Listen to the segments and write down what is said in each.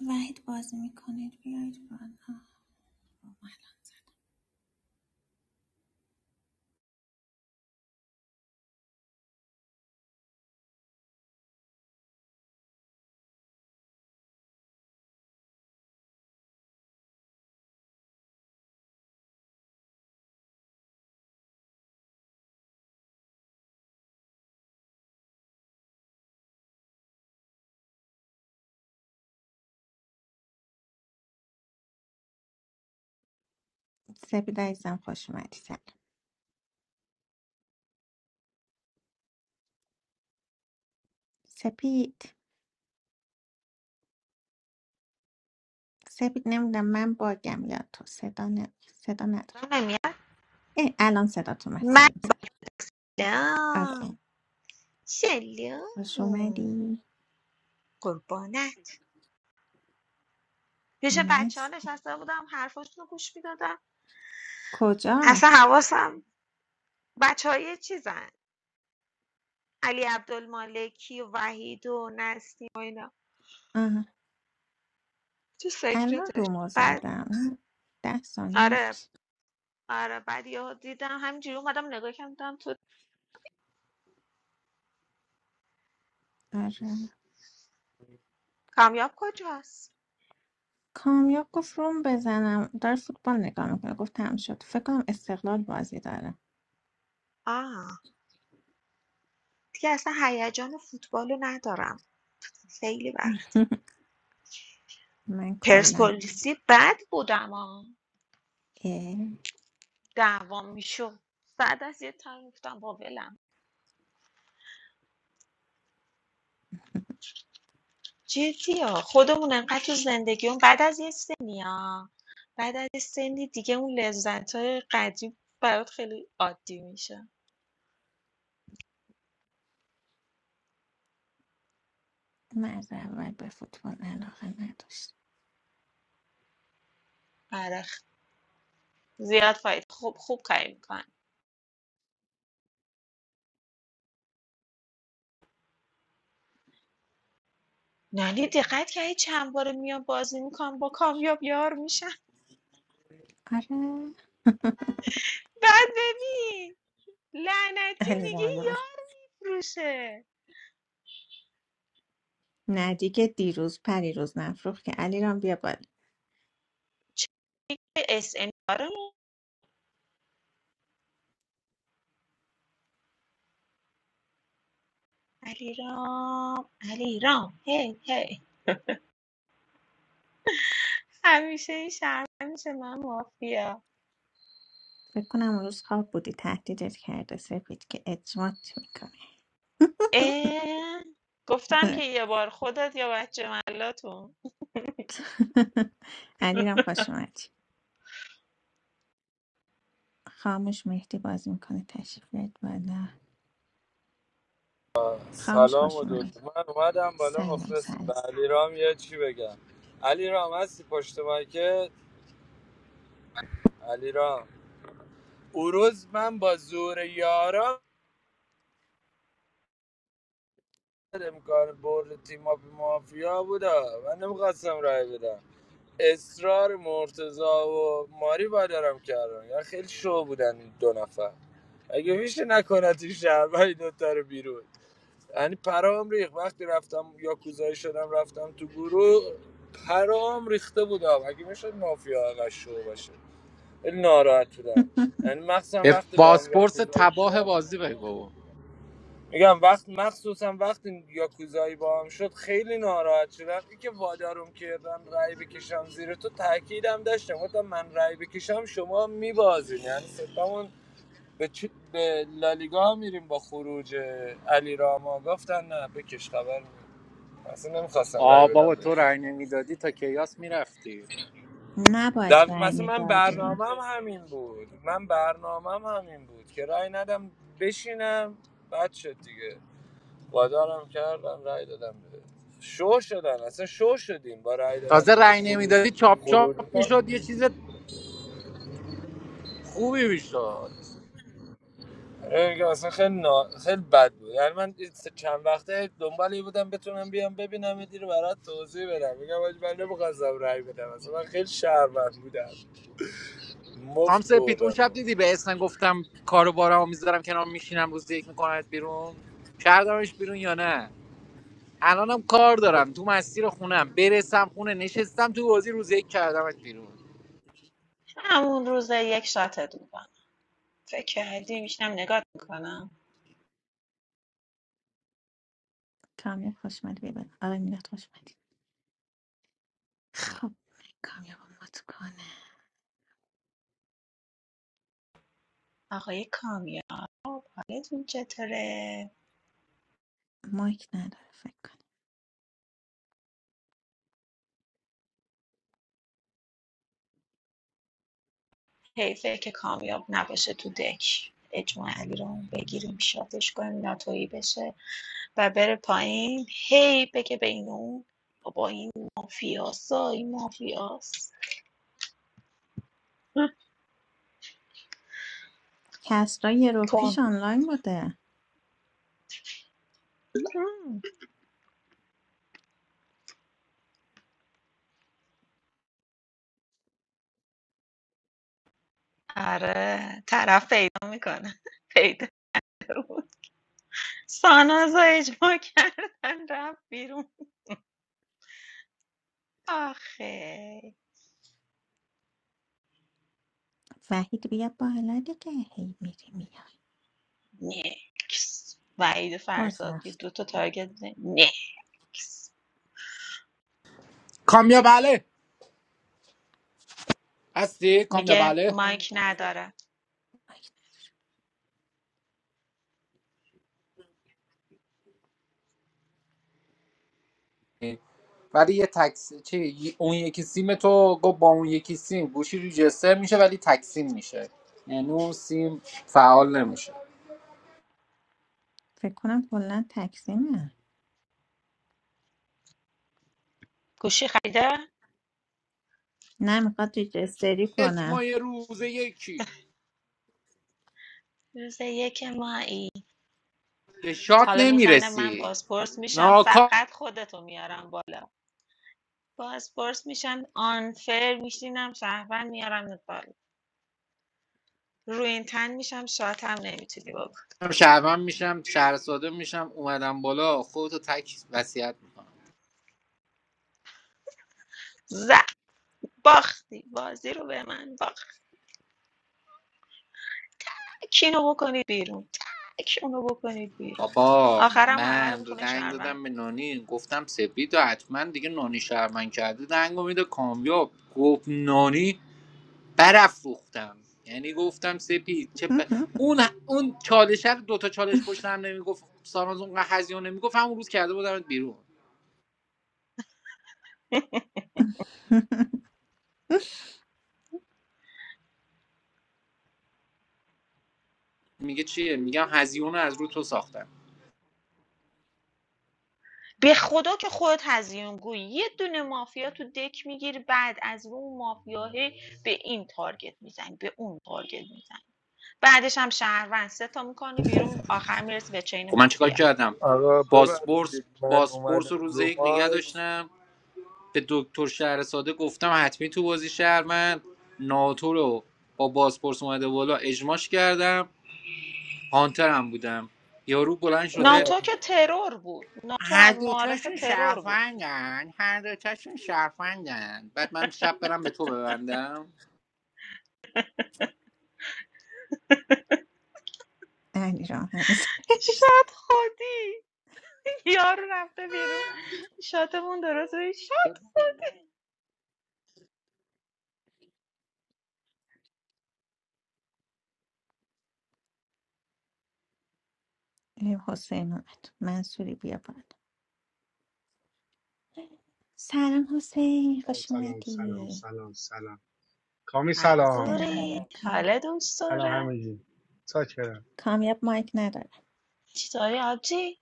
وحید بازی میکنید بیایید بالا سپید عزیزم خوش اومدی سلام سپید سپید نمیدونم من باگم یا تو صدا ن... صدا نداره صدام نمیاد اه، الان صدا تو اومد سلام سلام آره آره. سلام خوش سلام اومدی قربانه پیش بچه ها مست نشسته بودم حرفاشون رو گوش میدادم کجا اصلا حواسم بچه های چیزن علی عبدالمالکی و وحید و نستی و اینا آه. تو الان سکرتش رومو بعد زدم ده ثانیه آره نمیشه آره بعد یهو دیدم همینجوری اومدم نگاه کردم دیدم تو آره کامیاب کجاست کامیاب گفت روم بزنم داره فوتبال نگاه میکنه گفت تموم شد فکر کنم استقلال بازی داره آه دیگه اصلا هیجان فوتبالو رو ندارم خیلی وقت من کلا پرسپولیسی بد بودم ها. دعوام میشد بعد از یه تایم گفتم با ولم جدی ها خودمون انقدر تو زندگیمون بعد از یه سنی ها بعد از یه سنی دیگه اون لذت های قدیم برات خیلی عادی میشه من از اول به فوتبال علاقه نداشتم آره زیاد فاید خوب خوب کاری میکنن نانی دقت کردی چند بار میام بازی میکنم با کامیاب یار میشن آره بعد ببین لعنتی دیگه علی یار میفروشه نه دیگه دیروز پریروز نفروخ که علیرام بیا بالا چه اس ان آرام علیرام علیرام هی هی همیشه این شرمن میشه من مافیا فکر کنم اون روز خواب بودی تهدیدت کرده سپید که اجمات میکنه اه، گفتم که یه بار خودت یا بچه ملاتون علیرام رام خوش اومدی خاموش مهدی بازی میکنه تشریف بیارید بالا خاموش سلام خوش و درود اومدی من اومدم بالا سلام مخلصیم به سلام علیرام یه چی بگم علیرام هستی پشت مایکت علیرام او روز من با زور یارا امکان برد تیم اپ مافیا بودا من نمیخواستم رای بدم اصرار مرتزا و ماری دارم کردن. یا خیلی شو بودن این دو نفر اگه میشه نکنه تو شهر من این دوتا رو بیرون یعنی پرام ریخت وقتی رفتم یاکوزایی شدم رفتم تو گروه پرام ریخته بودم اگه میشد مافیا اقش شو باشه خیلی ناراحت بودم یعنی مخصوصا به وقتی با هم بازپرس یاکوزایی تباه شد بازی بگو میگم وقت مخصوصا وقتی یاکوزایی با هم شد خیلی ناراحت شدم این که وادارم کردن رای بکشم زیر تو تاکیدم داشتم گفتم من رای بکشم شما میبازین یعنی ستمون به, چ... به لالیگا میریم با خروج علی راما گفتن نه بکش خبر اصلا نمیخواستم رای آ بدم بابا تو به رأی نمیدادی تا کیاس میرفتی نباید در رای مثلا من میدادی برنامه همین بود من برنامه همین بود که رای ندم بشینم بد شد دیگه وادارم کردم رای دادم به شو شدن اصلا شو شدیم با رای دادم تازه به تو رأی خروج نمیدادی چاپ چاپ خروج کن. میشد یه چیز خوبی میشد آره میگم اصلا خیلی, نا... خیلی بد بود یعنی من چند وقته دنبالی این بودم بتونم بیام ببینم یه رو برات توضیح بدم میگم حاج من نمیخواستم رای بدم اصلا من خیلی شرمنده بودم خام مفت سپید اون بردم شب دیدی به اسم گفتم کارو بارمو میذارم کنار میشینم روز یک میکنمت بیرون کردمش بیرون یا نه الانم کار دارم تو مسیر خونم برسم خونه نشستم تو بازی روز یک کردمت بیرون همون روز یک شاتت میکنم فکر کردی میشنم نگاه میکنم کامیاب خوش اومدی بیا بالا آقای میلاد خوش اومدی خب کامیاب مات کنم آقای کامیاب حالتون چطوره مایک نداره فکر کنم حیفه که کامیاب نباشه تو دک اجماع علی رو بگیریم شاتش کنیم ناتویی بشه و بره پایین هی بگه به این اون بابا این مافیاس ها این مافیاس کسرا یه رو پیش آنلاین بوده کن آره، طرف پیدا میکنه پیدا بود سانازو اجماع کردن رفت بیرون آخه وحید بیا بالا دیگه هی میری میای نکس وعید باز فرزاد یه رفت دو تا تارگت زد. نیکس. کامیاب بله هستی میگه کامیاب مایک نداره مایک نداره. ولی یه تکس چی اون یکی سیم تو گفت با اون یکی سیم گوشی ریجستر میشه ولی تکسیم میشه یعنی اون سیم فعال نمیشه فکر کنم کلا تکسیمه گوشی خریده نه میخواد ریجستری کنم اجماع یه روز یکی روز یک مایی به شات حالا میزنه من نمیرسی بازپرس میشم ناکام فقط خودتو میارم بالا بازپرس میشم آنفر میشینم شهروند میارم بالا روی این تن میشم شاتم نمیتونی بکن شهرم میشم شهر ساده میشم اومدم بالا خودتو تک وصیت میکنم زد باختی بازی رو به من باخت کینو بکنید بیرون تک اونو بکنید بیرون بابا آخرم همه رو من رو میخونه دنگ شهروند دادم به نانی گفتم سپید و حتما دیگه نانی شهرمن کرده دنگ امید کامیاب گفت نانی برافروختم یعنی گفتم سپید چه ب- اون اون چالش رو دو تا چالش پشت هم نمیگفت ساناز اونقدر هزیون نمیگفت همون روز کرده بودم بیرون میگه چیه میگم هزیون رو از رو تو ساختم به خدا که خودت هزیون گوی یه دونه مافیا تو دک میگیری بعد از اون مافیاه به این تارگت میزنی به اون تارگت میزنی بعدش هم شهروند سه تا میکنی بیرون آخر میرسی به چین خب من چیکار مافیا کردم آقا باسپورس ببخشید من باسپورس رو اومدم روز رو یک نگه مایک داشتم به دکتر شهر ساده گفتم حتمی تو بازی شهر من ناتو رو با باسپورس اومده بالا اجماش کردم هانتر هم بودم یارو بلند شده آقا ناتو که ترور بود ناتو هر از معارف دوتاشون ترور بود شرفنگن هر دوتاشون شرفنگن بعد من شب برم به تو ببندم علی رام هنوز برس. شاد خودی یارو رفته بیرون شاتمون درست بود. شاد حسین اومد منصوری بیا بالا سلام حسین Assalamualaikum. خوش اومدی سلام منظوری علیکم. حالا دوست داره کامیاب مایک نداره چطوری آبجی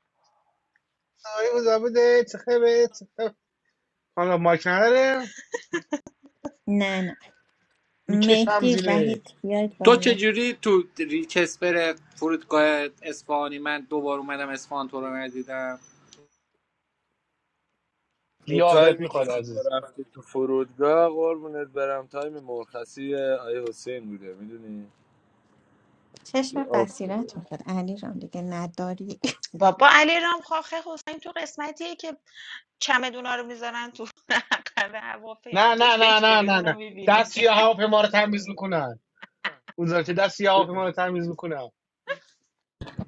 نه نه مهدی وحید بیاید تو بالا چجوری تو ریچسپر فرودگاه اصفهانی من دوبار اومدم اصفهان تو رو ندیدم تو تایمی که شما رفتی تو فرودگاه قربونت برم تایم مرخصی آیه حسین بوده میدونی تو چشم آف بصیرت میخواد علی جان دیگه نداری بابا علی رام خاخه حسین تو قسمتیه که چمدونا رو میذارن تو عقب هواپیما تو چجوری اونا میبینی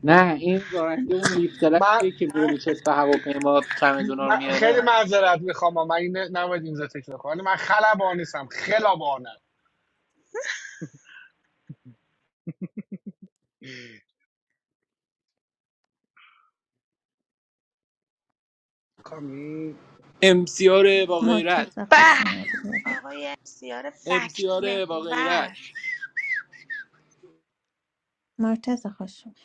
نه این راننده اون لیفترکیه که میره به چسب هواپیما چمدونا رو میاره امسیاره با غیرت مرتز به خوش اومدی بیا بود آقای سیار فکت امسیاره با غیرت محور مرتز خوش اومد.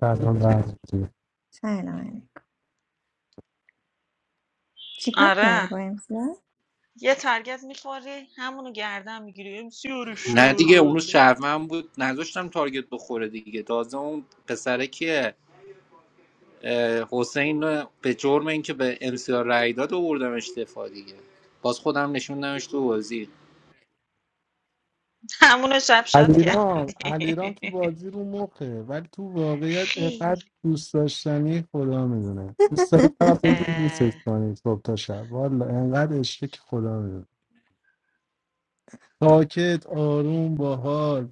سلام وزیری. سلام علیکم چیکار کردی آره با امسیا یه تارگت میخوری همونو گردن میگیری ام سیار نه دیگه اون روز شورول شرفم بود نذاشتم تارگت بخوره دیگه تازه اون پسره کیه حسین رو به جرم اینکه به امسیار رای داد آوردمش دفاع دیگه باز خودم نشوندمش تو بازی همونو شب شاد علیرام علیرام تو کردی بازی رو مخه ولی تو واقعیت اینقدر خیلی دوست داشتنی خدا میدونه دوست داری فقط بگی دوستش اه، کنی صبح تا شب والا اینقدر عشقه که خدا میدونه ساکت آروم باحال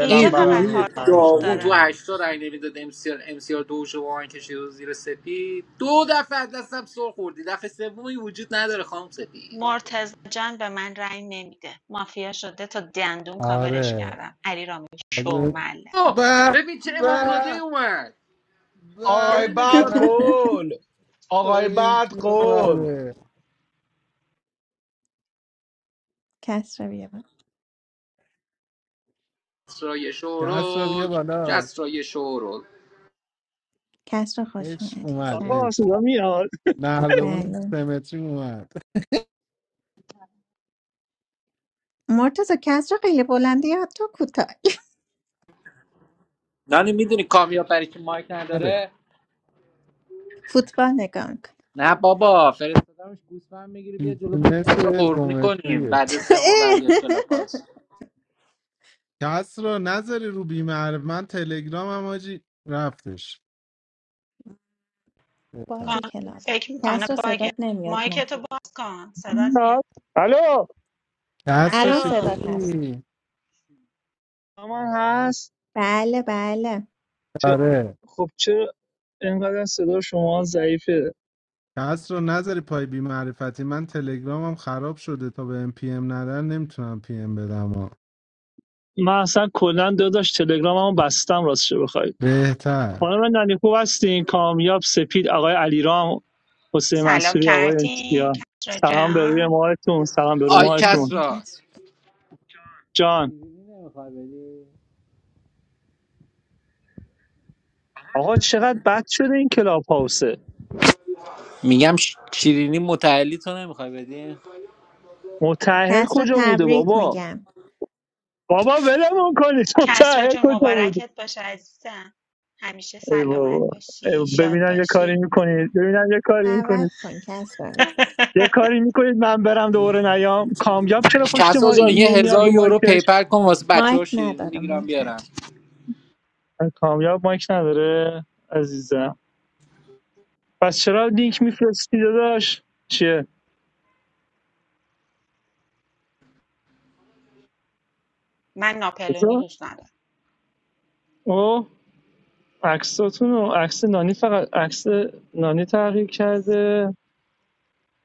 اینجا این فقط روحی هارت و پورت داغون داره تو هشتا رای نمیداد امسیار امسیار دو شما من کشید و زیر سپید دو دفعه از دستم سر خوردی دفعه سومی وجود نداره خانم سپید مرتضی جان به من رأی نمیده مافیا شده تا دندون کاورش آره کردم علی رامی شو آره. معلم اوه به ببین چه امامزاده ای به اومد Oy, به بیارینش bad بالا به kool. Oy, ببین bad کی kool. اومده کسرا بیا بود کسرای کس را بیا شورول بالا کسرای شورول کسرا خوش عشق اومدی اومد آقا سلام عشق صدا میاد نردبون بله سمتری اومد مرتزا کسرا خیلی بلندی یا تو کوتاه نانی میدونی کامیاب برای که مایک نداره فوتبال نگاه میکن نه بابا فرستادمش گوسفند میگیره بیا جلو پای فیتنس کسرا قربونی کنیم دومتریه بعد از سه ماه برگشت کلاپاس کس رو نذاری رو بیمار من تلگرام هم آجی رفتش کان- بهتر. باگ کلاب فکر میکنه کسرا باگه صدات نمیاد نه مایکتو باز کن صدات میاد میاد الو کس رو الان الو صدات هست شکلی من هست بله بله چه... آره خب چرا اینقدر صدا شما ضعیفه کس رو نذاری پای بیمعرفتی من تلگرامم خراب شده تا به ام پی ام ندن نمیتونم پی ام بدم ها. من اصلا کلا داداش تلگراممو بستم راستش بخوای بهتر خانم نانی خوب هستین کامیاب سپید آقای علیرام حسین سلام منصوری آقای کردین امسیا کسرا سلام به روی جان ماهتون سلام به روی آی خوش ماهتون اومدین کسرا کسرا جان شیرینی نمیخوای بدی آقا چقدر بد شده این کلاب هاوسه میگم ش- شیرینی متعلی تو نمیخوای بدی متأهل کسرا کجا بوده تبریک بابا میگم بابا ولمون کنید کسرا متأهل جون کجا بوده مبارکت باشه عزیزم همیشه ای سلامت بابا ای باشی بابا. شاد ببینم یه کاری باشی میکنید ببینم یه کاری میکنید دعوت کن کس را. یه کاری میکنید من برم دوباره نیام کامیاب چرا پشت کسرا ما جان یه نمیاد هزار رو یورو مایکش پیپر کن واسه بچه ها مایک شیرینی نداره میگیرم مایک بیارم نداره کامیاب مایک نداره عزیزم پس چرا لینک میفرستی داداش چیه من ناپلونی بذار. دوست ندارم او عکساتون و عکس نانی فقط عکس نانی تغییر کرده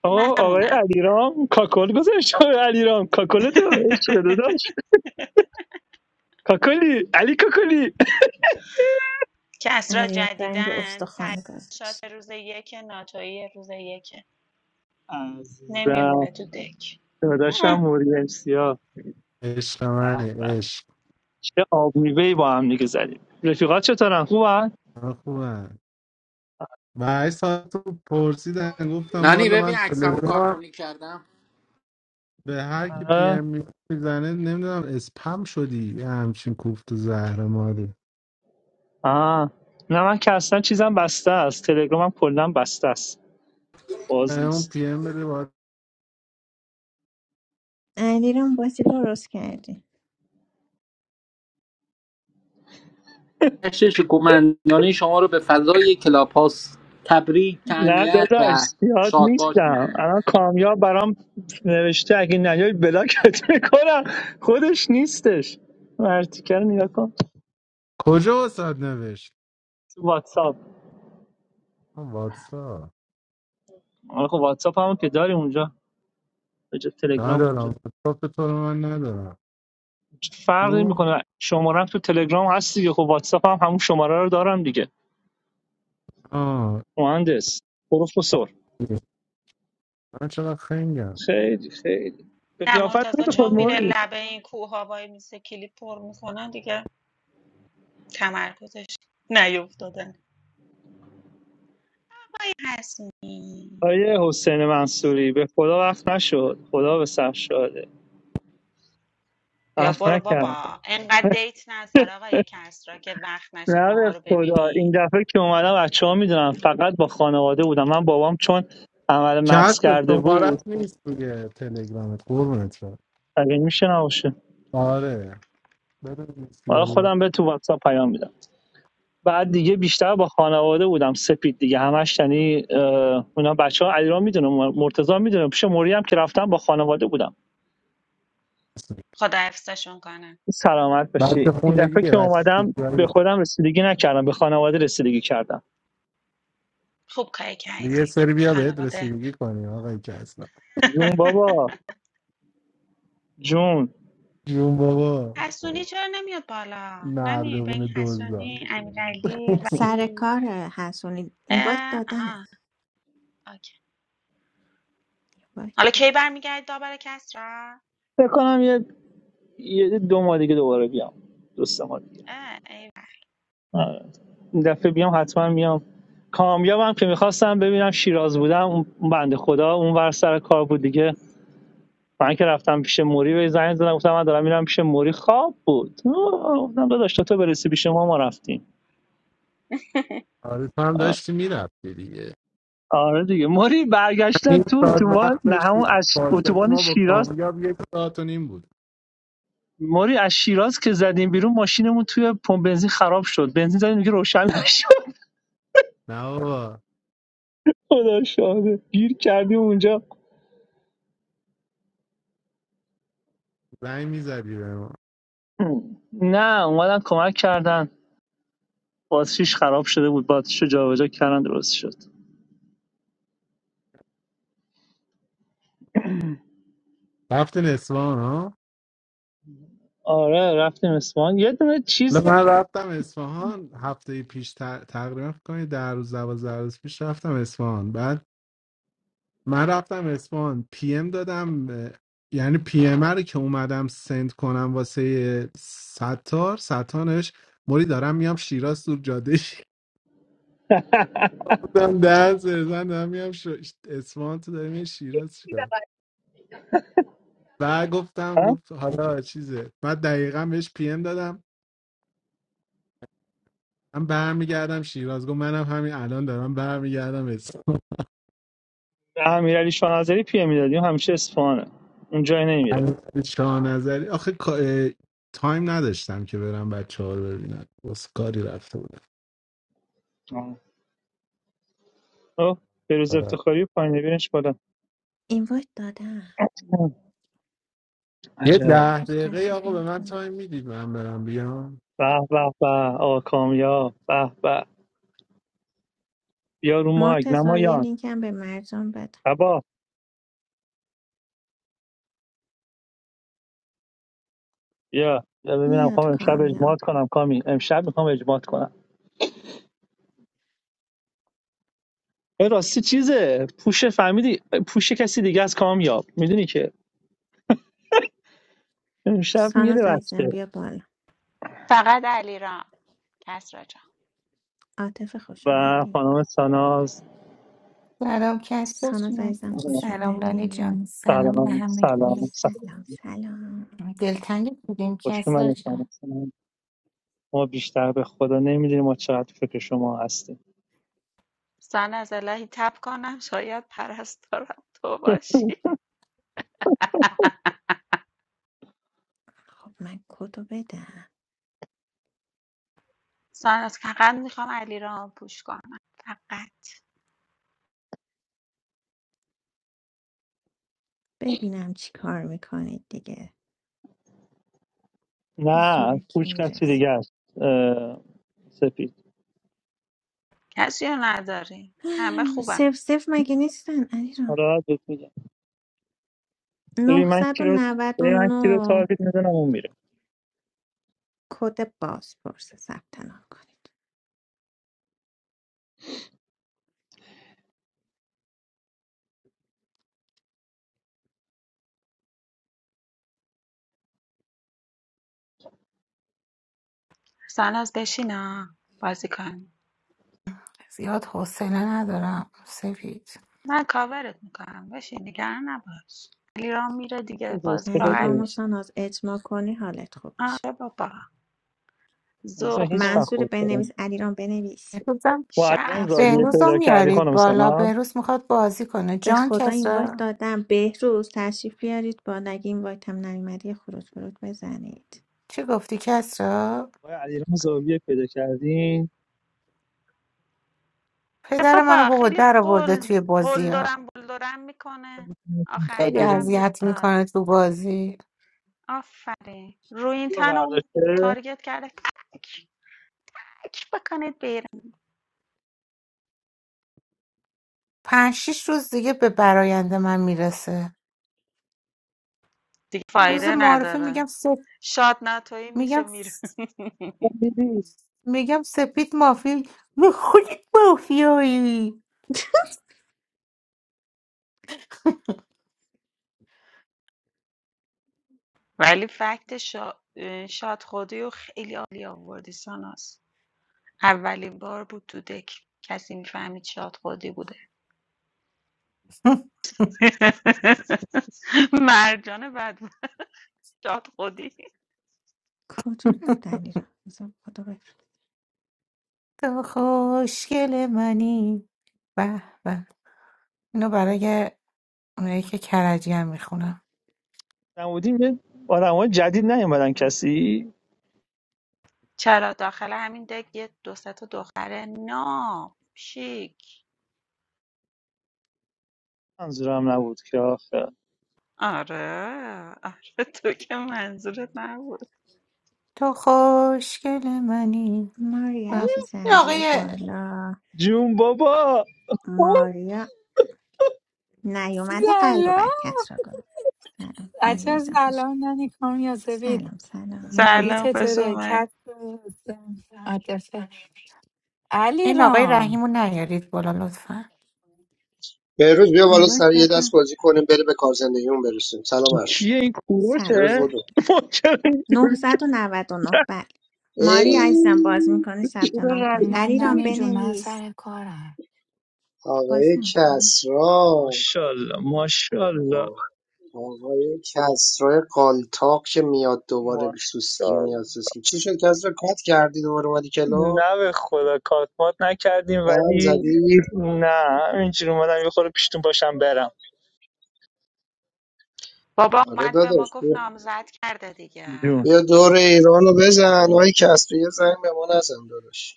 آقا من آقای نمونم علیرام کاکل گذاشت آقای علیرام کاکل تو داداش کاکلی علی کاکلی کس را علیرام رنگ جدیدن استخوان شات گذاشت روز یک ناتویی روز یک عزیزم نمیمونه تو دک داداشم هم. موریانسیا عشق منی به. عشق چه آب میوه‌ای با هم دیگه زدیم رفیقات چطورن خوبن من خوبم و هشت ساعت رو پرسیدن گفتم نانی والا ببین من عکسمو تلگرام کارتونی کردم به هر کی پی آه. ام میزنه نمیدونم اسپم شدی یه همچین کوفت و زهر ماری. آه. نه من که اصلا چیزم بسته است تلگرامم کلا بسته است باز اون نیست پی ام بده باید علیرام بازی درست کردی هشت شکومندانه شما رو به فضای کلاپاس تبریک نه تعنیت و داداش یاد شادباش نیستم میگیم الان کامیاب برام نوشته اگه نیای بلاکت میکنم خودش نیستش اون ارتیکه رو نگاه کن کجا واسد نوشت تو واتساپ آه، واتساپ آره خب واتساپ هم که داری اونجا به جای تلگرام ندارم اونجا واتساپ تو رو من ندارم فرق او میکنه شمارم تو تلگرام هست دیگه خب واتساپ هم همون شماره رو دارم دیگه آه مهندس پروفسور من چقدر خنگم خیلی خیلی به نه قیافت مرتضی نمی چون کن میره موری لبه این کوه ها وای میسه کلیپ پر میکنن دیگه تمرکزش نیفتادن وای هستی آیه حسین منصوری به خدا وقت نشد خدا به سر شده بیا وقت برو نکرد بابا انقدر دیت نظر آقای کسرا که وقت نشه نه ماها به رو خدا ببینی این دفعه که اومدم بچه ها میدونم فقط با خانواده بودم من بابام چون عمل مغز کسب کرده بود شمارت نیست روی تلگرامت قربونت شم اگه میشه نباشه آره بده این حالا سیگاری رو خودم به تو واتساپ پیام میدم بعد دیگه بیشتر با خانواده بودم سپید دیگه همش یعنی اه، اونا بچه ها علیرام میدونه مرتضا میدونه پیش موری هم که رفتم با خانواده بودم خدا حفظشون کنه سلامت بچه باشی این دفعه خونگیه که بچه اومدم به سیگاری خودم رسیدگی نکردم به خانواده رسیدگی کردم خوب کاری یه کردی سری بیا بهت خانواده رسیدگی کنی آقای کسب جون بابا جون جون بابا حسونی چرا نمیاد بالا نانی به مردمون این دوزا حسونی امیرعلی سر وحید کار حسونی اینوایت اه دادم آه اوکی اینوایت حالا کی دادم برمیگردید داور کسرا فکر کنم یه, یه دو ماه دیگه دوباره بیام دو سه ماه دیگه اه ای آره. این دفعه بیام حتما میام کامیابم که میخواستم ببینم شیراز بودم اون بنده خدا اون ور سر کار بود دیگه من که رفتم پیش موری به زنگ زدم گفتم من دارم میرم پیش موری خواب بود آه، گفتم داداش تا تو برسی پیش ما ما رفتیم آره تو هم داشتی میرفتی دیگه آره دیگه موری برگشتن نیم تو تو ساعت ما وقت نه همون داشتیم از فاصله اتوبان ما با شیراز کامیاب یک ساعت و نیم بود موری از شیراز که زدیم بیرون ماشینمون توی پمپ بنزین خراب شد بنزین زدیم دیگه روشن نشد نه بابا خدا شاده گیر کردیم اونجا زنگ میزدی به ما نه اومدن کمک کردن باتریش خراب شده بود باتریشو جابجا کردن درست شد رفتین اصفهان ها آره رفتیم اسمان یه دونه حالا چیز من رفتم اصفهان هفته پیش ت- تقریبا فکر کنید در روز دوازده روز پیش رفتم اصفهان بعد من رفتم اصفهان پی ام دادم اه، یعنی پی ام رو که اومدم سند کنم واسه ستار ستانش موری دارم میام شیراز دور جاده شیراز دارم دارم دارم میام ش- اصفهان تو داریم شیراز و گفتم گفت حالا چیزه من دقیقا بهش پی ام دادم من برمیگردم شیراز گفت منم همین الان دارم برمیگردم اسم. به امیرعلی شاهنظری پیه میدادیم همیشه اصفهانه اون جای نمیره همین شاه نظری آخه کا- تایم نداشتم که برم بچه ها رو ببینم واسه کاری رفته بودم آه. خب بروز آره. افتخاری و پایین نبیرش بالا اینوایت دادم یه عجب ده بهروز دقیقه تشریف آقا به بیاد من کن تایم میدید من برم بیام به به به آقا کامیا به به بیا رو مایک مرتضی یه نمایان لینک هم به مرجان بده تبا بیا بیا ببینم میاد خواهم امشب کامیاب اجماعات کنم کامی امشب میخوام اجماعات کنم این راستی چیزه پوشه فهمیدی پوشه کسی دیگه از کامیاب میدونی که امشب میره ساناز عزیزم بچه بیا بالا فقط علیرام کسرا جان عاطف خوش و اومدی خانم ساناز سلام کسرا ساناز جون. عزیزم خوش سلام لانی اومدی جان سلام به سلام سلام همگی سلام سلام سلام دلتنگ بودیم خوش کسرا اومدید جان خانم ما بیشتر به خدا نمیدونیم ما چقدر فکر شما هستیم سان از الهی تب کنم شاید پرستارم تو باشی خب من کدو بدم ساناز فقط میخوام علیرام پوش کنم فقط ببینم چی کار میکنید دیگه زور نه کی کوچ کسی میرسه دیگه است سپید کسی رو نداری همه خوبه خوبن سف سف مگه نیستن علیرام حالا بهت میگم ببین من کی رو ببین من کی رو 999 تارگت میزنم اون میره کد بازپرس ثبت نام کنید ساناز بشینا بازی کن زیاد حوصله ندارم سفید من کاورت میکنم بشین نگران نباش علیرام میره دیگه یه بازی حوصله راحت علیرام داریم و میشه ساناز اجماع کنی حالت خوب میشه آره بابا مثلا ذوق هیچ وقت و منظور حوصله بنویس نداریم. علیرام بنویس بهروزم ما علیرام کس رو شعف زاویه و بهروزم بنویس پیدا کردی میارید خانم بالا ساناز بهروز میخواد بازی کنه به جان خدا این وایت کسرا دادم بهروز تشریف بیارید با نگه این وایت هم نیومدی خروج برود بزنید چی گفتی کسرا ما علیرام زاویه پیدا کردیم آره پدر منو بابا بابا خیلی در آورده قل توی بازی ها قلدرم بلدرم میکنه آخر بعد خیلی بیرون سرم بود. جیغ اذیت داد میکنه تو بازی آفرین روی این دور تن رو برداشته تارگت کرده تک تک بکنید بیرون پنج شیش روز دیگه به براینده من میرسه دیگه روز فایده معارفه نداره میگم سه شاد ناتویی میشه میگم میره دیدی میگم سپید مافی خودت مافیایی ولی فکت شا... شاد خودی و خیلی عالی آوردی ساناس اولین بار بود تو دک کسی میفهمید شاد خودی بوده مرجان بد بود شاد خودی کجا رفت علیرام بذار خدا بفرد تو خوشگل منی به به اینو برای اونایی که کرجی هم میخونم نمودیم یه آدمای جدید نیومدن کسی چرا داخل همین دک یه دو سه تا دختر نام شیک منظورم نبود که آخه آره آره تو که منظورت نبود تو خوشگل منی ماری به. این عزیزم بیا آقای بالا جون بابا ماریا نیومده قلب و برکت سلام را گفت سلام ماریا عجب ازم خوش سلام ننی کامیازبید سلام سلام موری سلام خوش چطوره اومد کت عاطفه علی این آقای رام رحیم رو نیارید بالا لطفا بهروز بیا این بالا وقت سر یه دست دادم بازی کنیم بریم به کار زندگیمون برسیم سلام ارشد کیه این سلام بهروز کوروشه سلام بودو ما چرا نه اینجوری صد و نود و نه نه کرد؟ بله ای ماریا عزیزم باز میکنه ثبت چرا نام کن رنگی؟ نه علی رام ننی جون من بنویس سر کارم باز آقای میکنه کسرا ماشاءالله ماشاءالله آه، آقای کسرا قالتاق که میاد دوباره ماش... سوسکی میاد سوسکی چی شد کسرا کات کردی دوباره اومدی کلو نه به خدا کاتمات نکردیم هم ولی زدی نه اینجوری اومدم یه خورده پیشتون باشم برم بابا آره اومد به ما داداش گفت بیا نامزد کرده دیگه جون بیا دور ایرانو بزن آقای کسرا یه زنگ به ما نزن داداش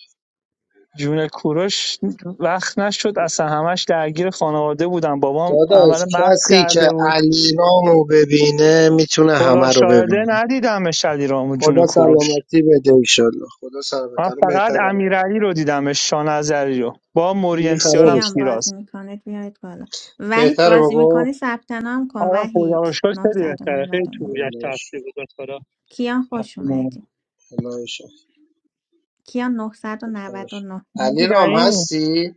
جون کوروش وقت نشد اصلا همش درگیر خانواده بودم بابام عمل داداش مغز کسی که کرده بود علیرامو ببینه میتونه خدا همه رو شاهده ببینه ندیدم شدی رامو جون خدا کوروش سلامتی بده ایشالله خدا سلامتی من الان فقط بهتره امیرعلی رو دیدم شانزری رو با دیگه مریم سیارم خرابش کیان سیراز بازی میکنه بیارید بالا وحید بهتره بازی بابا میکنه ثبت نام کن آره خدا وحید رو شکر خیلی بهتره خیلی تو 999 بودش الهش تاثیر گذاشت برا کیان خوش اومدی الهش کیان خداش. 999 علی رام این هستی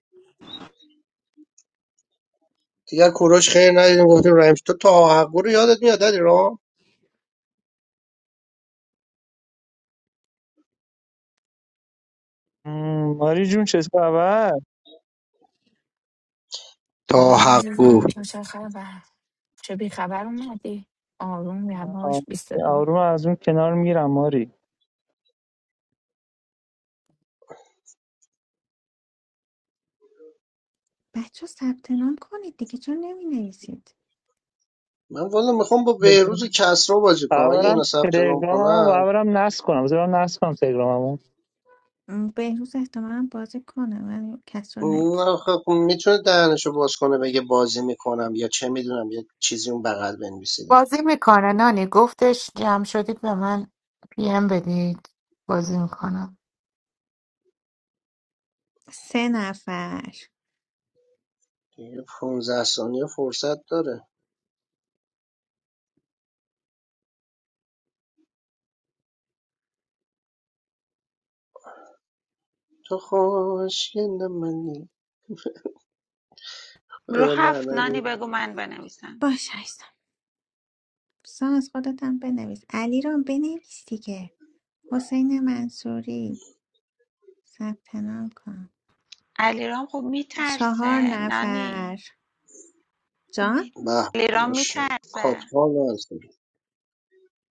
دیگه کوروش خیر ندیدیم گفتیم رحمش تو تا حقو رو یادت میاد علی رام م، ماری جون چه خبر تا بابام عزیزم تو چه خبر چه بیخبر اومدی آروم آ- یواش بی صدا آروم از اون کنار میرم ماری بچه ثبت نام کنید دیگه چون نمی نویسید من والا میخوام با بهروز و کسرا بازی کنم اگه برم اینا ثبت نام تلگراممو کنن برم نصب کنم بذارم نصب کنم تلگراممو م، بهروز احتمالا بازی کنه ولی کس رو نمی‌دونم. اون خب میتونه دهنشو باز کنه بگه بازی میکنم یا چه میدونم یه چیزی اون بغل بنویسه دیگه بازی میکنه نانی گفتش جمع شدید به من پی ام بدید بازی میکنم سه نفر دیگه 15 ثانیه فرصت داره تو خوشگل منی رو اه، نه هفت نانی نگو بگو من بنویسم باش هستم ساز خودتم بنویس علی رو بنویس دیگه حسین منصوری ثبت نام کن علیرام خب چهار میترسه نفر نانی جان می- به علیرام ماشا میترسه کاپتان هستم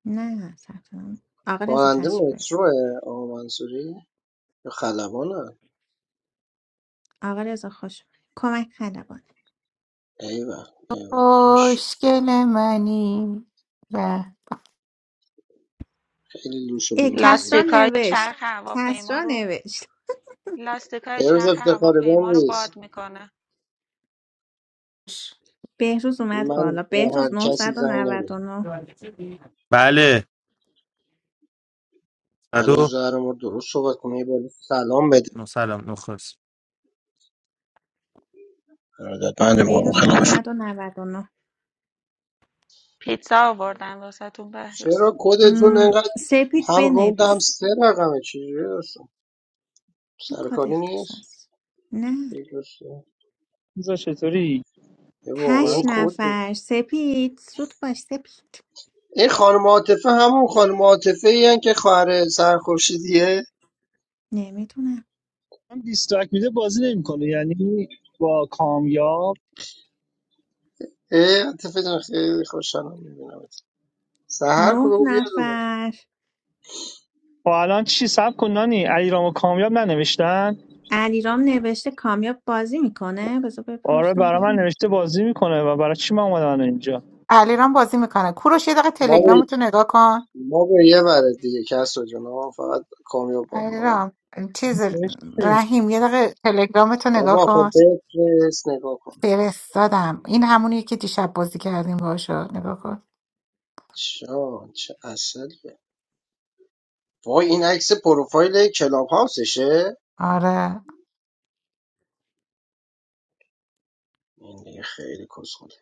نه ثبت نام آقا رضا راننده تشریف بردیم متروه آقا منصوری یا خلبانه آقا رضا خوش اومد. کمک خلبان ایوه ایوه ماشا خوشگل منی وحش خیلی لوس و اه، بیمزی کسرا لاستیکای نوشت چرخ هواپیما کسرا رو نوشت لاستیکهای امروز چرخ افتخار بهم هواپیما رو باد نیست میکنه بهروز اومد من بالا با هر بهروز کسی زنگ نمیزم 999 بله صد بلو و زهر ما درست صحبت کنه یه بار سلام بده سلام نخست ارادت بنده بابا. بهروز نهصد و نود و نه. پیتزا آوردن واسهتون بهروز چرا کدتون م، انقدر سپید هم روند هم بنویس سه رقمه چجوری هستم این کد سرکاری نیست اختصاص نه یه دوسته. بذار چطوری یه واقعا هشت کد بود. نفر سپید زود باش سپید این خانم عاطفه همون خانم عاطفه این که خواهر سهر خورشیدیه نمیدونم من 20 تک میده بازی نمیکنه یعنی با کامیاب اه عاطفه جان خیلی خوشحالم میبینم سهر کو نه بگو بیاد اون نفر با الان چی سب کن نانی علیرام و کامیاب ننوشتن علیرام نوشته کامیاب بازی میکنه بذار آره بپرسم برا من ببینم نوشته بازی میکنه و برای چی من اومدم الان اینجا علیرام بازی میکنه کوروش یه دقیقه ما به تلگرامتو نگاه کن ما به یه بره دیگه کس رو جان آه، فقط کامیاب کن آه. علیرام چیز نوشته. رحیم یه دقیقه تلگرامتو نگاه بابا خب کن بفرست نگاه کن فرستادم این همونیه که دیشب بازی کردیم باشو نگاه کن شان چه اصله وای این عکس پروفایل کلاب هاوسشه آره این دیگه خیلی کسخونه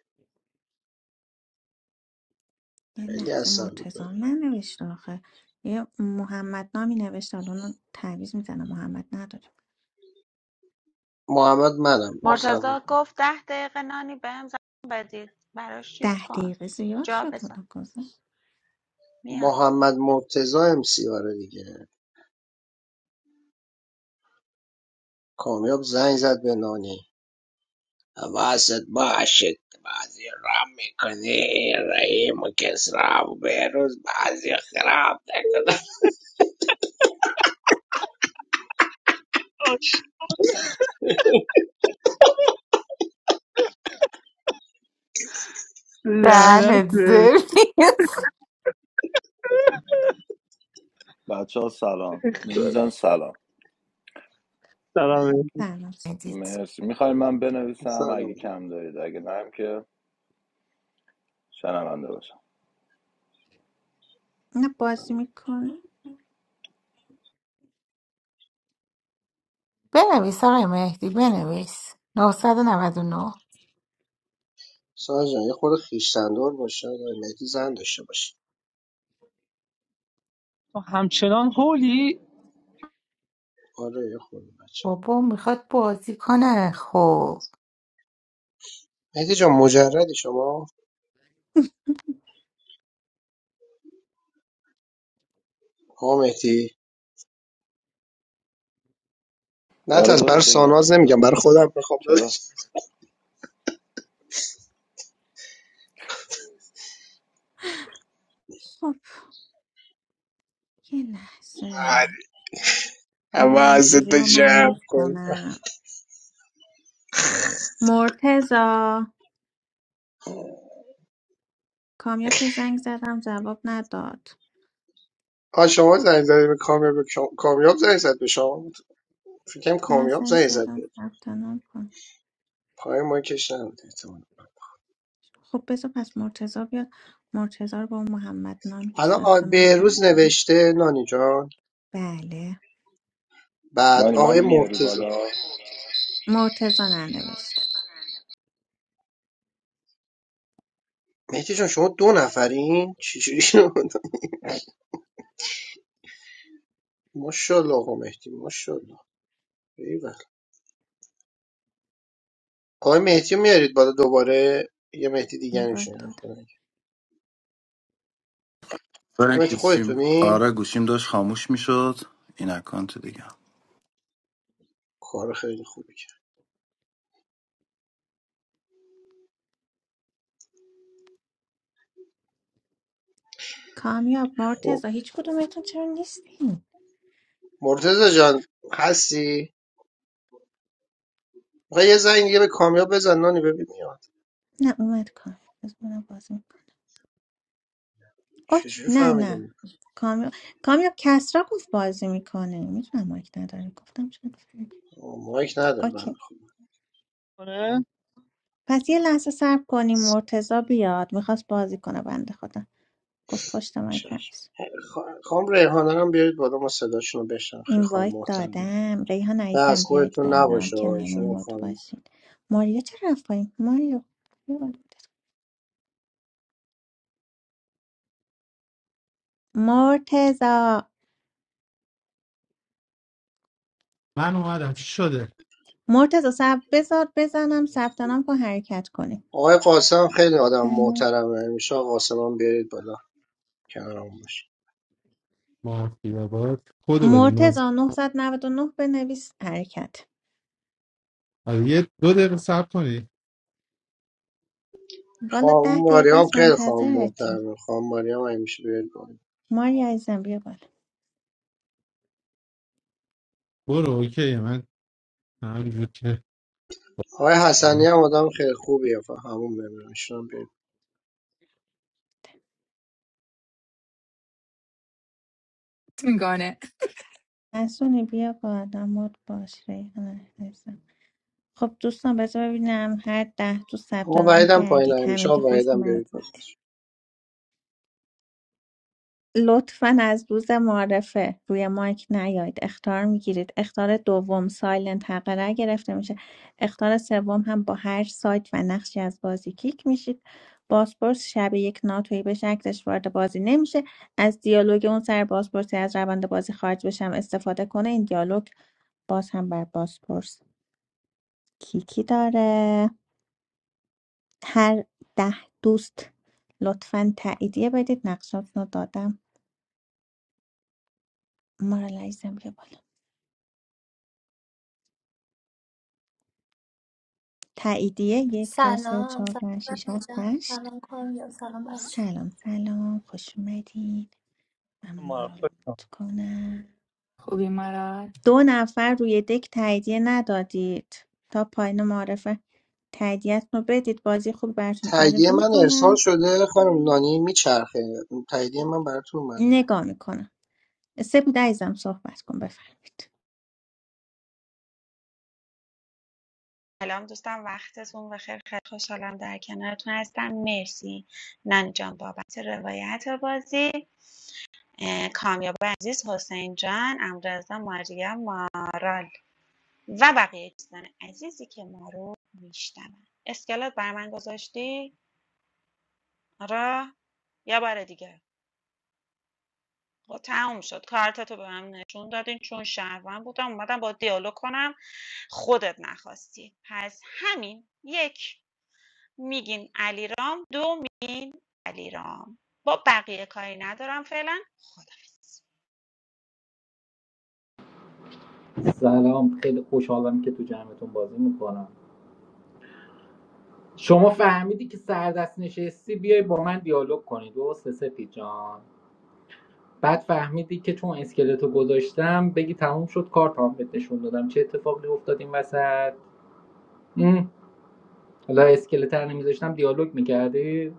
یه خیلی لحظه اصل بود مرتضام ننوشته آخه یه محمد نامی نوشته حالا اونو تعویض میزنه محمد نداره محمد منم سر مرتضی گفت ده دقیقه نانی بهم زنگ بدید براش چیز ده کن دقیقه زیاد جا شد بذار حالا گذشته میاد محمد مرتضی ام سی آره دیگه کامیاب زنگ زد به نانی حواست باشه که بعضی رام میکنی رحیم و کسرا و بهروز بعضی خراب نکنن لعنت دهنت به زرنیست بچه ها سلام خدا. دونیزم سلام سلام سلام بدید. مرسی میخوای من بنویسم سلام اگه علیکم. کم دارید اگه نرم که شنونده باشم نه بازی میکنه بنویس آقای مهدی بنویس نه. نه نه. سارا یه خورده خیشتندار باشه آقای مهدی زن داشته باشه تو همچنان هولی آره یه خورده بچه بابا میخواد بازی کنه خب مهدی جان مجردی شما آقا مهدی نه آره تاز دورت برای بگردم ساناز نمیگم برای مجردم خودم میخوام چرا؟ خب یه لحظه حواست منصوری تو رو من جمع مود کن کنم مرتزا کامیاب که زنگ زدم جواب نداد آ شما زنگ زدی به کامیاب شما- کامیاب زنگ زد به شما فکر کنم نه من کامیاب زنگ زنگ زد به زدم ثبت نام کن پای ما مایکش نبود احتمالا خب بذار پس مرتزا بیاد مرتزا رو با محمد نامی که الان آ- ثبت نام بهروز کرده نوشته نانی جان بله بعد نانی آقای منو میاری مرتضی بالا مرتزا ننوشته مهدی جان شما دو نفرین چجوری شد دو- ماشاءالله آقا مهدی ماشاءالله ایول آقای مهدی رو میارید بالا دوباره یه مهدی این دیگر باید میشین دادم خدا نکنه. برای آقای مهدی گوشیم خودتونین آره گوشیم داشت خاموش میشد این اکانت دیگه کار خیلی خوبی کرد کامیاب خب مرتزا هیچ کدومتون چرا نیستین مرتضی جان هستی میخوای یه زنگ دیگه به کامیاب بزن نانی ببین میاد نه اومد کامیاب بذار اونم بازی میکنه اوکی چجوری نه نه فهمیدیم کامیاب کامیاب کسرا گفت بازی میکنه میتونم مایک نداره گفتم شد آه، مایک نداره بنده اوکی کنه پس یه لحظه صبر کنیم مرتضی بیاد میخواست بازی کنه بنده خدا گفت پشت خدا مایکم نیست. خانم ریحانه رو هم بیارید بالا ما صداشون رو بشنم خیلی خانم اینوایت محترمه دادم ریحان و از عزیزم بیاید خودتون بالا نباشه آه. کنارمون مد خانم باشین ماریا چرا رفت پایین ماریا بیا بالا. مرتضا من اومدم چی شده مرتضا سب بذار بزنم ثبت نام کن حرکت کنیم آقای قاسم خیلی آدم پنج- محترمه همیشه آقا قاسم هم بیارید بالا کنارمون باشه معافی بابات کدو بده ناز مرتضا 999 بنویس حرکت آره، یه دو دقیقه صبر کنی والا ده خانم دقیقه ماریام است خیلی خانم منتظرتیم محترمه خانم ماریام همیشه بیارید بالا ماریا عزیزم بیا بالا برو اوکی من همینجور که آقای حسنی هم آدم خیلی خوبیه فقط همون نمیدونم ایشون هم بیارید میگانه حسونی بیا بالا مد باش ریحان عزیزم. خب دوستان بذار ببینم هر ده تو ثبت آقا نام وحید هم پایین کردید همیشه همه که آقا خوش وحید هم بیارید بالا اومدید لطفا از روز معرفه روی مایک نیاید اختار میگیرید اختار دوم سایلنت حق رای گرفته میشه اختار سوم هم با هر سایت و نقشی از بازی کیک میشید بازپرس شب یک ناتوی به شکلش وارد بازی نمیشه از دیالوگ اون سر بازپرسی از روند بازی خارج بشم استفاده کنه این دیالوگ باز هم بر بازپرس. کیکی داره هر ده دوست لطفا تاییدیه بدید نقشات رو دادم مارالایزم بیا بالا تاییدیه یک دو سه سلام چهار پنج سلام شیش رضا هفت جان هشت سلام کامیاب سلام بچه سلام سلام خوش اومدین من ما مارال رو خوش مود کنم خوبی مراد دو نفر روی دک تاییدیه ندادید تا پایین معرفه تاییدیت رو بدید بازی خوب براتون تاییدیه آرزو من ارسال میکنم شده خانم نانی میچرخه تاییدیه من براتون اومده نگاه میکنم سپید عزیزم صحبت کن بفرمایید سلام دوستان وقتتون بخیر خیلی خوشحالم در کنارتون هستم مرسی نانی جان بابت روایت بازی اه، کامیاب عزیز حسین جان امرزا مریم مارال و بقیه دوستان عزیزی که ما رو میشنون اسکلت بر من گذاشتی آره یه بار دیگه خب تموم شد کارتتو به من نشون دادین چون شهروند بودم اومدم با دیالوگ کنم خودت نخواستی پس همین یک میگین علیرام دو میگین علیرام با بقیه کاری ندارم فعلا خدافظ سلام خیلی خوشحالم که تو جمعتون بازی میکنم شما فهمیدی که سردست نشستی بیای با من دیالوگ کنی درسته سپید جان بعد فهمیدی که چون اسکلتو گذاشتم بگی تموم شد کارتام بهت نشون دادم چه اتفاقی افتاد این وسط ام، حالا اسکلت رو نمیذاشتم دیالوگ میکردی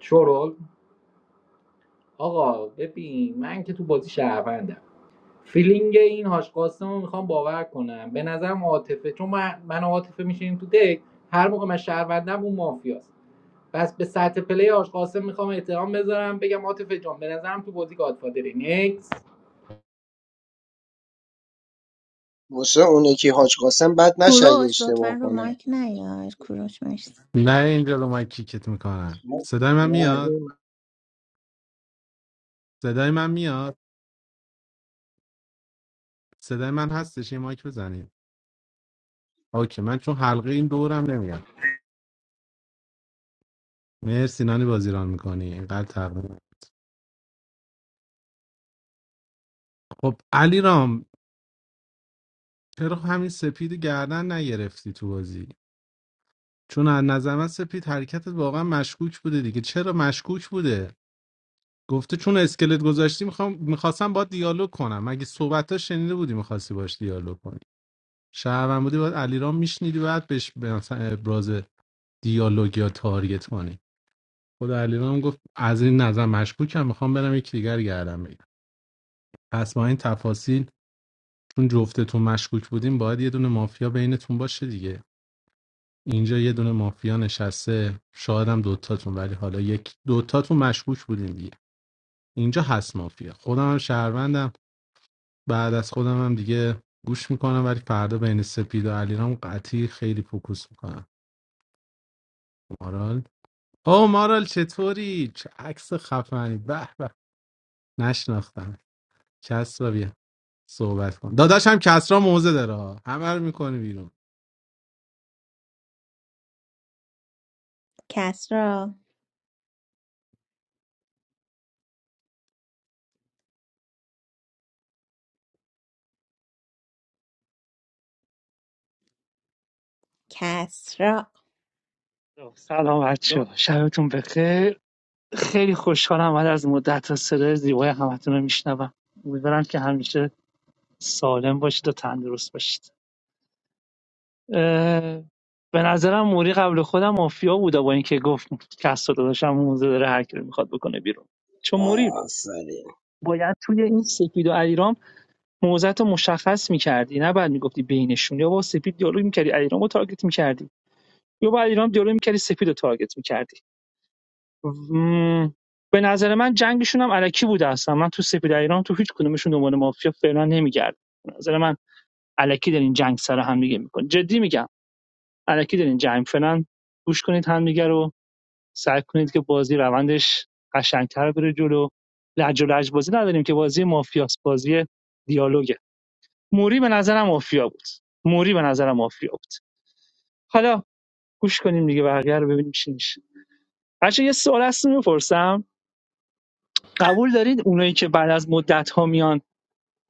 شورول آقا ببین من که تو بازی شهروندم فیلینگ این هاش قاسم رو میخوام باور کنم به نظرم عاطفه چون من, من و عاطفه میشینیم تو دک هر موقع من شهروندم اون مافیاست بس به سطح پلی آج قاسم میخوام احترام بذارم بگم عاطفه جان به نظرم تو بازی گادفادری نیکس واسه اون یکی حاج قاسم بد نشه اگه کوروش لطفا اشتباه رو کنه مایک نیار کوروش مرسی نه اینجا رو من کیکت میکنن صدای من میاد رحیم صدای من میاد صدای من هستش یه مایک بزنید اوکی من چون حلقه این دورم نمیگم مرسی نانی بازی ران میکنی اینقدر تقریبا خب علی رام چرا همین سپید گردن نگرفتی تو بازی چون از نظر من سپید حرکتت واقعا مشکوک بوده دیگه چرا مشکوک بوده گفته چون اسکلت گذاشتی میخوام میخواستم با دیالوگ کنم مگه صحبت شنیده بودی میخواستی باش دیالوگ کنی شهروند بودی باید علیرام میشنیدی بعد بهش مثلا ابراز دیالوگ یا تارگت کنی خدا علیرام گفت از این نظر مشکوکم میخوام برم یکی دیگر گردم بگیرم پس با این تفاصیل چون جفتتون مشکوک بودیم باید یه دونه مافیا بینتون باشه دیگه اینجا یه دونه مافیا نشسته شاید هم دوتاتون ولی حالا یک دوتاتون مشکوک بودیم دیگه اینجا هست مافیا خودم هم شهروندم بعد از خودم هم دیگه گوش میکنم ولی فردا بین سپید و علیرام قطعی خیلی فوکوس میکنم مارال او مارال چطوری چه عکس خفنی به به نشناختم کس را بیا صحبت کن داداش هم کسرا موزه داره ها. همه رو میکنه بیرون کسرا کسرا سلام بچه ها. شبتون بخیر خیلی خوشحالم بعد از مدت صدای زیبای همتون رو میشنوم امیدوارم که همیشه سالم باشید و تندرست باشید اه، به نظرم موری قبل خودم مافیا بوده با اینکه گفت کس رو داداشم موزه داره هر کی رو میخواد بکنه بیرون چون موری آفرین باید توی این سپید و علیرام موضعت رو مشخص میکردی نه بعد میگفتی بینشون یا با سپید دیالوگ میکردی علیرام رو تارگت میکردی یا با علیرام دیالوگ میکردی سپید رو تارگت میکردی م... به نظر من جنگشون هم علکی بوده اصلا من تو سپید علیرام تو هیچ کدومشون دنبال مافیا فعلا نمیگردم به نظر من علکی دارین جنگ سر هم دیگه میکن جدی میگم علکی دارین جنگ فعلا گوش کنید همدیگه رو سعی کنید که بازی روندش قشنگتر بره جلو لج و لج بازی نداریم که بازی مافیاس بازی دیالوگ موری به نظرم مافیا بود موری به نظرم مافیا بود حالا گوش کنیم دیگه بقیه رو ببینیم چی میشه بچه یه سوال هست میپرسم قبول دارید اونایی که بعد از مدت ها میان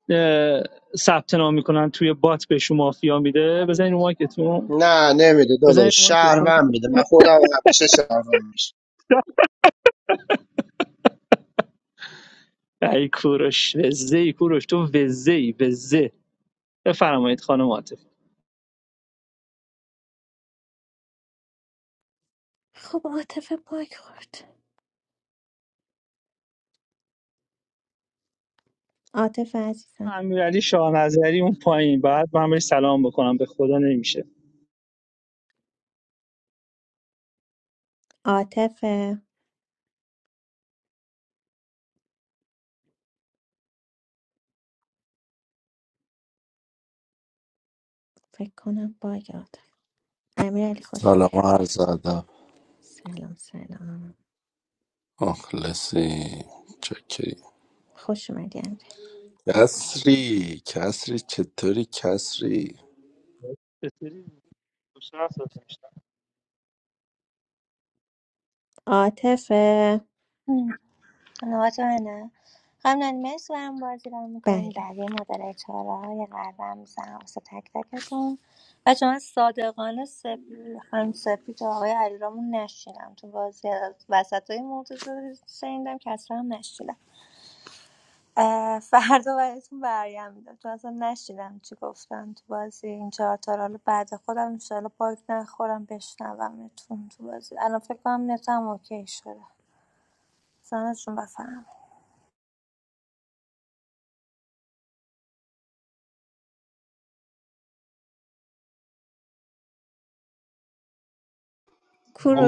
اه، ثبت نام میکنن توی بات بهشون مافیا میده بزنین رو مایکتون نه نمیده بزنین رو داداش مایکتون شهروند میده من خودم همیشه شهروند میشه ای کوروش وزه ای کوروش تو وزه ای وزه بفرمایید خانم عاطف خب عاطفه باگ خورد عاطفه عزیزم امیرعلی شاه نظری اون پایین بعد من بهش سلام بکنم به خدا نمیشه عاطفه فکر کنم باگ عاطفه امیرعلی خوش سلام و اومدی عرض ادب سلام سلام مخلصی چکری خوش اومدی امیرعلی کسری کسری چطوری کسری چطوری؟ خوشحال هستم. عاطفه نوات نه قبلا مرسی برام بازی رو میکنین بله بقیه مدل چاره های قلبم میزن واسه تک تکتون و چون صادقانه سپی خانم سپی تا آقای علیرامون نشینم تو بازی وسط های مرتضی رو شنیدم که اصلا هم نشینم اه، فردا براتون برگم میدم چون اصلا نشیدم چی گفتن تو بازی این چهار تا رو حالا بعد خودم انشالله پاک نخورم بشنومتون تو بازی الان فکر کنم نتم اوکی شده سانتون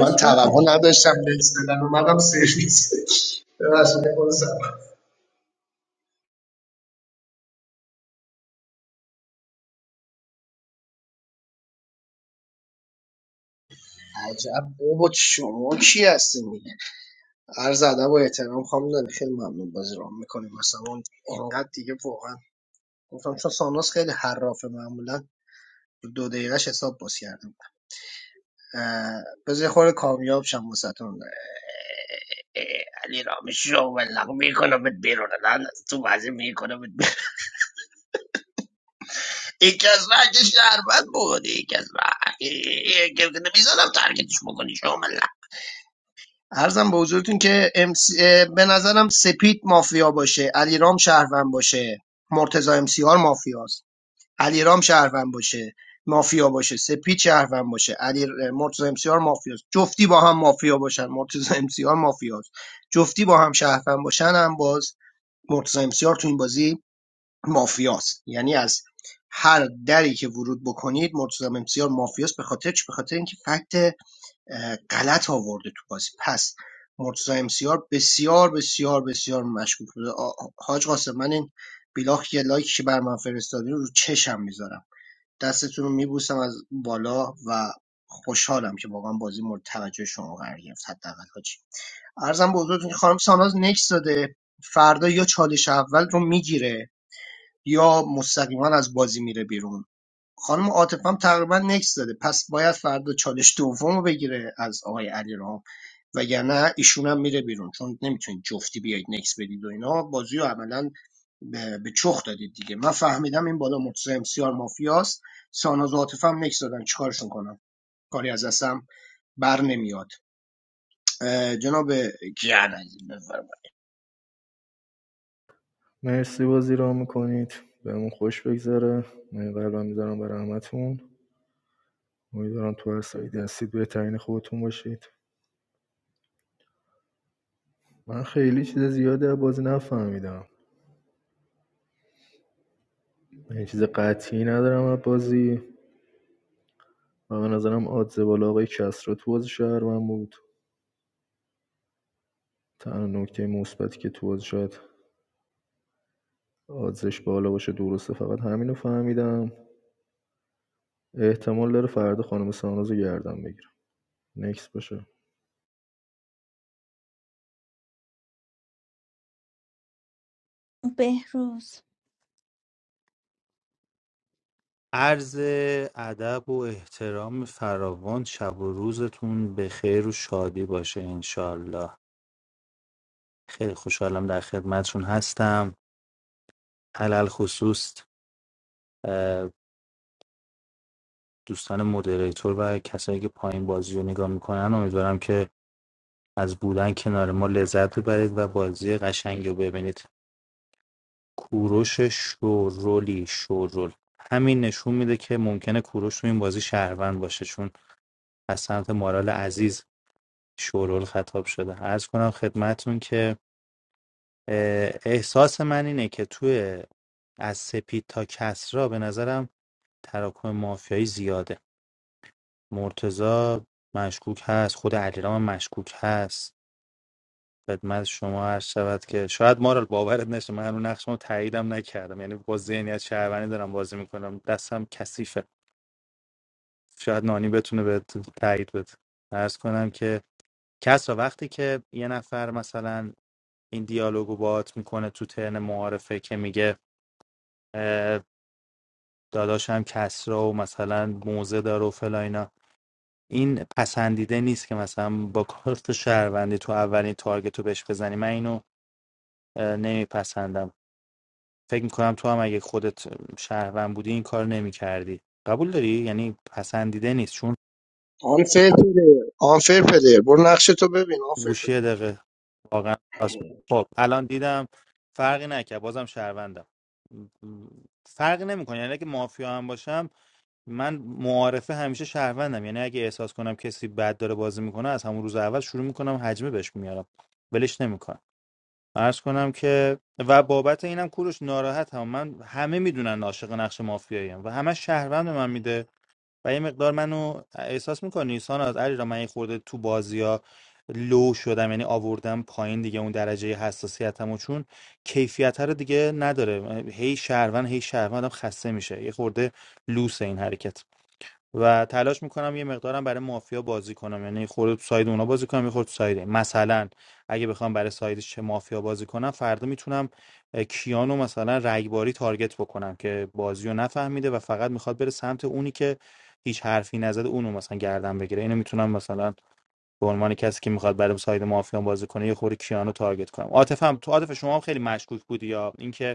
من توقع بفرم نداشتم نکس بدم اومدم سرویس ببخشید، خود سلام. عجب بابا شما کی هستین دیگه عرض ادب و احترام خانم داری خیلی ممنون بازی رو میکنیم مثلا اون اینقدر دیگه واقعا گفتم چون ساناس خیلی حرافه معمولا دو دقیقهش حساب باز کردم اه، بذار یه خورده کامیاب شم واسهتون. علی را شو بلق میکنم بیرون الان از تو بازی میکنم بیرون. یکی از راه که شهروند بودی یکی از راه یکی که نمیزنم ترکتش بکنی شو ملق عرضم به حضورتون که MC به نظرم سپید مافیا باشه علیرام شهروند باشه مرتضی ام امسیار مافیاست علیرام شهروند باشه مافیا باشه سپید شهروند باشه علی اه، مرتضی ام امسیار مافیاست جفتی با هم مافیا باشن مرتضی ام امسیار مافیاست جفتی با هم شهروند باشن هم باز مرتضی امسیار تو این بازی مافیاست یعنی از هر دری که ورود بکنید مرتضی امسیار مافیاست به خاطر چی به خاطر اینکه فکت غلط آورده تو بازی پس مرتضی امسیار بسیار بسیار بسیار مشکوک بوده آ- آ- حاج قاسم من این بیلاخ یه لایکی که بر من فرستادین رو چشم میذارم دستتون رو میبوسم از بالا و خوشحالم که واقعا بازی مورد توجه شما قرار گرفت حداقل حاجی ارزم به حضورتون که خانم ساناز نکس داده فردا یا چالش اول رو میگیره یا مستقیما از بازی میره بیرون خانم عاطفه هم تقریبا نکس داده پس باید فردا چالش دوم رو بگیره از آقای علیرام وگرنه ایشون هم میره بیرون چون نمیتونید جفتی بیاید نکس بدید و اینا بازی رو عملا به به چخ دادید دیگه من فهمیدم این بالا مرتضی امسیار مافیاست ساناز و عاطفه هم نکس دادن چیکارشون کنم کاری از دستم بر نمیاد اه، جناب گیان عزیز، مرسی بازی را میکنید بهمون خوش بگذره من قلبم میذارم برای همتون امیدوارم تو هر سایدی هستید بهترین خودتون باشید من خیلی چیز زیادی از بازی نفهمیدم من چیز قطعی ندارم از بازی و به نظرم آدز بالا آقای کسرا تو بازی شهر من بود تنها نکته مثبتی که تو بازی شاید آدزش بالا باشه درسته فقط همینو فهمیدم احتمال داره فردا خانم سانوز رو گردم بگیرم نکس باشه بهروز عرض ادب و احترام فراوان شب و روزتون به خیر و شادی باشه انشالله خیلی خوشحالم در خدمتتون هستم علل خصوص اه، دوستان مدریتور و کسایی که پایین بازی رو نگاه میکنن امیدوارم که از بودن کنار ما لذت ببرید و بازی قشنگی رو ببینید کوروش شورولی شورول همین نشون میده که ممکنه کوروش تو این بازی شهروند باشه چون از سمت مارال عزیز شورول خطاب شده عرض کنم خدمتون که احساس من اینه که توی از سپید تا کسرا به نظرم تراکم مافیایی زیاده مرتزا مشکوک هست خود علیرام مشکوک هست خدمت شما عرض شود که شاید مارال باورت نشه من هنوز نقشمو تاییدم نکردم یعنی با ذهنیت شهروندی دارم بازی میکنم دستم کثیفه شاید نانی بتونه به تایید بده عرض کنم که کس را وقتی که یه نفر مثلا این دیالوگو باهات میکنه تو ترن معارفه که میگه داداشم کسرا و مثلا موزه داره و فلا اینا این پسندیده نیست که مثلا با کارت شهروندی تو اولین تارگت رو بهش بزنی من اینو نمیپسندم فکر میکنم تو هم اگه خودت شهروند بودی این کار نمیکردی قبول داری یعنی پسندیده نیست چون آنفر پلیر آنفر پلیر برو نقش تو ببین آنفر گوشی یه پلیر دقیقه واقعا راست می‌گی. خب الان دیدم فرقی نکرد بازم شهروندم فرق نمیکنه یعنی اگه مافیا هم باشم من معارفه همیشه شهروندم یعنی اگه احساس کنم کسی بد داره بازی میکنه از همون روز اول شروع میکنم حجمه بهش میارم ولش نمیکنم عرض کنم که و بابت اینم کوروش ناراحت هم من همه میدونن عاشق نقش مافیاییم و همه شهروند به من میده و یه مقدار منو احساس میکنی ساناز علی را من یه خورده تو بازی ها لو شدم یعنی آوردم پایین دیگه اون درجه حساسیتمو چون کیفیت رو دیگه نداره هی شهروند هی شهروندم خسته میشه یه خورده لوس این حرکت و تلاش میکنم یه مقدارم برای مافیا بازی کنم یعنی خورده تو ساید اونا بازی کنم یه خورده تو ساید این. مثلا اگه بخوام برای سایدش چه مافیا بازی کنم فردا میتونم اه، کیانو مثلا رگباری تارگت بکنم که بازی رو نفهمیده و فقط میخواد بره سمت اونی که هیچ حرفی نزده اونو مثلا گردن بگیره اینو میتونم مثلا به عنوان کسی که میخواد برای ساید مافیا بازی کنه یه خورده کیانو تارگت کنم عاطفم تو عاطف شما هم خیلی مشکوک بودی یا اینکه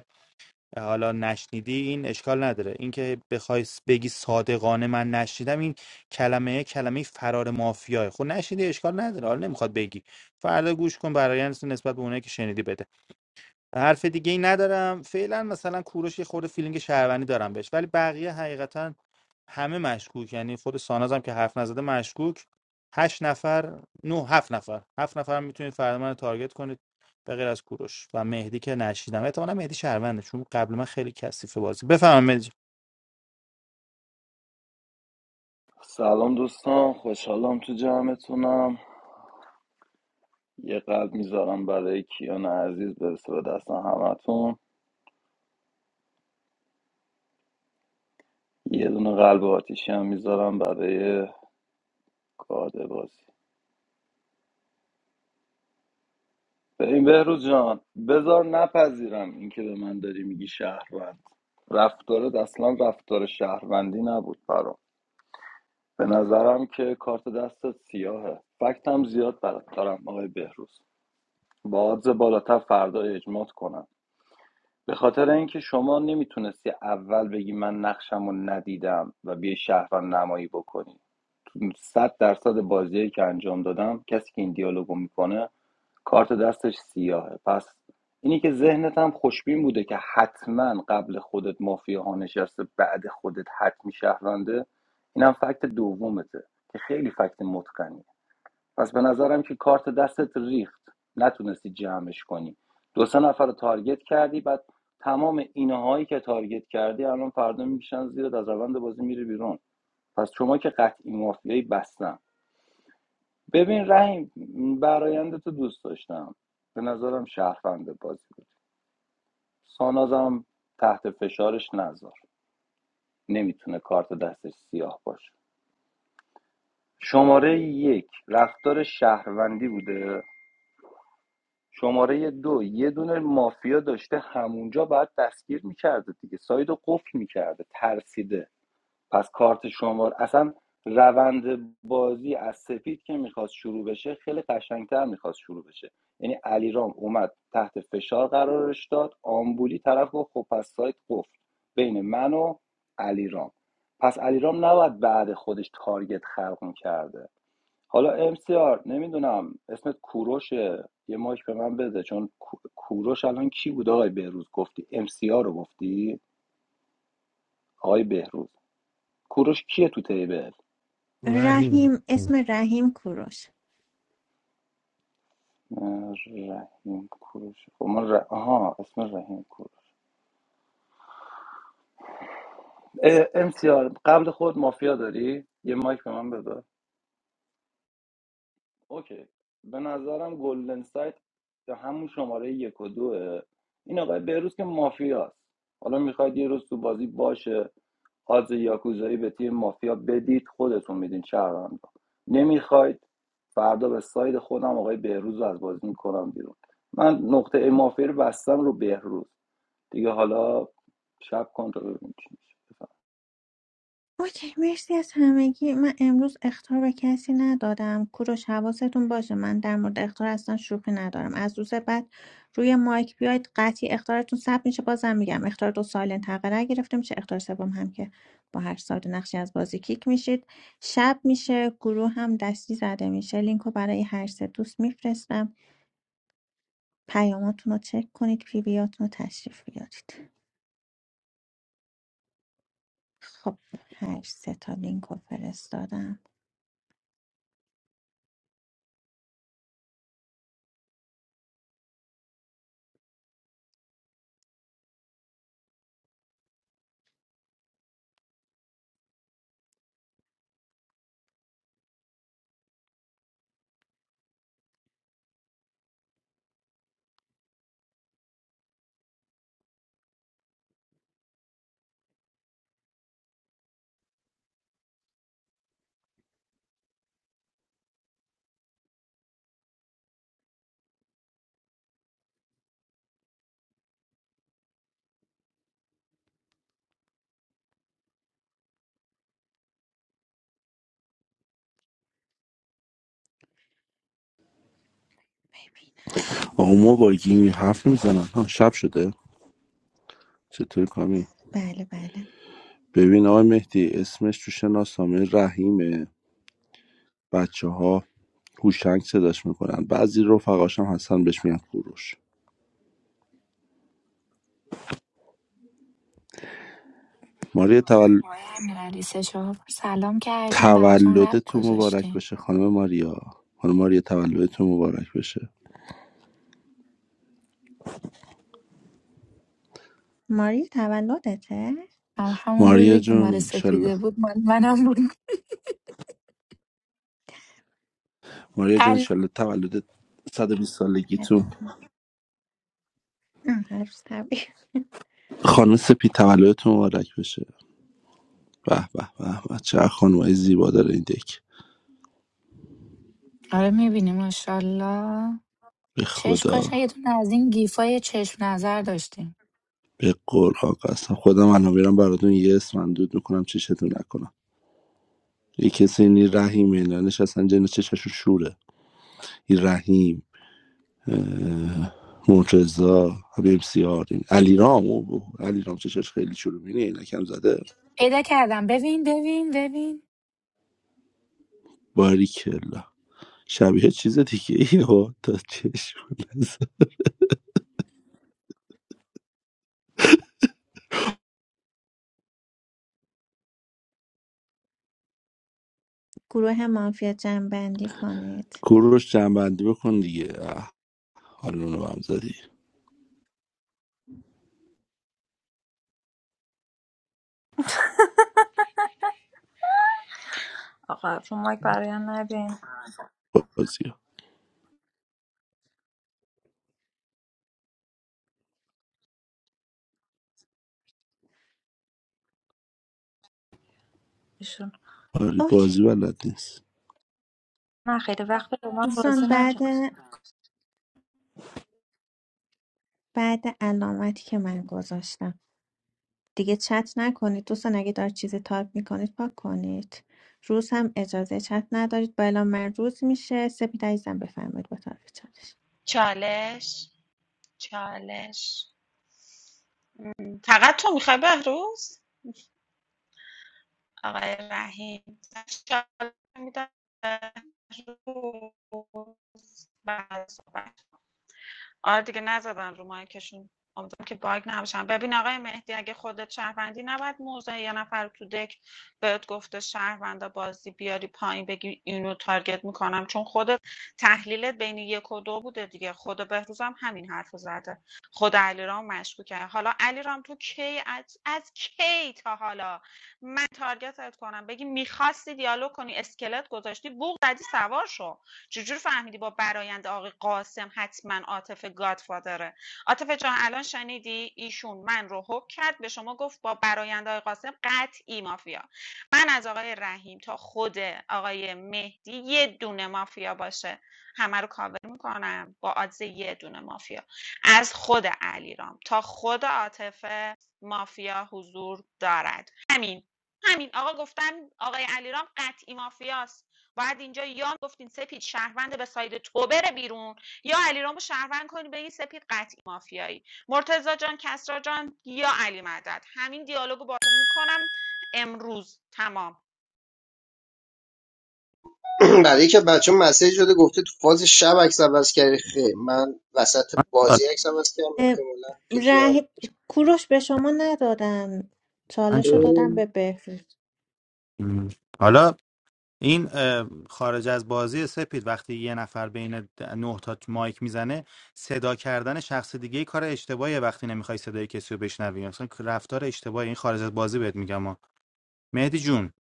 حالا نشنیدی این اشکال نداره اینکه بخوای س- بگی صادقانه من نشنیدم این کلمه کلمه فرار مافیاه خب نشنیدی اشکال نداره حالا نمیخواد بگی فردا گوش کن برای نسبت به اونایی که شنیدی بده حرف دیگه ای ندارم فعلا مثلا کوروش یه خورده فیلینگ شهروندی دارم بهش ولی بقیه حقیقتا همه مشکوک یعنی خود ساناز هم که حرف نزده مشکوک هشت نفر نه هفت نفر هفت نفر هم میتونید فردا من رو تارگت کنید به غیر از کوروش و مهدی که نشیدم احتمالاً مهدی شهرونده چون قبل من خیلی کثیفه بازی بفهمم مهدی جان. سلام دوستان خوشحالم تو جمعتونم یه قلب میذارم برای کیان عزیز برسه به دست همتون یه دونه قلب آتیشی هم میذارم برای گاده بازی ببین بهروز جان بذار نپذیرم اینکه به من داری میگی شهروند رفتارت اصلا رفتار شهروندی نبود برام به نظرم که کارت دستت سیاهه فکت هم زیاد برات دارم آقای بهروز با آدز بالاتر فردا اجماعت کنم به خاطر اینکه شما نمیتونستی اول بگی من نقشمو ندیدم و بیای شهروند نمایی بکنی تو صد درصد بازیایی که انجام دادم کسی که این دیالوگو میکنه کارت دستش سیاهه پس اینی که ذهنت هم خوشبین بوده که حتما قبل خودت مافیا ها نشسته بعد خودت حتمی شهرونده اینم فکت دومته که خیلی فکت متقنی پس به نظرم که کارت دستت ریخت نتونستی جمعش کنی دو سه نفر رو تارگت کردی بعد تمام اینهایی که تارگت کردی الان فردا میکشن زیرت از روند بازی میری بیرون پس شما که قطعی مافیایی بستم ببین رحیم برایند تو دوست داشتم به نظرم شهروند بازی بود سانازم تحت فشارش نذار نمیتونه کارت دستش سیاه باشه شماره یک رفتار شهروندی بوده شماره دو یه دونه مافیا داشته همونجا باید دستگیر میکرده دیگه ساید رو قفل میکرده ترسیده پس کارت شماره اصلا روند بازی از سپید که میخواست شروع بشه خیلی قشنگتر میخواست شروع بشه یعنی علیرام اومد تحت فشار قرارش داد آمبولی طرف گفت خب پس سایت قفل بین من و علیرام پس علیرام نباید بعد خودش تارگت خلق میکرده حالا MCR نمیدونم اسمت کوروشه یه مایک به من بده چون کوروش الان کی بود آقای بهروز گفتی MCR رو گفتی آقای بهروز کوروش کیه تو تیبل وحیم رحیم اسم رحیم کوروش اه، رحیم کوروش خب من ر... آها اسم رحیم کوروش اه، MCR قبل خود مافیا داری یه مایک به من بده اوکی به نظرم گلدن سایت به همون شماره یک و دوه این آقای بهروز که مافیاست حالا میخواید یه روز تو بازی باشه آز یاکوزایی به تیم مافیا بدید خودتون میدین شهروند نمیخواید فردا به ساید خودم آقای بهروز رو از بازی میکنم بیرون من نقطه مافیا رو بستم رو بهروز دیگه حالا شب کنترل تا اوکی مرسی از همگی من امروز اختار به کسی ندادم کوروش حواستون باشه من در مورد اختار اصلا شوخی ندارم از روز بعد روی مایک بیاید قطعی اختارتون ثبت میشه بازم میگم اختار دو سالنت حق رای گرفته میشه اختار سوم هم که با هر ساعت نقشی از بازی کیک میشید شب میشه گروه هم دستی زده میشه لینکو برای هر سه دوست میفرستم پیاماتون رو چک کنید پی بیاتون رو تشریف بیارید خب هر سه تا لینکو فرستادم ببینم آقا ما با چی گیمی حرف میزنن ها شب شده چطوری کامی بله بله ببین آقای مهدی اسمش تو شناسنامه رحیمه بچه ها هوشنگ صداش میکنن بعضی رفقاش هم هستن بهش میگن کوروش ماریا تول... آقای امیرعلی سه چهار بار سلام کردیم براتون تولد قلب تو مبارک گذاشتیم بشه خانم ماریا خانم ماریا تولد تو مبارک بشه ماری تولدته هم همون ماریا روزی که مال جون سپیده بود مال منم بود ماریا جون علی انشالله تولد 120 هر سالگیتون آه، هر روز تبریک خانم سپی تولدتون مبارک بشه به به به به چه خانمای زیبا داره این دک آره میبینی ماشاءالله به چش خدا کاش یه دونه از این گیفای چشم نظر داشتیم به قرآن قسم خودم الان میرم براتون یه اسم اندود میکنم چشتون نکنم یه کسی اینی رحیم اینا نشستن جن چششون شوره این رحیم مرتزا حبیب سیار این علیرام او بو علیرام چشش خیلی شروع مینه اینکم زده پیدا کردم ببین ببین ببین باریکلا شبیه چیز دیگه ای ها تا چشم گروه مافیا جنبندی کنید کوروش جنبندی بکن دیگه حالونو به هم زدی آقا رو مایک برایم ندین بازی ها. ایشون آره اوکی بازی بلد نیست من خیلی وقت رو من دوستان بازی بعد نکردم بعد علامتی که من گذاشتم دیگه چت نکنید دوستان اگه دارید چیزی تایپ میکنید پاک کنید روز هم اجازه چت ندارید با اعلام من روز میشه سپید عزیزم بفرمایید با طرف چالش چالش چالش فقط تو میخوای بهروز آقای رحیم میدم روز بعد صحبت آره دیگه نزدن رو مایکشون امیدوارم که باگ نباشن ببین آقای مهدی اگه خودت شهروندی نباید موضع یه نفر تو دک بهت گفته شهروندا بازی بیاری پایین بگی اینو تارگت میکنم چون خودت تحلیلت بین یک و دو بوده دیگه خود بهروز هم همین حرف رو زده خود علیرام مشکوکه حالا علیرام تو کی از, از کی تا حالا من تارگتت کنم بگی میخواستی دیالوگ کنی اسکلت گذاشتی بوق زدی سوار شو چجور فهمیدی با برایند آقای قاسم حتما عاطف گادفادره عاطف جان الان شنیدی ایشون من رو حک کرد به شما گفت با برایند آقای قاسم قطعی مافیا من از آقای رحیم تا خود آقای مهدی یه دونه مافیا باشه همه رو کاور میکنم با آدز یه دونه مافیا از خود علیرام تا خود عاطفه مافیا حضور دارد همین همین آقا گفتم آقای علیرام قطعی مافیاست باید اینجا یا گفتین سپید شهروند به ساید تو بره بیرون یا علیرامو شهروند کنی بگی سپید قطعی مافیایی مرتزا جان کسرا جان یا علی مدد همین دیالوگو باتون میکنم امروز تمام برای که بچه مسیج داده گفته تو فاز شب عکس عوض کردی خیر من وسط من بازی چاله عکس عوض کردم اه، احتمالا پی تی آر ره... کوروش به شما ندادن من چالش رو چاله. خیر، دادم به بهروز م. حالا این اه، خارج از بازی سپید وقتی یه نفر بین د- نه تا مایک میزنه صدا کردن شخص دیگه کار اشتباهیه وقتی نمیخوای صدای کسی رو بشنوی اصلا رفتار اشتباهی این خارج از بازی بهت میگم ما مهدی جون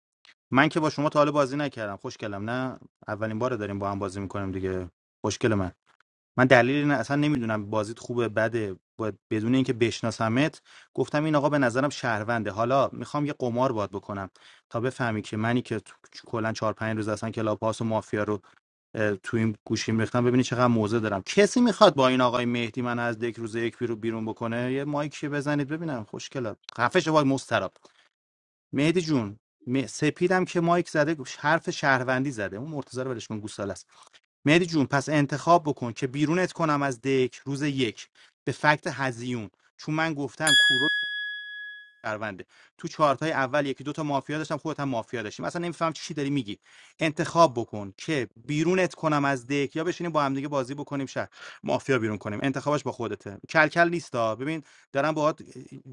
من که با شما تا حالا بازی نکردم خوشگلم نه اولین بار داریم با هم بازی میکنیم دیگه خوشگل من من دلیل این اصلا نمیدونم بازیت خوبه بده باید بدون اینکه بشناسمت گفتم این آقا به نظرم شهرونده حالا میخوام یه قمار باد بکنم تا بفهمی که منی که تو- کلا چهار پنج روز اصلا کلاب هاوس و مافیا رو اه، تو این گوشیم ریختم ببینی چقدر موزه دارم کسی میخواد با این آقای مهدی من از دک روز یک بیرون بیرون بکنه یه مایکی بزنید ببینم خوشگلا خفش وای مستراب مهدی جون م- سپیدم که مایک زده حرف شهروندی زده اون مرتضی رو ولش کن گوساله مهدی جون پس انتخاب بکن که بیرونت کنم از دک روز یک به فکت هزیون چون من گفتم کورو شهرونده تو چارتای اول یکی دو تا مافیا داشتم خودت هم مافیا داشتیم اصلا نمیفهم چی داری میگی انتخاب بکن که بیرونت کنم از دک یا بشینیم با هم دیگه بازی بکنیم شهر مافیا بیرون کنیم انتخابش با خودته کلکل نیستا ببین دارم باهات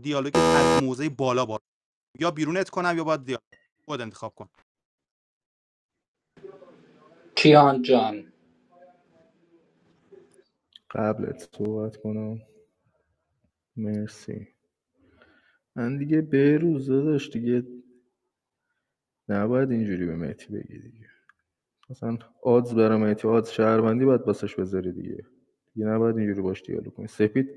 دیالوگ از موزه بالا با یا بیرونت کنم یا باید دیالوگ خود انتخاب کن کیان جان قبلت صحبت کنم مرسی من دیگه به روزه داداش دیگه نباید اینجوری به مهدی بگی دیگه مثلا آدز برای مهدی آدز شهروندی باید بسش بذاری دیگه دیگه نباید اینجوری باش دیالوگ کنی سپید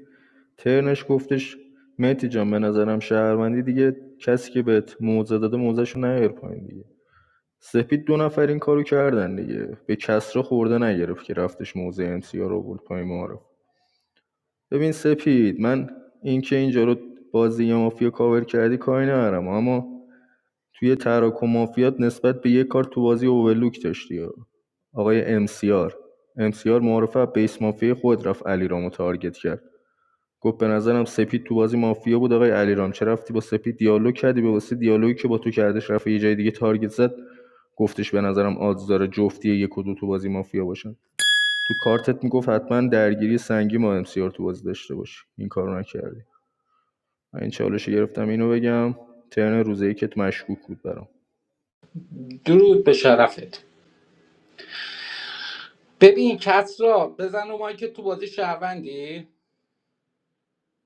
ترنش گفتش مهدی جان به نظرم شهروندی دیگه کسی که بهت موزه داده موزهشو نیار پایین دیگه سپید دو نفر این کارو کردن دیگه به کسرا خورده نگرفت که رفتش موزه ام سی آر رو آورد پایین معارف ببین سپید من اینکه اینجا رو بازی یا مافیا کاور کردی کاری ندارم اما توی تراکم مافیات نسبت به یه کار تو بازی اوورلوک داشتی آقای امسیار امسیار معرفه از بیس مافیا خود رفت علی تارگت کرد گفت به نظرم سپید تو بازی مافیا بود آقای علی رام چه رفتی با سپید دیالوگ کردی به واسه دیالوگی که با تو کردش رفت یه جای دیگه تارگت زد گفتش به نظرم آدز داره جفتی یک و دو تو بازی مافیا باشن تو کارتت میگفت حتما درگیری سنگین با MCR تو بازی داشته باشی این کارو نکردی من این چالش گرفتم اینو بگم ترن روزه که مشکوک بود برام درود به شرفت ببین کس را بزن و مایی که تو بازی شهروندی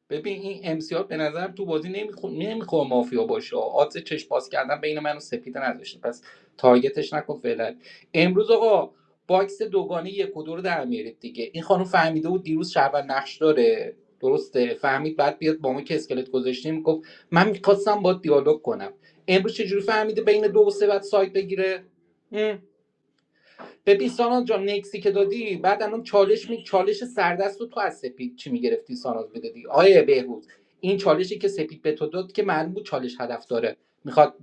ببین این امسیار به نظر تو بازی نمیخواد نمیخواد مافیا باشه آدز چشم باز کردن بین من و سپید نذاشته پس تارگتش نکن فعلا امروز آقا باکس دوگانه یک و دو رو در میارید دیگه این خانم فهمیده بود دیروز شهروند نقش داره درسته فهمید بعد بیاد با ما که اسکلت گذاشتیم گفت من میخواستم با دیالوگ کنم امروز چجوری فهمیده بین دو و سه باید سایت بگیره هم. ببین ساناز جان نکسی که دادی بعد الان چالش می چالش سردست رو تو از سپید چی میگرفتی ساناز میدادی آیه بهروز این چالشی که سپید به تو داد که معلوم بود چالش هدف داره میخواد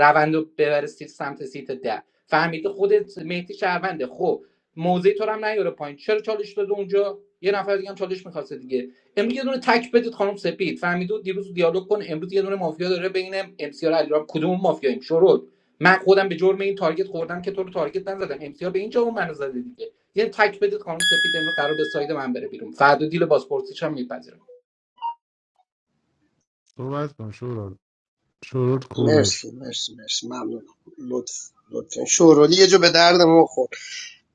روند رو ببره سمت سیت ده فهمیده خودت مهدی شهرونده خب موضع تو رو هم نیاره پایین چرا چالش داده اونجا یه نفر دیگه هم چالش میخواسته دیگه امروز یه دونه تک بدید خانم سپید فهمیدو دیروز دیالوگ کن امروز یه دونه مافیا داره بین ام سی آر علیرام، کدوم مافیاییم شروع من خودم به جرم این تارگت خوردم که تو رو تارگت نزدم امسیار به اینجا اون منو زده دیگه یعنی تک بدید خانم سپید امروز قرار به ساید من بره بیرون فردا دیل بازپرسیش هم میپذیرم صحبت کن شورا شورت کوروش مرسی مرسی مرسی ممنون لطف لطفا شورولی یه جو به درد ما خورد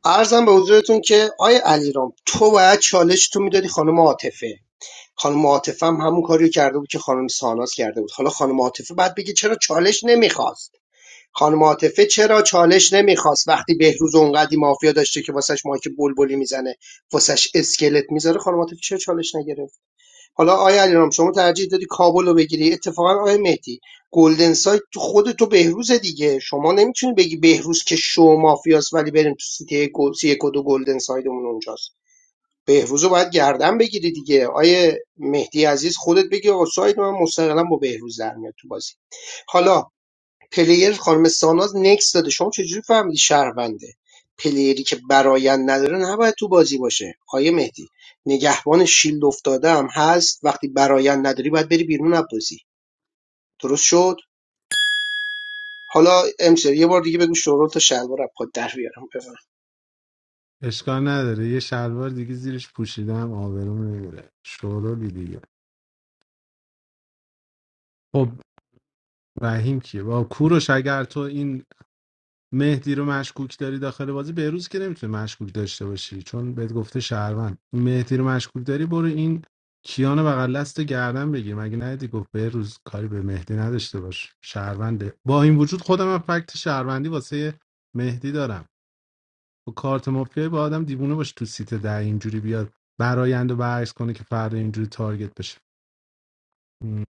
عرضم به حضورتون که آیا علیرام تو باید چالش تو میدادی خانم عاطفه خانم عاطفه هم همون کاری رو کرده بود که خانم ساناس کرده بود حالا خانم عاطفه بعد بگه چرا چالش نمیخواست خانم عاطفه چرا چالش نمیخواست وقتی بهروز اونقدی مافیا داشته که واسش مایک بلبلی میزنه واسش اسکلت میذاره خانم عاطفه چرا چالش نگرفت حالا آیا علیرام شما ترجیح دادی کابل رو بگیری اتفاقا آیا مهدی گلدن سایت تو خود تو بهروز دیگه شما نمیتونی بگی بهروز که شو مافیاست ولی بریم تو سیتی گل سی یک و دو گلدن سایدمون اونجاست بهروز رو باید گردن بگیری دیگه آیه مهدی عزیز خودت بگی آقا ساید من مستقلا با بهروز در میاد تو بازی حالا پلیر خانم ساناز نکس داده شما چجوری فهمیدی شهرونده پلیری که برایند نداره نباید تو بازی باشه آیه مهدی نگهبان شیلد افتاده هم هست وقتی برایند نداری باید بری بیرون از بازی درست شد حالا امسر یه بار دیگه بگو شورول تا شلوار از پات در بیارم بفهم اشکال نداره یه شلوار دیگه زیرش پوشیدم آبروم نمیره شورولی دیگه خب وحیم کیه با کوروش اگر تو این مهدی رو مشکوک داری داخل بازی بهروز که نمیتونه مشکوک داشته باشی چون بهت گفته شهروند مهدی رو مشکوک داری برو این کیان بغل دست گردن بگیر مگه ندیدی گفت بهروز کاری به مهدی نداشته باش شهرونده با این وجود خودم هم فکت شهروندی واسه مهدی دارم با کارت مافیای با آدم دیوونه باش تو سیت ده اینجوری بیاد برایند و برعکس کنه که فردا اینجوری تارگت بشه م،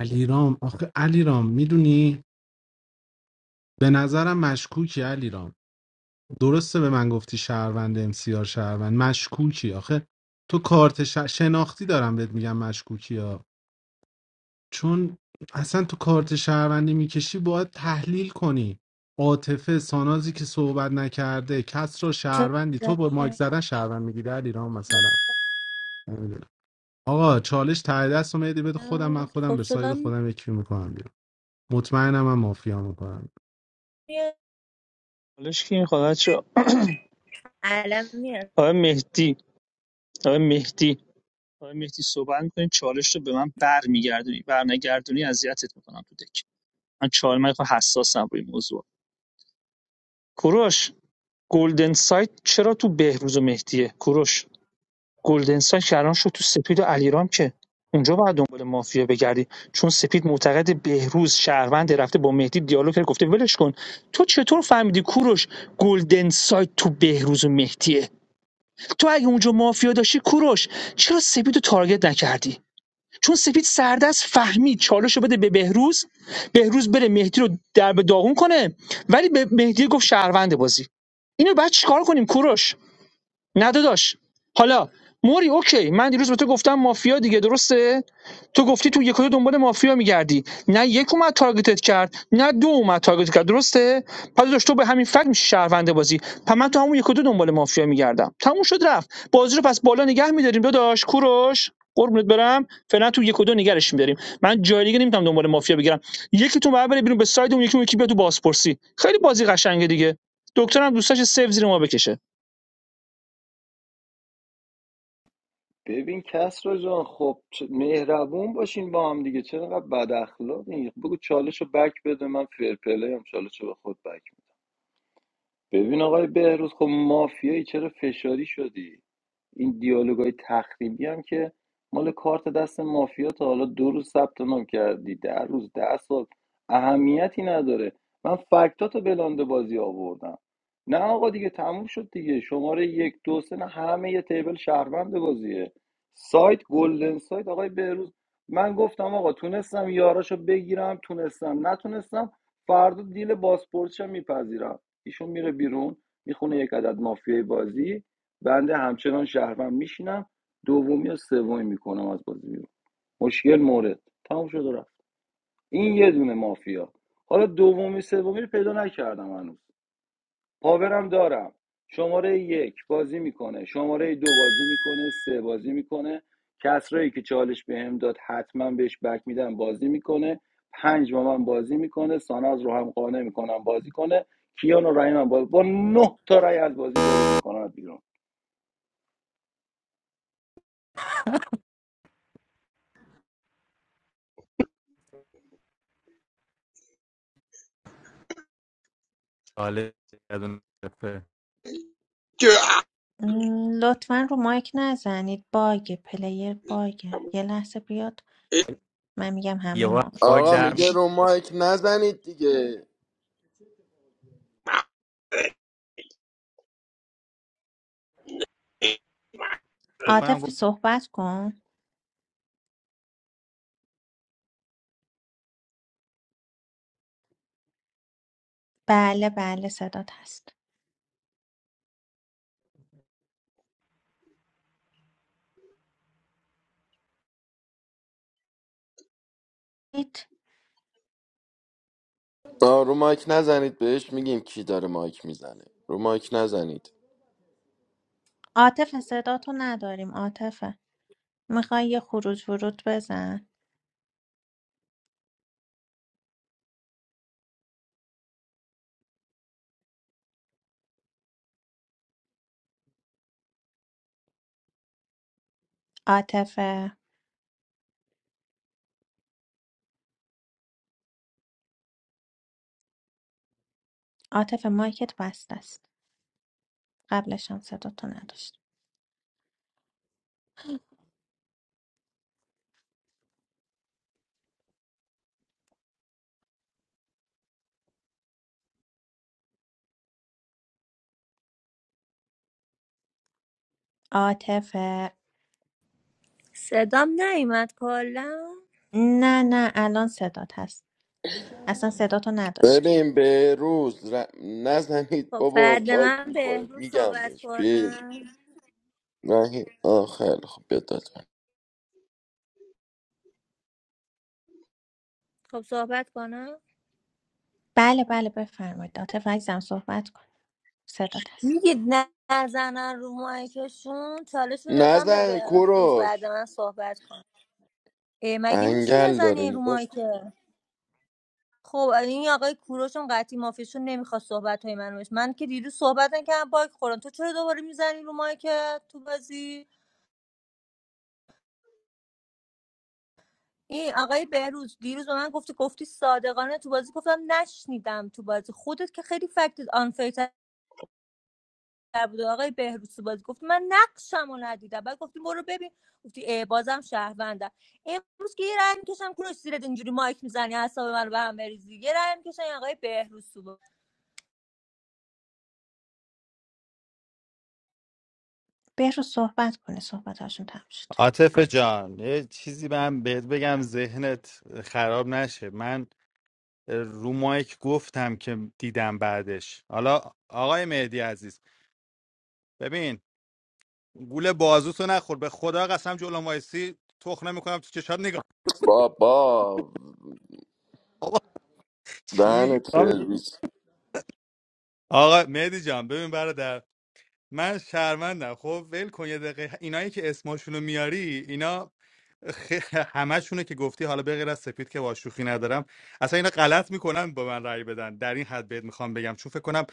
علیرام آخه علیرام میدونی به نظرم مشکوکی علیرام درسته به من گفتی شهروند امسیار شهروند مشکوکی آخه تو کارت ش... شناختی دارم بهت میگم مشکوکی ها چون اصلا تو کارت شهروندی میکشی باید تحلیل کنی عاطفه سانازی که صحبت نکرده کس را چون شهروندی تو با مایک زدن شهروند میگی در ایران مثلا نمی‌دونم. آقا چالش ته دست اومدی بده خودم من خب خودم به ساید صدام خودم یکی میکنم بیرون مطمئنم من مافیا میکنم میاد حالش که این خدا چه الان میاد آقای مهدی آقای مهدی آقای مهدی صحبت میکنین چالش رو به من برمیگردونی برنگردونی اذیتت میکنم تو دک من چهار من خیلی حساسم روی این موضوع کوروش گلدن سایت چرا تو بهروز و مهدیه کوروش گلدن سایت چرا شد تو سپید و علیرام که اونجا باید دنبال مافیا بگردی چون سپید معتقد بهروز شهروند رفته با مهدی دیالوگ کرد گفته ولش کن تو چطور فهمیدی کوروش گلدن سایت تو بهروز و مهدیه تو اگه اونجا مافیا داشتی کوروش چرا سپید رو تارگت نکردی چون سپید سردست فهمید چالش رو بده به بهروز بهروز بره مهدی رو در به داغون کنه ولی به مهدی گفت شهروند بازی اینو بعد چیکار کنیم کوروش نه داداش حالا موری اوکی من دیروز به تو گفتم مافیا دیگه درسته تو گفتی تو یک و دو دنبال مافیا میگردی نه یک اومد تارگتت کرد نه دو اومد تارگتت کرد درسته پس داشت تو به همین فکر میشه شهرونده بازی پس من تو همون یک و دو دنبال مافیا میگردم تموم شد رفت بازی رو پس بالا نگه میداریم داداش کوروش قربونت برم فعلا تو یک و دو نگرش میداریم من جای دیگه نمیتونم دنبال مافیا بگیرم یکی تو بعد بره بیرون به ساید اون یکی اون یکی بیا تو بازپرسی خیلی بازی قشنگه دیگه دکترم دوستاش سیو زیر ما بکشه ببین کسرا جان خب چ- مهربون باشین با هم دیگه چرا اینقدر بد اخلاقین بگو چالش رو بک بده من فیر پلی هم چالش رو به خود بک ببین آقای بهروز خب مافیایی چرا فشاری شدی این دیالوگای تخریبی هم که مال کارت دست مافیا تا حالا دو روز ثبت نام کردی در روز ده سال اهمیتی نداره من فکتاتو بلانده بازی آوردم نه آقا دیگه تموم شد دیگه شماره یک دو سه نه همه یه تیبل شهروند بازیه سایت گلدن سایت آقای بهروز من گفتم آقا تونستم یاراشو بگیرم تونستم نتونستم فردا دیل باسپورتشم میپذیرم ایشون میره بیرون میخونه یک عدد مافیای بازی بنده همچنان شهروند میشینم دومی و سومی میکنم از بازی بیرون مشکل مورد تمام شد و رفت این یه دونه مافیا حالا دومی سومی رو پیدا نکردم هنوز پاورم دارم شماره یک بازی میکنه شماره دو بازی میکنه سه بازی میکنه کسرایی که چالش به هم داد حتما بهش بک میدم بازی میکنه پنج با من بازی میکنه ساناز رو هم قانع میکنم بازی کنه کیان و رحیم هم بازی با نه تا رای از بازی بروز میکنم بیرون حالا یه دونه دفعه. م، لطفا رو مایک نزنید باگ پلیر باگه یه لحظه بیاد من میگم یه همه وقت ما باگ آقا در چالش میگه میاد. رو میکنم مایک نزنید دیگه فکر کنم عاطف صحبت کن بله بله صدات هست هیت. آ رو مایک نزنید بهش میگیم کی داره مایک میزنه رو مایک نزنید عاطف صداتو نداریم عاطفه میخوای یه خروج ورود بزن عاطفه عاطفه مایکت بسته است قبلش هم صداتو نداشت عاطفه صدام نیومد کلا نه نه الان صدات هست اصلا صداتو نداشت ببین به روز ر... نزنید خب بابا بعد باک من میخوره بهروز میگم صحبت بهش به کنم نه آه خیلی خوب بیاد داد من. خب صحبت کنم بله بله بفرمایید عاطفه عزیزم صحبت کن صدات هست میگید نه- نزنن رو مایکشون چالش رو دادم به نزن بهروز بعد کوروش من صحبت کن اه، مگه میشه انگل داره بزنی رو نگاش مایکه خب این آقای کوروشون قطعی مافیشون نمیخواد صحبت های من بشه من که دیروز صحبت نکردم باگ خوردم تو چرا دوباره میزنی رو مایکت تو بازی این آقای بهروز دیروز به من گفتی گفتی صادقانه تو بازی گفتم نشنیدم تو بازی خودت که خیلی فکت آنفیتر بود آقای بهروز تو بازی گفت من نقشم رو ندیدم بعد گفتی برو ببین گفتی ای بازم شهروندم امروز که یه رای میکشم کنش زیرت اینجوری مایک میزنی اعصاب من به هم بریزی یه رای میکشم آقای بهروز تو بازی. بهش رو صحبت کنه صحبتاشون تمام شد عاطف جان یه چیزی من بهت بگم ذهنت خراب نشه من رو مایک گفتم که دیدم بعدش حالا آقای مهدی عزیز ببین گول بازوتو نخور به خدا قسم جلو وایسی تخ نمیکنم تو چشات نگاه بابا آقا چی میگی دهنت سرویس آقا مهدی جان ببین برادر من شهروندم خب ول کن یه دقیقه اینایی که اسماشونو میاری اینا خ- همشونو که گفتی حالا به غیر از سپید که واشوخی ندارم اصلا اینا غلط میکنن با من رأی بدن در این حد بهت میخوام بگم چون فکر کنم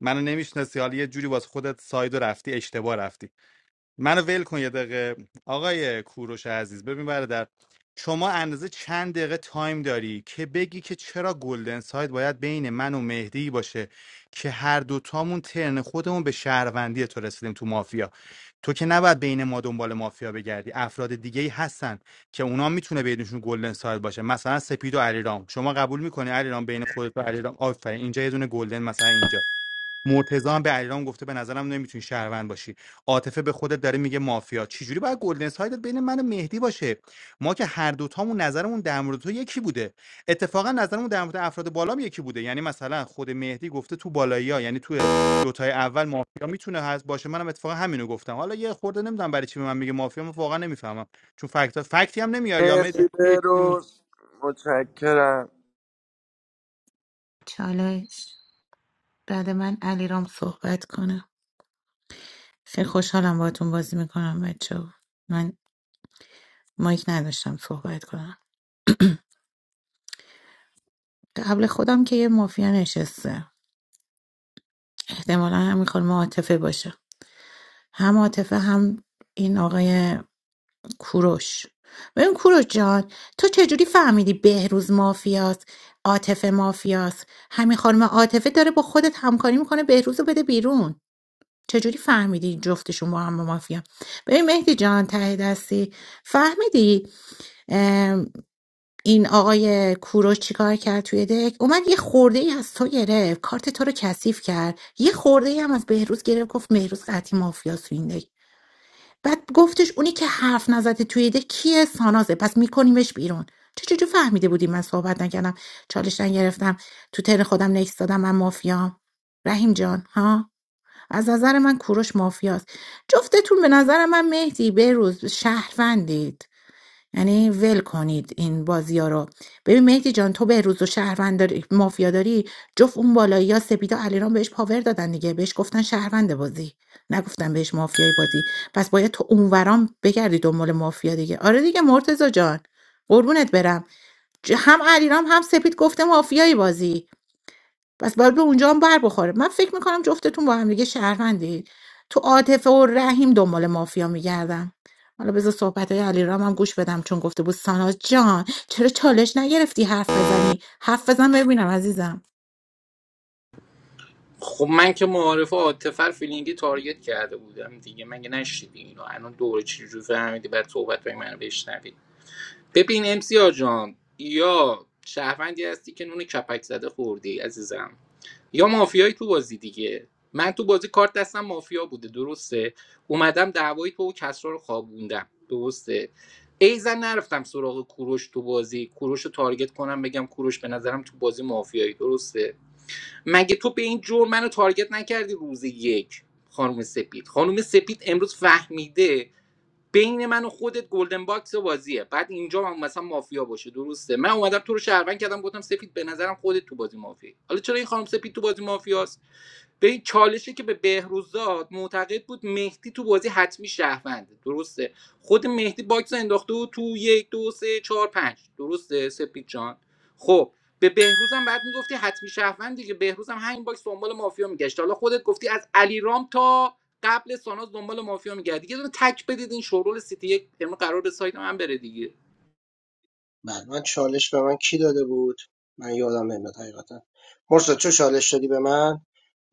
منو نمیشناسی حالا یه جوری واسه خودت ساید و رفتی اشتباه رفتی منو ول کن یه دقیقه آقای کوروش عزیز ببین برادر شما اندازه چند دقیقه تایم داری که بگی که چرا گلدن ساید باید بین من و مهدی باشه که هر دوتامون ترن خودمون به شهروندی تو رسیدیم تو مافیا تو که نباید بین ما دنبال مافیا بگردی افراد دیگه ای هستن که اونا میتونه بینشون گلدن ساید باشه مثلا سپید و علیرام شما قبول میکنی علیرام بین خودت و علیرام آفرین اینجا یه دونه گلدن مثلا اینجا مرتضی هم به علیرام گفته به نظرم نمیتونی شهروند باشی عاطفه به خودت داره میگه مافیا چجوری باید گلدن سایدت بین من و مهدی باشه ما که هر دوتامون نظرمون در مورد تو یکی بوده اتفاقا نظرمون در مورد افراد بالام یکی بوده یعنی مثلا خود مهدی گفته تو بالایی یعنی تو دوتای اول مافیا میتونه هست باشه منم اتفاقا همینو گفتم حالا یه خورده نمیدونم برای چی به من میگه مافیا من واقعا نمیفهمم چون فکت فکتی هم نمیاری یا مرسی مهدی به روز متشکرم چالش بعد من علیرام صحبت کنه خیلی خوشحالم باهاتون بازی میکنم بچه من مایک نداشتم صحبت کنم قبل خودم که یه مافیا نشسته احتمالا همین خانم عاطفه باشه هم عاطفه هم این آقای کوروش ببین کوروش جان تو چجوری فهمیدی بهروز مافیاست عاطفه مافیاست همین خانم عاطفه داره با خودت همکاری میکنه بهروز رو بده بیرون چجوری فهمیدی جفتشون با هم مافیا ببین مهدی جان ته دستی فهمیدی این آقای کوروش چیکار کرد توی دک اومد یه خورده ای از تو گرفت کارت تو رو کثیف کرد یه خورده ای هم از بهروز گرفت گفت بهروز قطعی مافیاس تو این دک بعد گفتش اونی که حرف نزده توی دک کیه سانازه پس میکنیمش بیرون چه جوری فهمیده بودی من صحبت نکردم چالش نگرفتم تو تن خودم نکس دادم من مافیام رحیم جان ها از نظر من کوروش مافیاست جفتتون به نظر من مهدی بهروز شهروندید یعنی ول کنید این بازی ها رو ببین مهدی جان تو به روز و شهروند داری مافیا داری جفت اون بالایی ها سپیدا علیرام بهش پاور دادن دیگه بهش گفتن شهروند بازی نگفتن بهش مافیای بازی پس باید تو اونورام بگردی دنبال مافیا دیگه آره دیگه مرتزا جان قربونت برم ج- هم علیرام هم سپید گفته مافیای بازی پس باید به اونجا هم بر بخوره من فکر میکنم جفتتون با هم دیگه شهروندید تو عاطفه و رحیم دنبال مافیا میگردم حالا بذار صحبت های علی رام هم گوش بدم چون گفته بود ساناز جان چرا چالش نگرفتی حرف بزنی حرف بزن ببینم عزیزم خب من که معارف عاطفر فیلینگی تارگت کرده بودم دیگه مگه نشیدی اینو الان دوره چجوری فهمیدی بعد صحبت های منو بشنوی ببین امسیا جان یا شهروندی هستی که نون کپک زده خوردی عزیزم یا مافیایی تو بازی دیگه من تو بازی کارت دستم مافیا بوده درسته اومدم دعوایی تو و کسرا رو خوابوندم درسته ایزن نرفتم سراغ کوروش تو بازی کوروش رو تارگت کنم بگم کوروش به نظرم تو بازی مافیایی درسته مگه تو به این جور منو تارگت نکردی روز یک خانم سپید خانم سپید امروز فهمیده بین من و خودت گلدن باکس و بازیه بعد اینجا هم مثلا مافیا باشه درسته من اومدم تو رو شهروند کردم گفتم سپید به نظرم خودت تو بازی مافیا حالا چرا این خانم سپید تو بازی مافیاست به این چالشی که به بهروز داد معتقد بود مهدی تو بازی حتمی شهرونده درسته خود مهدی باکس رو انداخته بود تو یک دو سه چهار پنج درسته سپید جان خب به بهروزم بعد میگفتی حتمی شهروند دیگه بهروزم همین باکس دنبال مافیا میگشت حالا خودت گفتی از علیرام تا قبل ساناز دنبال مافیا میگرد یه دونه تک بدید این شورول سیتی یک امروز قرار به سایت من بره دیگه بعد من چالش به من کی داده بود من یادم نمیاد حقیقتا مرسا چه چالش دادی به من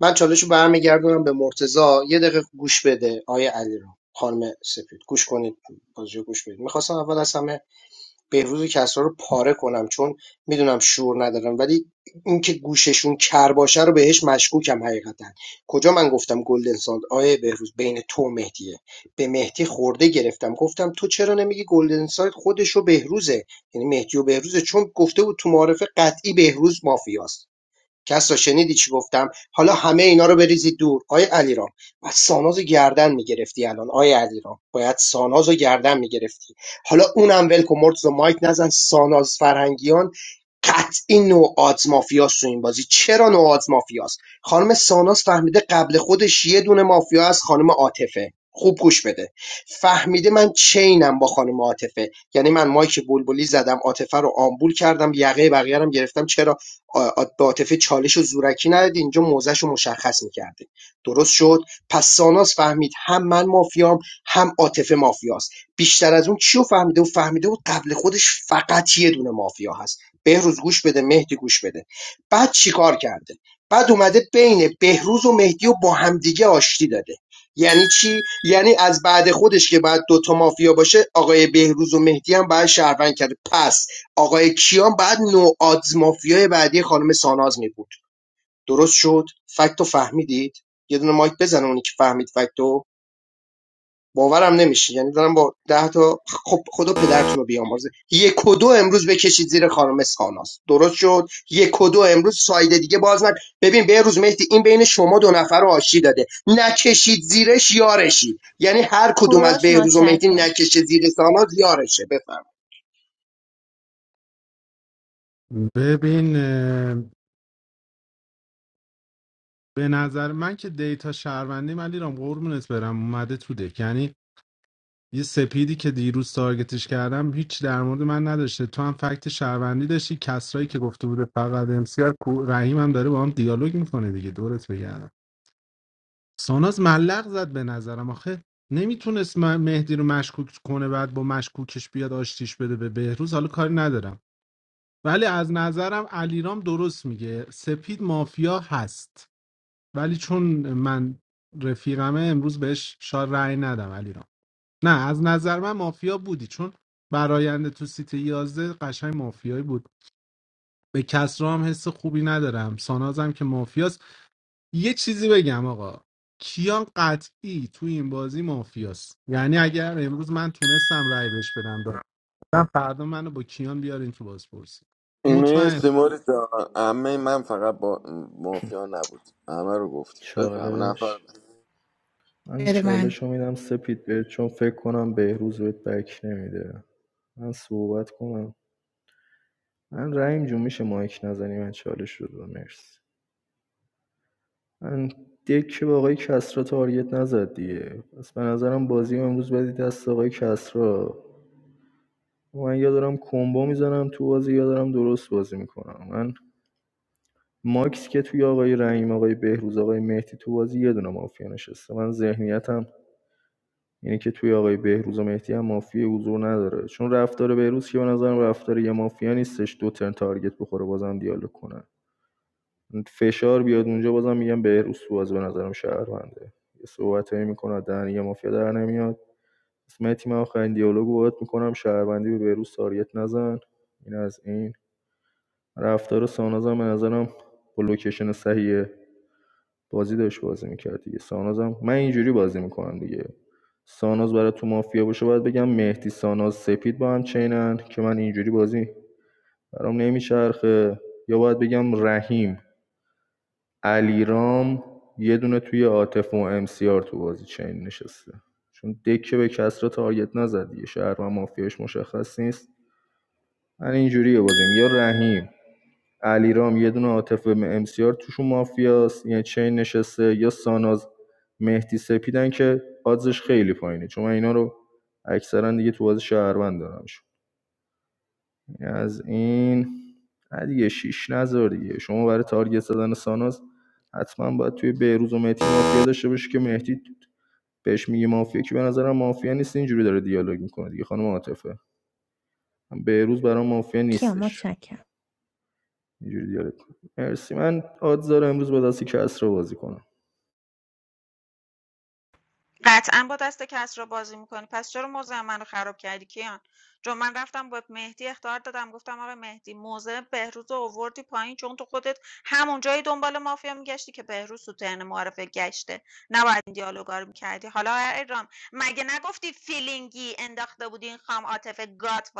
من چالش رو برمیگردونم به مرتضا یه دقیقه گوش بده آیه علیرام خانم سپید گوش کنید بازی رو گوش بدید میخواستم اول از همه بهروز و کسرا رو پاره کنم چون میدونم شور ندارم ولی اینکه گوششون کر باشه رو بهش مشکوکم حقیقتا کجا من گفتم گلدن ساند آیه بهروز بین تو و مهدیه به مهدی خورده گرفتم گفتم تو چرا نمیگی گلدن ساید خودش و بهروزه یعنی مهدی و بهروزه چون گفته بود تو معارفه قطعی بهروز مافیاست کسرا شنیدی چی گفتم حالا همه اینا رو بریزید دور آیه علیرام بعد سانازو گردن میگرفتی الان آیه علیرام باید سانازو گردن میگرفتی حالا اونم ول کن مرتضی مایک نزن ساناز فرهنگیان قطعی نوع آدز مافیاست تو این بازی چرا نوع آدز مافیاست خانم ساناز فهمیده قبل خودش یه دونه مافیا از خانم عاطفه خوب گوش بده فهمیده من چینم با خانم عاطفه یعنی من مایک بلبلی زدم عاطفه رو آمبول کردم یقه بقیه رو گرفتم چرا عاطفه چالش و زورکی نداده اینجا موضعشو مشخص میکرده درست شد پس ساناس فهمید هم من مافیام هم عاطفه مافیاست بیشتر از اون کیو فهمیده و فهمیده و قبل خودش فقط یه دونه مافیا هست بهروز گوش بده مهدی گوش بده بعد چیکار کرده بعد اومده بین بهروز و مهدی و با همدیگه آشتی داده یعنی چی یعنی از بعد خودش که بعد دوتا مافیا باشه آقای بهروز و مهدی هم باید شهروند کرده پس آقای کیان بعد نوآدز مافیای بعدی خانم ساناز می بود درست شد فکتو فهمیدید یه دونه مایک بزنه اونی که فهمید فکتو باورم نمیشه یعنی دارم با ده تا خب خدا پدرتون رو بیامرزه یک و دو امروز بکشید زیر خانم ساناز درست شد یک و دو امروز سایده دیگه باز نکن ببین به روز مهدی این بین شما دو نفر رو آشتی داده نکشید زیرش یارشی یعنی هر کدوم از کوروش بهروز و مهدی مچکه نکشه زیر ساناز یارشه بفهم ببین به نظر من که دیتا شهروندی من دیرم قربونت برم اومده تو دک یعنی یه سپیدی که دیروز تارگتش کردم هیچ در مورد من نداشته تو هم فکت شهروندی داشتی کسرایی که گفته بوده فقط امسیار رحیم هم داره با هم دیالوگ میکنه دیگه دورت بگردم ساناز ملق زد به نظرم آخه نمیتونست م- مهدی رو مشکوک کنه بعد با مشکوکش بیاد آشتیش بده به بهروز حالا کاری ندارم ولی از نظرم علیرام درست میگه سپید مافیا هست ولی چون من رفیقمه امروز بهش شار رأی ندم علی نه از نظر من مافیا بودی چون براینده تو سیت یازده قشنگ مافیایی بود به کسرا هم حس خوبی ندارم سانازم که مافیاست یه چیزی بگم آقا کیان قطعی تو این بازی مافیاست یعنی اگر امروز من تونستم رأی بهش بدم دارم فردا منو با کیان بیارین تو بازپرسی مطمئن مرسی موری جان عمه من فقط با مافیا نبود همه رو گفتی بفهم نفر چالش بعد. من بده چالش من رو میدم سپید بهت چون فکر کنم بهروز بهت بک نمیده من صحبت کنم من رحیم جون میشه مایک نزنی من چالش رو دادم مرسی من دک به آقای کسرا تارگت نزد دیگه پس به نظرم بازی امروز بدید دست آقای کسرا من یا دارم کمبو میزنم تو بازی یا دارم درست بازی میکنم من ماکس که توی آقای رحیم آقای بهروز آقای مهدی تو بازی یه دونه مافیا نشسته من ذهنیتم اینه که توی آقای بهروز و مهدی هم مافیا حضور نداره چون رفتار بهروز که به نظرم رفتار یه مافیا نیستش دو ترن تارگت بخوره بازم دیالوگ کنه فشار بیاد اونجا بازم میگم بهروز تو بازی به نظرم شهرونده یه صحبتایی میکنه دهن یه مافیا در نمیاد اسم تیم آخرین دیالوگ رو باهات میکنم شهروندی به بهروز تارگت نزن این از این رفتار ساناز هم به نظرم با لوکیشن صحیح بازی داشت بازی میکرد دیگه ساناز هم من اینجوری بازی میکنم دیگه ساناز برای تو مافیا باشه باید بگم مهدی ساناز سپید با هم چینن که من اینجوری بازی برام نمیچرخه یا باید بگم رحیم علیرام یه دونه توی عاطف و ام سی آر تو بازی چین نشسته چون دکه به کس را تارگت نزد دیگه شهر و مافیاش مشخص نیست من اینجوریه بازیم یا رحیم علیرام یه دونه عاطف امسیار توشون مافیاست یعنی چین نشسته یا ساناز مهدی سپیدن که آدزش خیلی پایینه چون من اینا رو اکثرا دیگه تو بازی شهروند دارمشون یعنی از این نه دیگه شیش نزار دیگه شما برای تارگت زدن ساناز حتما باید توی بهروز و مهدی مافیا داشته باشی که مهدی بهش میگه مافیا که به نظرم مافیا نیست اینجوری داره دیالوگ میکنه دیگه خانم عاطفه بهروز برام مافیا کیا نیستش متشکرم اینجوری دیالوگ کنم. مرسی من آدز داره امروز با دستی کس رو بازی کنم قطعا با دست کس را بازی میکنی پس چرا موضع من رو خراب کردی کیان چون من رفتم به مهدی اختار دادم گفتم آقا مهدی موضع بهروز رو اووردی پایین چون تو خودت همون جایی دنبال مافیا میگشتی که بهروز تو ترن معرفه گشته نباید این دیالوگا رو میکردی حالا ایرام مگه نگفتی فیلینگی انداخته بودی این خام عاطفه گات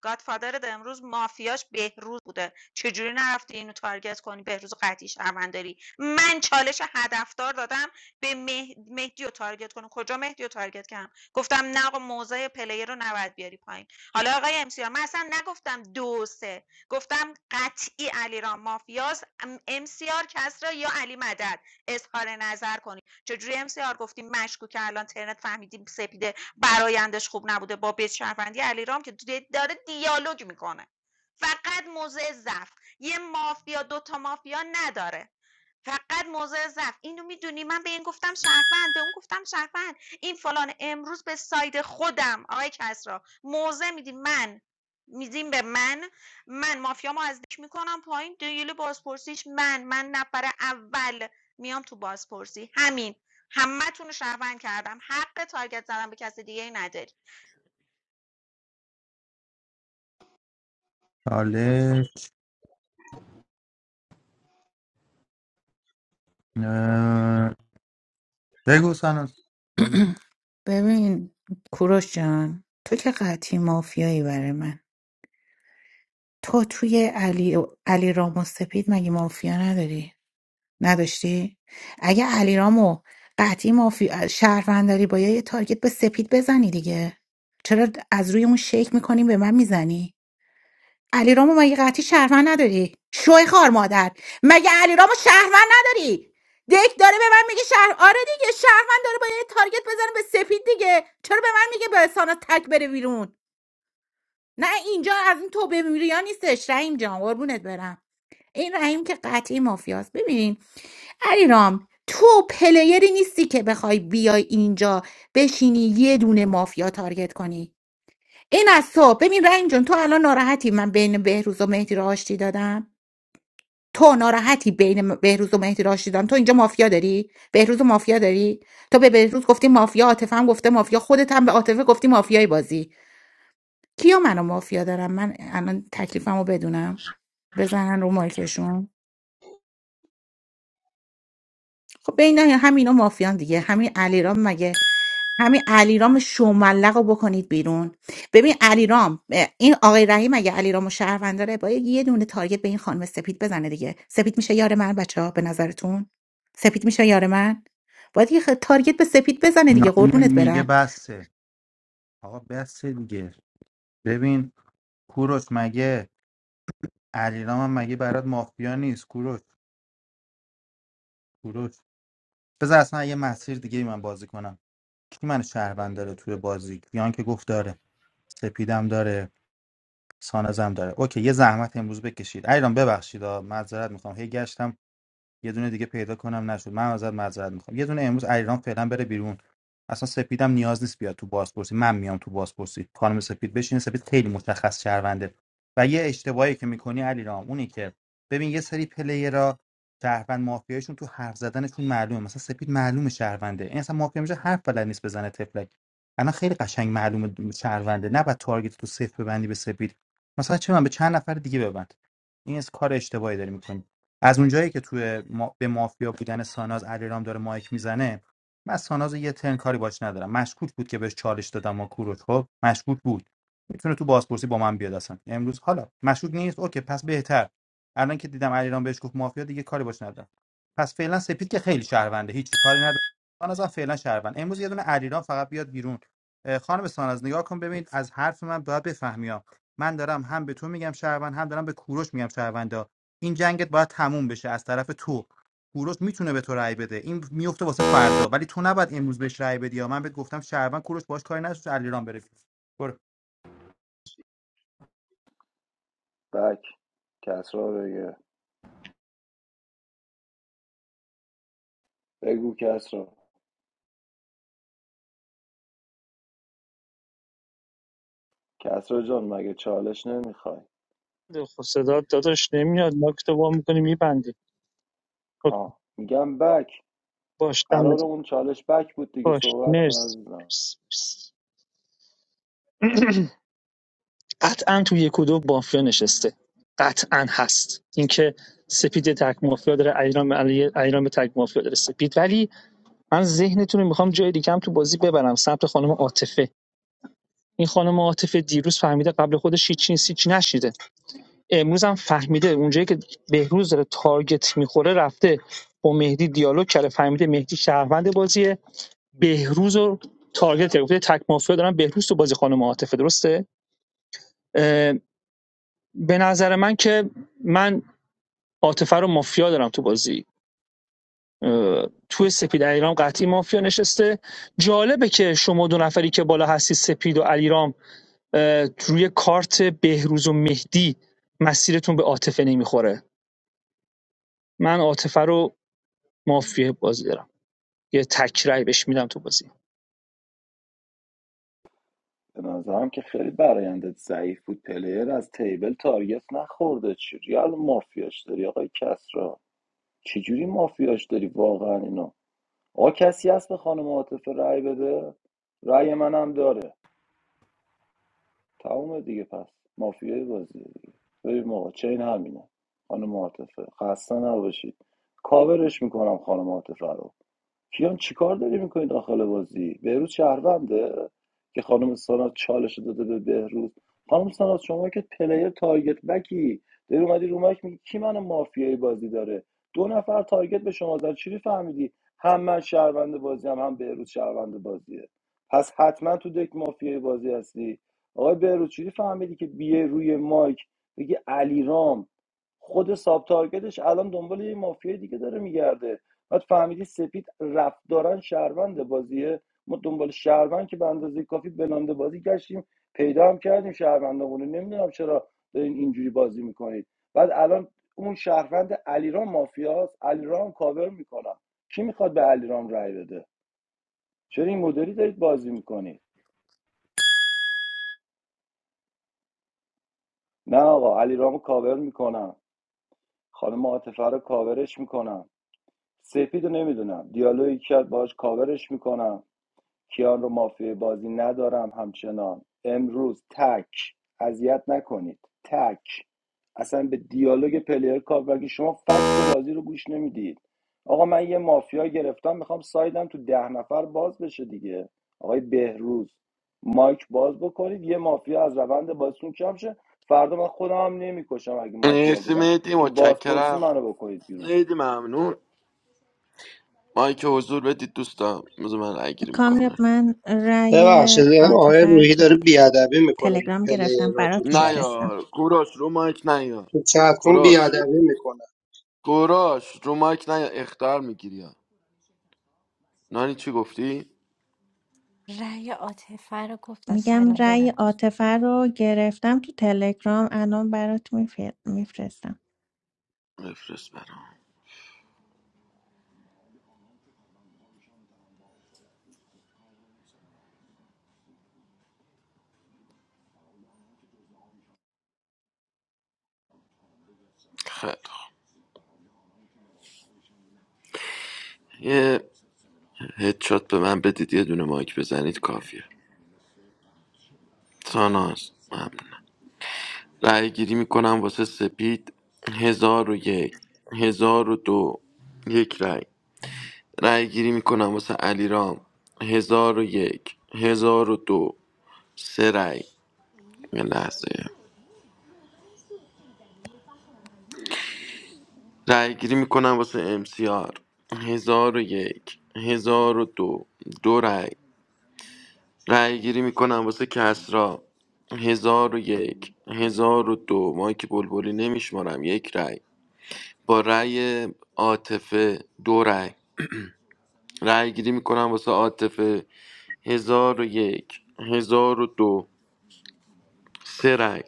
گادفادرت امروز مافیاش بهروز بوده چجوری نرفتی اینو تارگت کنی بهروز قطعی شهرونداری من چالش هدفدار دادم به مه مهدی رو تارگت کنه کجا مهدی رو تارگت کردم گفتم نه آقا موضع پلیر رو نباید بیاری پایین حالا آقای امسیار من اصلا نگفتم دو سه گفتم قطعی علیرام مافیاس امسیار کسرا یا علی مدد اظهار نظر کنی چجوری امسیار گفتیم مشکوکه الان ترنت فهمیدیم سپیده برایندش خوب نبوده با بیت شهروندی علیرام که دی- داره دیالوگ میکنه فقط موضع ضعف یه مافیا دو تا مافیا نداره فقط موضع ضعف اینو میدونی من به این گفتم شهروند به اون گفتم شهروند این فلان امروز به ساید خودم آقای کسرا موضع میدین من میدیم به من من مافیامو از دک میکنم پایین دیل بازپرسیش من من نفر اول میام تو بازپرسی همین همه تون رو شهروند کردم حق تارگت زدن به کسی دیگه ای نداری چالش اه، بگو سناس ببین کوروش جان تو که قطعی مافیایی برای من تو توی علی علی رام و سپید مگه مافیا نداری نداشتی؟ اگه علیرامو قطعی مافی... شهروند داری باید یه تارگت به سپید بزنی دیگه چرا از روی اون شیک میکنی به من میزنی؟ علیرامو مگه قطعی شهروند نداری؟ شوی خار مادر مگه علیرامو شهروند نداری؟ دک داره به من میگه شهر آره دیگه شهروند داره باید یه تارگت بزنه به سپید دیگه چرا به من میگه به سانا تک بره بیرون نه اینجا از این توبه میریا نیستش رحیم جان قربونت برم این رحیم که قطعی مافیاست ببین علیرام تو پلیری نیستی که بخوای بیای اینجا بشینی یه دونه مافیا تارگت کنی این از تو ببین رنگ جون تو الان ناراحتی من بین بهروز و مهدی رو آشتی دادم تو ناراحتی بین بهروز و مهدی رو آشتی دادم تو اینجا مافیا داری بهروز و مافیا داری تو به بهروز گفتی مافیا عاطفه هم گفته مافیا خودت هم به عاطفه گفتی مافیای بازی کیا منو مافیا دارم من الان تکلیفمو بدونم بزنن رو مایکشون خب بین همینا مافیان دیگه همین علیرام مگه همین علیرام شوملق رو بکنید بیرون ببین علیرام اه، این آقای رحیم اگه علیرام و شهروند داره باید یه دونه تارگت به این خانم سپید بزنه دیگه سپید میشه یار من بچه ها به نظرتون سپید میشه یار من باید یه خ- تارگت به سپید بزنه دیگه نانی قربونت میگه برم بسه آقا بس دیگه ببین کوروش مگه علیرام هم مگه برات مافیا نیست کوروش کوروش بذار اصلا یه مسیر دیگه ای من بازی کنم کی من شهروند داره توی بازی کیان که گفت داره سپیدم داره سانزم داره اوکی یه زحمت امروز بکشید علیرام ببخشید آ، معذرت میخوام هی گشتم یه دونه دیگه پیدا کنم نشد من ازت معذرت میخوام یه دونه امروز علیرام فعلا بره بیرون اصلا سپیدم نیاز نیست بیاد تو بازپرسی من میام تو بازپرسی خانم سپید بشین سپید خیلی مشخص شهرونده و یه اشتباهی که میکنی علیرام اونی که ببین یه سری پلیرا شهروند مافیایشون تو حرف زدنشون معلومه مثلا سپید معلومه شهرونده این اصلا مافیا میشه حرف بلد نیست بزنه تفلک الان خیلی قشنگ معلومه شهرونده نه بعد تارگت تو صفر ببندی به سپید مثلا چه من به چند نفر دیگه ببند این از کار اشتباهی داری میکنی از اونجایی که توی ما... به مافیا بودن ساناز علیرام داره مایک میزنه من از ساناز یه ترن کاری باش ندارم مشکوک بود که بهش چالش دادم و کوروش خب مشکوک بود میتونه تو بازپرسی با من بیاد اصلا امروز حالا مشکوک نیست اوکی پس بهتر الان که دیدم علیرام بهش گفت مافیا دیگه کاری باش ندارم پس فعلا سپید که خیلی شهرونده هیچی کاری نداره ساناز هم فعلا شهروند امروز یه دونه علیرام فقط بیاد بیرون اه، خانم ساناز نگاه کن ببین از حرف من باید بفهمی ها. من دارم هم به تو میگم شهروند هم دارم به کوروش میگم شهروند این جنگت باید تموم بشه از طرف تو کوروش میتونه به تو رأی بده این میفته واسه فردا ولی تو نباید امروز بهش رأی بدی یا من بهت گفتم شهروند کوروش باش کاری نداشت علیرام بره بیرون. برو بک کسرا بگه بگو کسرا کسرا جان مگه چالش نمیخوای خب صدات داداش نمیاد مایک تو وا میکنی میبندی آه میگم بک باش قرار دمت اون چالش بک بود دیگه باش صحبت کن مرسی عزیزم مرسی مرسی. قطعا تو یک و دو مافیا نشسته قطعا هست اینکه سپید تک مافیا داره ایران علی ایران به تک مافیا داره سپید ولی من ذهنتون رو میخوام جای دیگه هم تو بازی ببرم سمت خانم عاطفه این خانم عاطفه دیروز فهمیده قبل خودش هیچ چیزی هیچ نشیده امروز هم فهمیده اونجایی که بهروز داره تارگت میخوره رفته با مهدی دیالوگ کرده فهمیده مهدی شهروند بازیه بهروز رو تارگت کرده گفته تک مافیا دارن بهروز تو بازی خانم عاطفه درسته اه، به نظر من که من عاطفه رو مافیا دارم تو بازی اه، توی سپید علیرام قطعی مافیا نشسته جالبه که شما دو نفری که بالا هستی سپید و علیرام اه، روی کارت بهروز و مهدی مسیرتون به عاطفه نمیخوره من عاطفه رو مافیای بازی دارم یه تک رأی بهش میدم تو بازی به نظرم که خیلی برایندت ضعیف بود پلیر از تیبل تارگت نخورده چجوری الان مافیاش داری آقای کسرا چجوری مافیاش داری واقعا اینو آقا کسی هست به خانم عاطفه رأی بده رأی منم داره تمومه دیگه پس مافیای بازیه دیگه بریم آقا چین همینه خانم عاطفه خسته نباشید کاورش میکنم خانم عاطفه رو کیان چیکار داری میکنی داخل بازی بهروز شهرونده که خانم سانات چالش داده به بهروز خانم سانات شما که پلیر تارگت بکی داری اومدی رو مایک میگی کی منو مافیای بازی داره دو نفر تارگت به شما زدن چی فهمیدی هم من شهروند بازی هم هم بهروز شهروند بازیه پس حتما تو دک مافیای بازی هستی آقای بهروز چی فهمیدی که بیه روی مایک بگی علیرام خود ساب تارگتش الان دنبال یه مافیای دیگه داره میگرده بعد فهمیدی سپید رفتارن شهروند بازیه ما دنبال شهروند که به اندازه کافی بلنده بازی گشتیم پیدا هم کردیم شهروندامونو نمیدونم چرا دارین اینجوری بازی میکنید بعد الان اون شهروند علیرام مافیاست علیرام کاور میکنه کی میخواد به علیرام رای بده چرا این مدلی دارید بازی میکنید نه آقا علیرامو کاور میکنم خانم عاطفه رو کاورش میکنم سپید رو نمیدونم دیالوگی کرد باهاش کاورش میکنم کیان رو مافیای بازی ندارم همچنان امروز تک اذیت نکنید تک اصلا به دیالوگ پلیر کار مگه شما فکت بازی رو گوش نمیدید آقا من یه مافیا گرفتم میخوام سایدم تو ده نفر باز بشه دیگه آقای بهروز مایک باز بکنید یه مافیا از روند بازیتون کم شه فردا من خودم هم نمیکشم اگه مافیا مرسی بودم مهدی تو بازپرسی متشکرم منو بکنید بیرون مهدی ممنون مایک حضور بدید دوستان بذار من رای گیری کامیاب میکنم من رأی ببخشید این آقای عاطفه رو روحی تو داره بیادبی میکنه تلگرام پلیر گرفتم را تو برات نه چترون میفرستم یار کوروش رو مایک نه یار تو چترون کوروش بیادبی میکنه کوروش رو مایک نه یار اختار میگیری یا نانی چی گفتی؟ رأی عاطفه رو گفتن میگم سلام رأی ببخش عاطفه رو گرفتم تو تلگرام الان برات میفرستم بفرست برام خیلی خوب. یه هدشات به من بدید یه دونه مایک بزنید کافیه ساناز ممنون رأی گیری میکنم واسه سپید هزار و یک هزار و دو یک رأی رأی گیری میکنم واسه علیرام هزار و یک هزار و دو سه رأی یه لحظه رأی گیری میکنم واسه امسیار هزار و یک هزار و دو دو رأی رأی گیری میکنم واسه کسرا هزار و یک هزار و دو ما که بلبلی نمیشمارم یک رأی با رأی عاطفه دو رأی رأی گیری میکنم واسه عاطفه هزار و یک هزار و دو سه رأی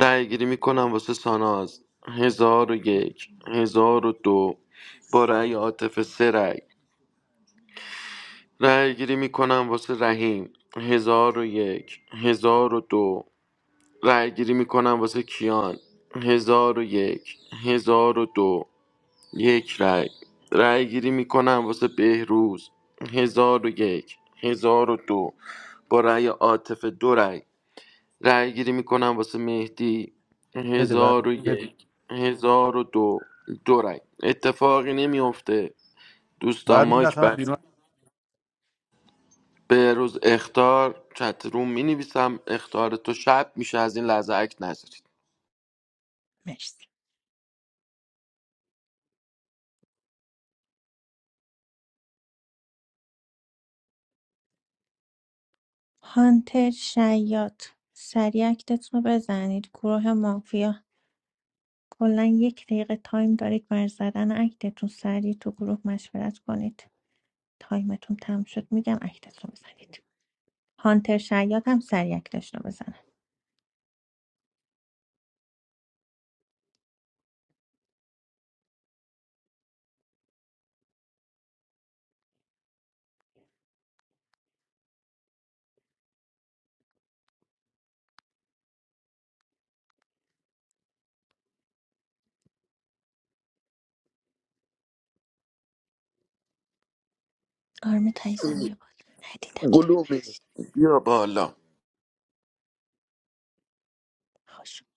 رأی گیری میکنم واسه ساناز هزار و یک هزار و دو با رأی عاطفه سه رأی رأی گیری میکنم واسه رحیم هزار و یک هزار و دو رأی گیری میکنم واسه کیان هزار و یک هزار و دو یک رای رای گیری میکنم واسه بهروز هزار و یک هزار و دو با رای عاطفه دو رای رای گیری میکنم واسه مهدی بده بر هزار و بده یک هزار و دو دو رای اتفاقی نمیافته دوستان باید مایک مینداختم بس بیرون بهروز اختار چت روم می نویسم اختار تو شب میشه از این لحظه اکت نذارید مرسی هانتر شیاد سریع اکتتون رو بزنید گروه مافیا کلا یک دقیقه تایم دارید بر زدن اکتتون سریع تو گروه مشورت کنید تایمتون تم شد میگم اکتتون رو بزنید هانتر شیاد هم سریع اکتش رو بزن آرم تایزم بیا بالا ندیدمت گلومی ببخشید بیا بالا خوش اومد.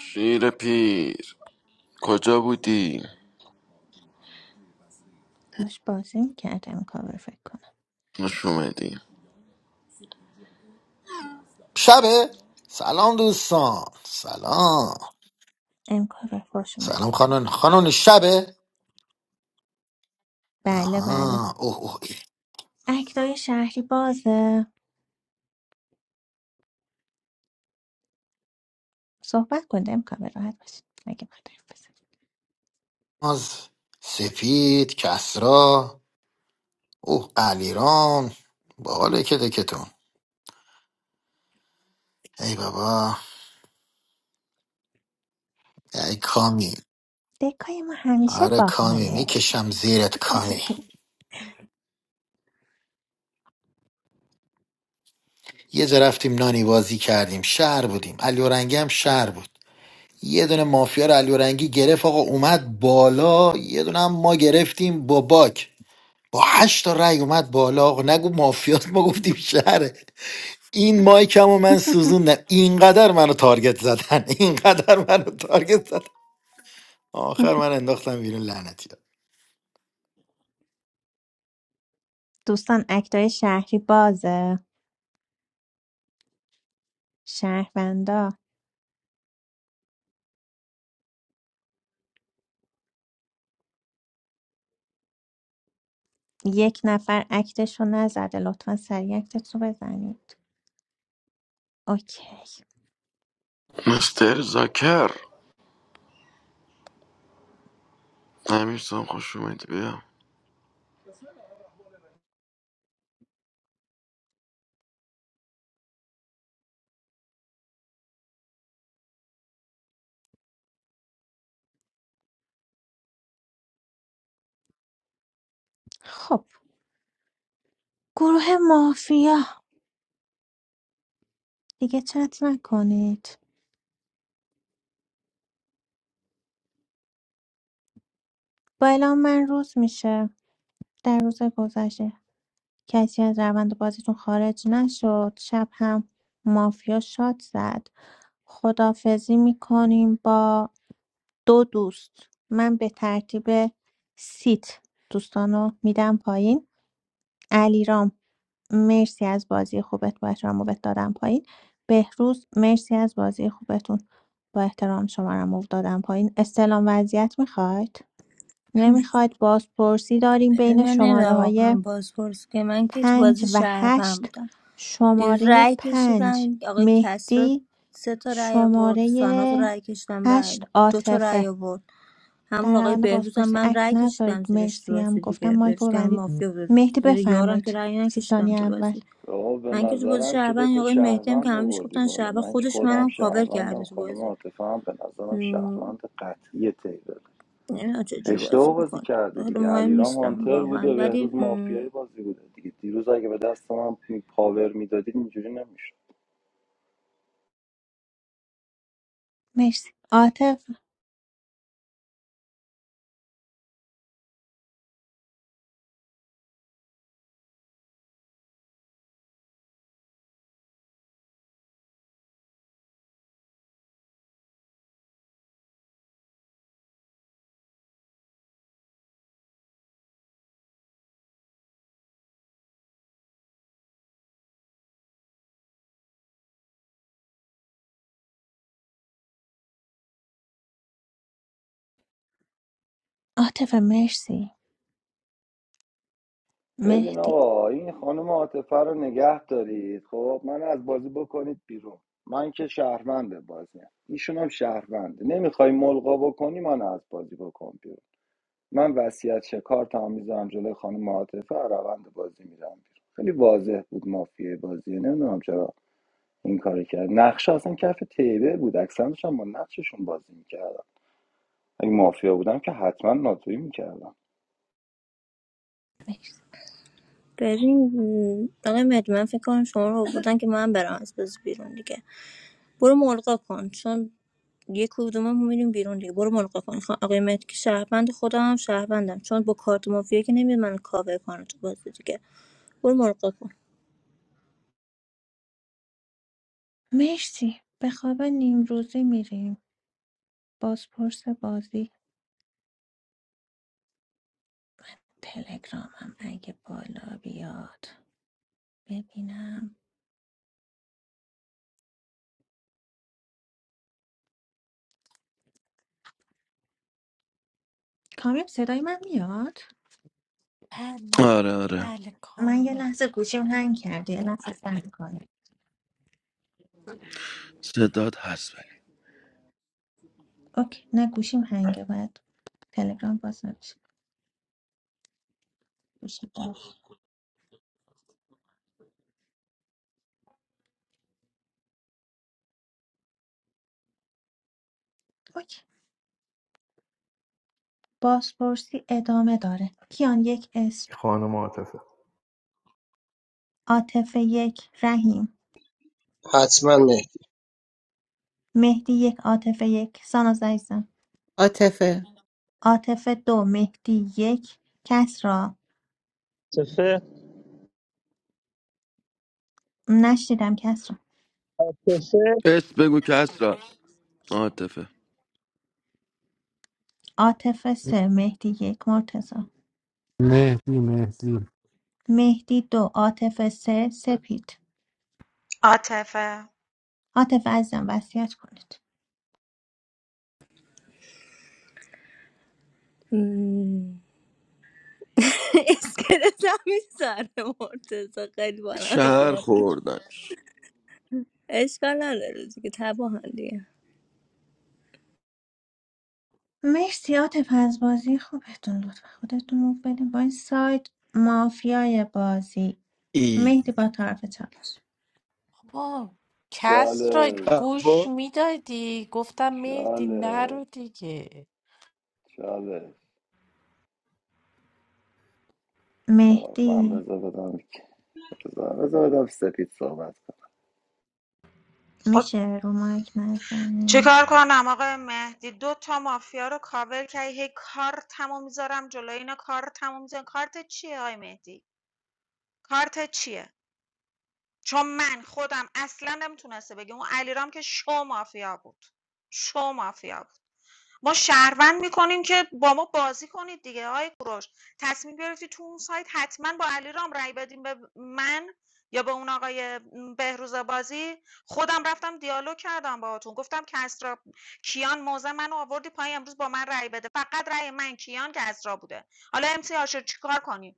شیر پیر کجا بودی؟ داشت بازی میکرد امکاور فکر کنم نش اومدی شبه سلام دوستان سلام امکاور خوش سلام اومدی خانون سلام خانون شبه بله بله آها اوه اوه اکتای شهری بازه صحبت کنید امکاور راحت باشید مگه باید حرف بزنم. از سپید کسرا اوه علیرام باحاله که دکتون ای بابا ای کامی دکای ما همیشه آره کامی باحاله میکشم زیرت کامی یه جا رفتیم نانی بازی کردیم شهر بودیم علیورنگی هم شهر بود یه دونه مافیا رو علیورنگی گرفت آقا اومد بالا یه دونه هم ما گرفتیم با باک با هشت تا رأی اومد بالا آقا نگو مافیات ما گفتیم شهره این مایکم و من سوزوندم اینقدر منو تارگت زدن اینقدر منو تارگت زدن آخر من انداختم بیرون لعنتی دوستان اکتای شهری بازه شهروندا یک نفر اکتشو نزده لطفا سریع اکتت بزنید اوکی مستر زاکر امیر سام خوش اومدی بیا خب گروه مافیا دیگه چت نکنید با اعلام من روز میشه در روز گذشته کسی از روند بازیتون خارج نشد شب هم مافیا شاد زد خدافزی میکنیم با دو دوست من به ترتیب سیت دوستانو میدم پایین علیرام مرسی از بازی خوبت با احترام موبت دادم پایین بهروز مرسی از بازی خوبتون با احترام شما رو موو دادم پایین استلام وضعیت میخواید نمیخواید بازپرسی داریم من بین شماره نمیدونم واقعا های بازپرس که من که تو پنج بازی و شهروند هشت بودم دیروز شماره رأی کشیدم پنج این آقای کسرا مهدی سه تا رأی آورد شماره ساناز رو رأی کشیدم هشت رأی دو تا رأی عاطفه آورد همون در آقای روند بهروز هم بازپرسی من اکت رأی کشیدم نذارید زیرش تو مرسی هم بازی گفتم دیگه بهروز مایکو که الان ببندید مافیا بود مهدی زیر یارم که بفرمایید رأی سی نکشیدم ثانیه تو اول بازی آقا به من که تو بازی نظرم که شعبان این دوتا آقای مهدی هم که شهروند همه بهش آوردی گفتن بالا شعبان من که خودش خودم منم کاور کرده شهروندم تو خانم بازی عاطفه هم به نظرم مم، شهروند قطعی تیبل نمی‌دونم چه چجوری بازی اشتباه بازی میکنه کردی حالا دیگه مهم علیرام نیستم هانتر واقعا بوده ولی بهروز مم، مافیای بازی بوده دیگه دیروز اگه به دست من پاور میدادید اینجوری نمیشد مرسی عاطف عاطفه مرسی ببین مهدی آقا این خانم عاطفه رو نگه دارید خب من از بازی بکنید بیرون من که شهرونده بازیم ایشون هم شهرونده نمیخوای ملغا بکنی من از بازی بکن بیرون من وصیت شکار تمام میذارم جلوی خانم معاطفه و روند بازی میرم بیرون خیلی واضح بود مافیای بازی نمیدونم چرا این کار کرد نقشه اصلا کف تیبه بود اکسنش هم با نقششون بازی میکردم اگه مافیا بودم که حتما ناتویی میکردم مرسی ببین آقای مهدی من فکر کنم شما رو بودن که من برم از بازی بیرون دیگه برو ملقا کن چون یه کدوممون میریم بیرون دیگه برو ملقا کن خ- آقای مهدی که شهروند خودم هم شهروندم چون با کارت مافیا که نمیاد من کاور کنه تو بازی دیگه برو ملقا کن مرسی به خواب نیمروزی میریم بازپرس بازی تلگرامم اگه بالا بیاد ببینم کامیاب صدای من میاد بله آره آره بله من یه کامل لحظه گوشیم هنگ کرده یه لحظه زنگ کنه صداد هست ولی اوکی نه گوشیم هنگه باید تلگرام باز نمیشه گوشیم باز. اوکی بازپرسی ادامه داره کیان یک اسم خانم عاطفه عاطفه یک رحیم حتما مهدی مهدی یک عاطفه یک ساناز عزیزم عاطفه عاطفه دو مهدی یک کس را تفه نشنیدم کس تفه اسم بگو که هست را عاطفه عاطفه سه مهدی یک مرتضی مهدی مهدی مهدی دو عاطفه سه سپید عاطفه عاطفه عزیزم وصیت کنید مم. اسکلت هم سر مرتضی خیلی بانمه که شهر مرتضی خوردنش اشکال نداره دیگه تباهن دیگه مرسی عاطفه از بازی خوبتون لطفا خودتون رو بدین با این سایت مافیای بازی ای مهدی با طرف چالش آه کس را چالش گوش بابا میدادی گفتم مهدی چالش نرو دیگه چالش خب من مهدی بذار بدم بذار بذار بدم سپید صحبت کنم خب میشه رو مایک چیکار نزنید کنم آقای مهدی دو تا مافیا رو کاور کردی هی کار تموم میذارم جلوی اینا کار تموم میذارم کارت چیه آقای مهدی کارت چیه چون من خودم اصلا نمیتونسته بگم اون علیرام که شو مافیا بود شو مافیا بود ما شهروند میکنیم که با ما بازی کنید دیگه آقای کوروش تصمیم گرفتی تو اون سایت حتما با علیرام رام رای بدیم به من یا به اون آقای بهروز بازی خودم رفتم دیالوگ کردم باهاتون گفتم کسرا کیان موزه منو آوردی پای امروز با من رای بده فقط رای من کیان کسرا بوده حالا ام سی آشر چیکار کنی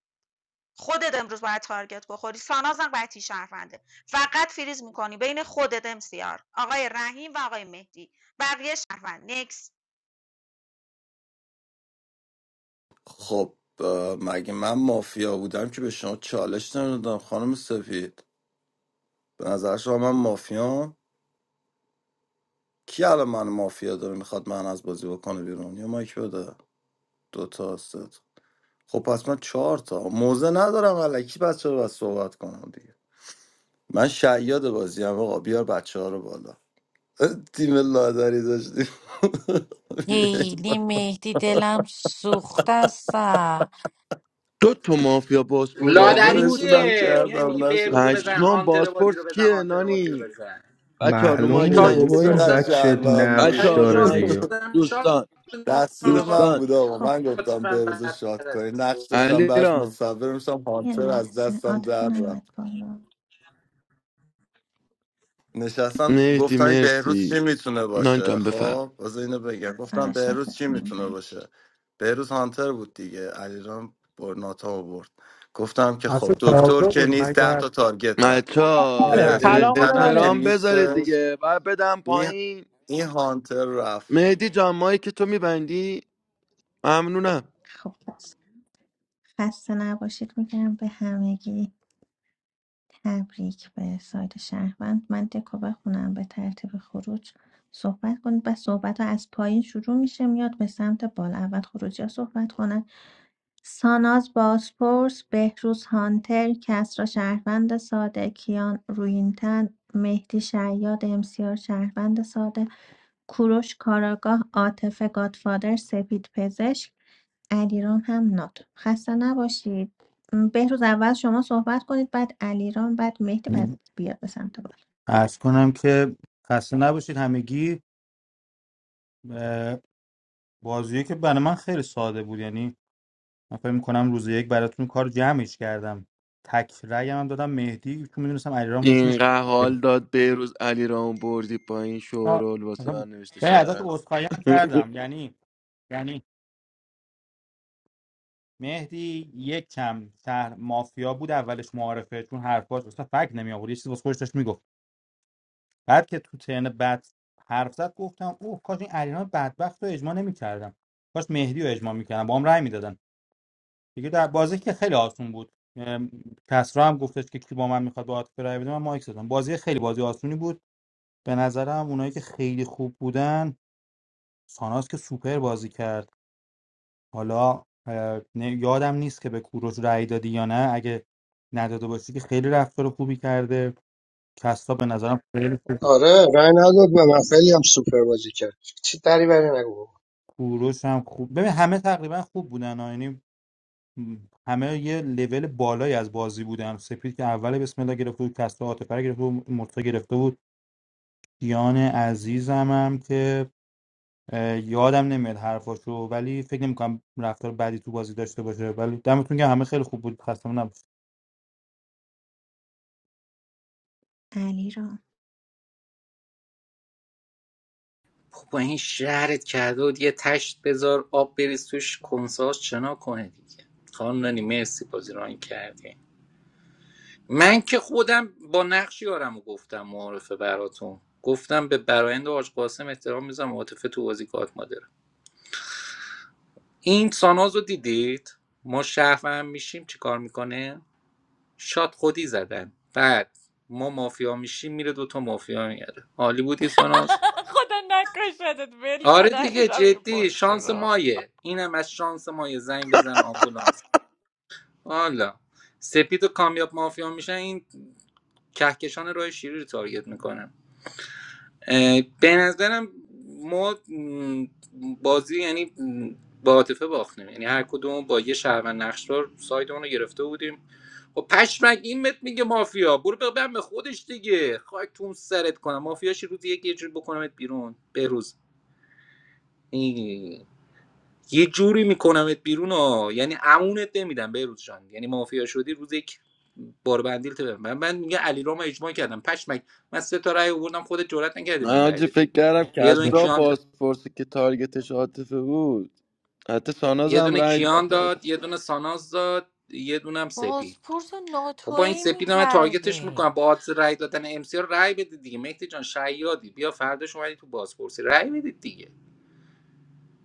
خودت امروز باید تارگت بخوری سانازم قطعی شهرونده فقط فریز میکنی بین خودت ام سی آر، آقای رحیم و آقای مهدی بقیه شهروند نکس خب مگه من مافیا بودم که به شما چالش ندادم خانم سفید به نظر شما من مافیام کی الان من مافیا داره میخواد من از بازی بکنه بیرون یا مایک بده دوتا هستت خب پس من چهار تا موزه ندارم علکی بچه رو باید صحبت کنم دیگه من شیاد بازی هم آقا بیار بچه ها رو بالا تیم لادری داشتیم خیلی مهدی دلم سوخته است دو تا مافیا بازپرسی لادری بود کاملشون هم کیه میای میگی کردم به نشد روزو بزن پشمان هانتر بازی رو بازپرس بزن کیه هانتر بازی رو نانی بزن بچه ها رو این معلوم یک مایک بود نه بابا تارگت این مستقیم بچه بچه بود نقش ها رو داره مایک دیگه آدم شات دوستان تقصیر من دوستان بود آقا خب من گفتم لطفاً به روز شاد بدتر از تو علی را صبر میشم یه از لحظه دستم عاطفه در رفت نیومد بالا نشستم مهدی گفتن بهروز مرسی چی میتونه نانی باشه جان بفهم خب از اینو بگم گفتم آره بهروز چی شاتتون میتونه برد باشه بهروز هانتر بود دیگه علیرام برناتا آورد گفتم که اصلا خب دکتر تابلو که بود نیست ده مگر تا تارگت زد بچه ها اگر منه اه، علی روی این کلام مال تنم که منه احترام نیست بذارید دیگه و بدم این, پایین این هانتر رفت مهدی جان مایی که تو میبندی ممنونم خب بس خسته نباشید میگم به همگی تبریک به سایت شهروند من دکو بخونم به ترتیب خروج صحبت کنید و صحبت ها از پایین شروع میشه میاد به سمت بالا اول خروجی ها صحبت کنند ساناز باسپورس بهروز هانتر کسرا شهروند ساده کیان روینتن مهدی شیاد امسیار شهروند ساده کوروش کاراگاه عاطفه گادفادر سپید پزشک علیرام هم ناتو خسته نباشید م، بهروز اول شما صحبت کنید بعد علیرام بعد مهدی بعد بیاد به سمت بالا عرض کنم که خسته نباشید همگی اه، بازیه که برای من خیلی ساده بود یعنی من فکر می‌کنم روز یک براتون کار جمعش کردم تک رأی هم دادم مهدی چون میدونستم علیرام روش میشه اینقدر حال داد بیروز علی رام بردی پایین آه، شورول واسه آه. من نوشته یعنی ازش شهرم عذرخواهی هم کردم یعنی یعنی مهدی یک کم شهر مافیا بود اولش معارفه چون حرفاش اصلا فکر نمی آورد یه چیزی واسه خودش داشت میگفت بعد که تو ترن بعد حرف زد گفتم اوه کاش این علیرغم بدبخت رو اجماع نمیکردم کاش مهدی رو اجماع میکردم با هم رأی میدادن دیگه در بازی که خیلی آسون بود ام، کسرا هم گفتش که کی با من میخواد با عاطفه رأی بده من مایک زدم بازی خیلی بازی آسونی بود به نظرم اونایی که خیلی خوب بودن ساناس که سوپر بازی کرد حالا اه، نه- یادم نیست که به کوروش رأی دادی یا نه اگه نداده باشی که خیلی رفتار خوبی کرده کستا به نظرم خیلی آره رای نداد به من خیلی هم سوپر بازی کرد چی دری بری نگو بابا. کوروش هم خوب ببین همه تقریبا خوب بودن ها. یعنی م، همه یه لول بالایی از بازی بودن سپید که اول بسم الله گرفته بود کستا عاطفه رو گرفته بود مرتضی گرفته بود دیان عزیزم هم که اه، یادم نمیاد حرفاشو ولی فکر نمیکنم رفتار بعدی تو بازی داشته باشه ولی دمتون که همه خیلی خوب بود خسته نباشید علیرام خب با این شهرت کرده بود یه تشت بذار آب بریز توش کنساز چنا کنه دیگه خانم نانی مرسی بازی ران کردی من که خودم با نقش یارم رو گفتم معارفه براتون گفتم به برایند حاج قاسم احترام میزم عاطفه تو بازی کارت مادره این ساناز رو دیدید ما شهروند میشیم چی کار میکنه شاد خودی زدن بعد ما مافیا میشیم میره دوتا مافیا میاره عالی بودی ساناز خدا نکشدت ول آره کن علی دیگه را این جدی پست شانس را مایه اینم از شانس مایه زنگ بزن آمبولانس حالا سپید و کامیاب مافیا میشن این کهکشان راه شیری رو تارگت میکنن اه، به نظرم ما بازی یعنی م، با عاطفه باختیم یعنی هر کدوم با یه شهروند نقشدار ساید اون رو گرفته بودیم و پشمک این مت میگه مافیا برو ببن به خودش دیگه خاک تون سرت کنم مافیاش روزی یک یه جوری بکنمت بیرون بروز یه جوری میکنمت بیرون ها یعنی امونت نمیدم بهروز جان یعنی مافیا شدی روز یک بار بندیل تو من من میگه علی رام اجماع کردم پشمک من سه تا رأی آوردم خودت جرئت نکردی بهم من رأی آجی فکر بدی کردم یه دونه کسرا کیان داد بازپرسی که تارگتش عاطفه بود حتی ساناز یه هم دونه رای کیان داد داد یه دونه ساناز داد یه دونه هم سپید بازپرس با این ناتویی سپید رو من تارگتش میکردی میکنم با آدرس رأی دادن ام سی رو رأی بدید دیگه مهدی جان شیادی بیا فرداش اومدی تو بازپرسی رأی بدید دیگه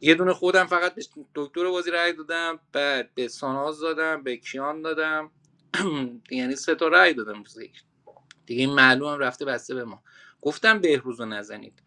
یه دونه خودم فقط به دکتر بازی رأی دادم بعد به ساناز دادم به کیان دادم یعنی سه تا رأی دادم روز یک. دیگه این معلومم رفته بسته به ما گفتم بهروز رو نزنید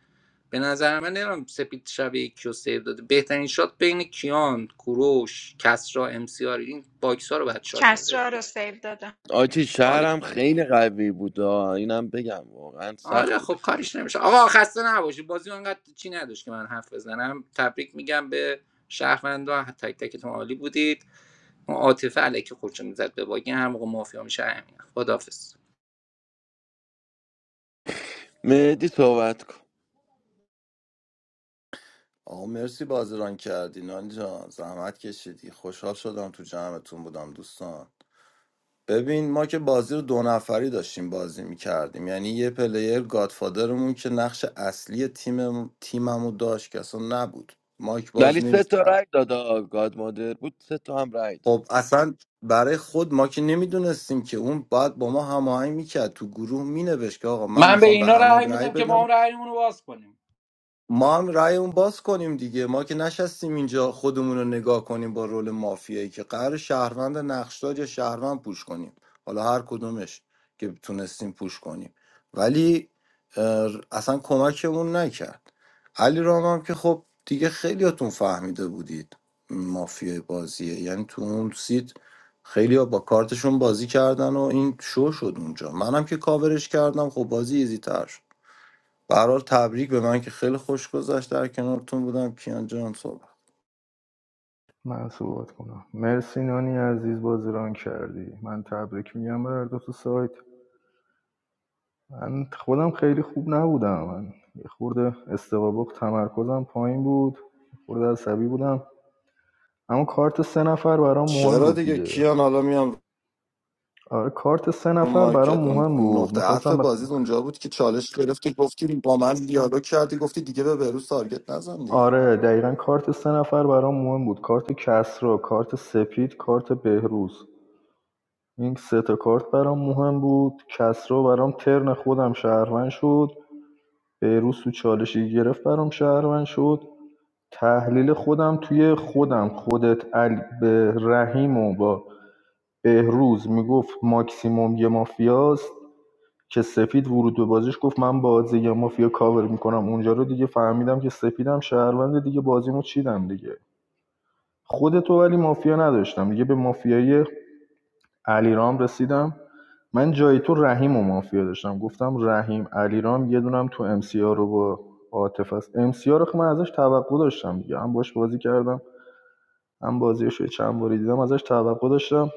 به نظر من نمیدونم سپید شب کیو رو سیو داده بهترین شات بین کیان کوروش کسرا امسیار این باکس ها رو بعد شات میذاره کسرا رو سیو دادم آجی شهرم خیلی قوی بود آه. اینم بگم واقعا سخت آره بوده خب کار. کاریش نمیشه آقا خسته نباشی بازی انقدر چی نداشت که من حرف بزنم تبریک میگم به شهروندا تک تکتون عالی بودید عاطفه علیکی خودشو میزد به باگه هر موقع مافیا میشه همین خدافظ مهدی صحبت کن آقا مرسی بازران کردی نانی جان زحمت کشیدی خوشحال شدم تو جمعتون بودم دوستان ببین ما که بازی رو دو نفری داشتیم بازی میکردیم یعنی یه پلیر گادفادرمون که نقش اصلی تیم تیممو داشت که اصلا نبود مایک ولی باز سه تا نمیکرد رای داد آه. گاد مادر بود سه تا هم رای داد خب اصلا برای خود ما که نمیدونستیم که اون باید با ما هماهنگ میکرد تو گروه مینوشت که آقا من من به میخوام به اینا همه رأی رأی میدم که ما بدم هم رأیمون رو باز کنیم ما هم رأیمون باز کنیم دیگه ما که نشستیم اینجا خودمون رو نگاه کنیم با رول مافیایی که قرار شهروند نقشدار یا شهروند پوش کنیم حالا هر کدومش که تونستیم پوش کنیم ولی اه، اصلا کمکمون نکرد علی رام هم که خب دیگه خیلیاتون فهمیده بودید مافیای بازیه یعنی تو اون سیت خیلی با کارتشون بازی کردن و این شو شد اونجا منم که کاورش کردم خب بازی ایزی برحال تبریک به من که خیلی خوش گذشت در کنارتون بودم کیان جان صحبت من صحبت کنم مرسی نانی عزیز بازی ران کردی من تبریک میگم به هر دو تو سایت من خودم خیلی خوب نبودم من یه خورده استقابق تمرکزم پایین بود خورده عصبی بودم اما کارت سه نفر برام مهم چرا بود دیگه دیگه کیان حالا میام آره کارت سه رو نفر برام مارکت اون مهم بود نقطه عطف میخواستم بازی اونجا بود که چالش گرفتی گفتی با من دیالوگ کردی گفتی دیگه به بروز تارگت نزن دیگه آره دقیقا کارت سه نفر برام مهم بود کارت کسرا کارت سپید کارت بهروز این سه تا کارت برام مهم بود کسرا برام ترن خودم شهروند شد بهروز تو چالشی گرفت برام شهروند شد تحلیل خودم توی خودم خودت علی به رحیم و با بهروز میگفت ماکسیموم یه مافیاست که سپید ورود به بازیش گفت من بازی یه مافیا کاور میکنم اونجا رو دیگه فهمیدم که سپیدم شهرونده دیگه بازیمو چیدم دیگه خودتو ولی مافیا نداشتم دیگه به مافیای علیرام رسیدم من جای تو رحیم و مافیا داشتم گفتم رحیم علیرام یه دونم تو ام سی آر رو با عاطف است ام سی آر رو که من ازش توقع داشتم دیگه هم باش بازی کردم هم بازیش رو چند باری دیدم ازش توقع داشتم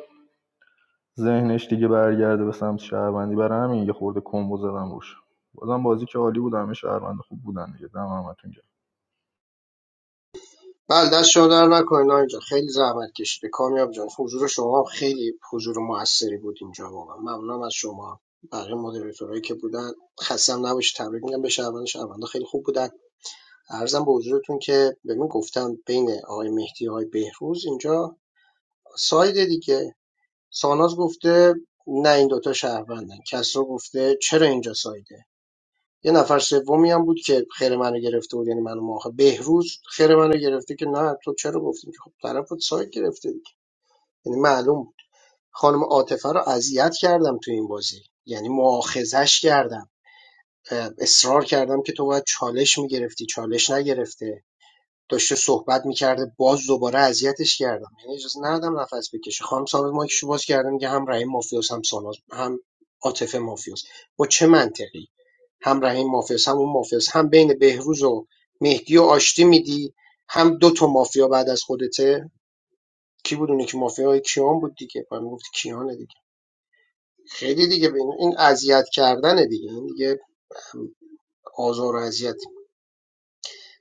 ذهنش دیگه برگرده به سمت شهروندی برای همین یه خورده کمبو زدم روش بازم بازی که عالی بود همه شهروند خوب بودن دیگه دم همتون گرم. بله دست شما در نکنید اینجا خیلی زحمت کشیده کامیاب جان حضور شما هم خیلی حضور موثری بود اینجا واقعا ممنونم از شما بقیه مدیریتورایی که بودن خستم نباش تبریک میگم به شهروند شهروندا خیلی خوب بودن ارزم به حضورتون که ببین گفتم بین آقای مهدی آقای بهروز اینجا ساید دیگه ساناز گفته نه این دوتا شهروندن کسرا گفته چرا اینجا سایده یه نفر سومی هم بود که خیر منو گرفته بود یعنی منو ماخه بهروز خیر منو گرفته که نه تو چرا گفتیم که خب طرفت ساید گرفته دیگه یعنی معلوم بود خانم عاطفه رو اذیت کردم تو این بازی یعنی مؤاخذش کردم اصرار کردم که تو باید چالش میگرفتی چالش نگرفته داشته صحبت میکرده باز دوباره اذیتش کردم یعنی اجازه ندادم نفس بکشه خانم ثابت مایکشو باز کرده میگه هم رحیم مافیاس هم ساناز هم عاطفه مافیاس با چه منطقی هم رحیم مافیاس هم اون مافیاس هم بین بهروز و مهدی و آشتی میدی هم دو تا مافیا بعد از خودته کی بود اونی که مافیای کیان بود دیگه من گفت کیانه دیگه خیلی دیگه به این این اذیت کردنه دیگه این دیگه آزار و اذیت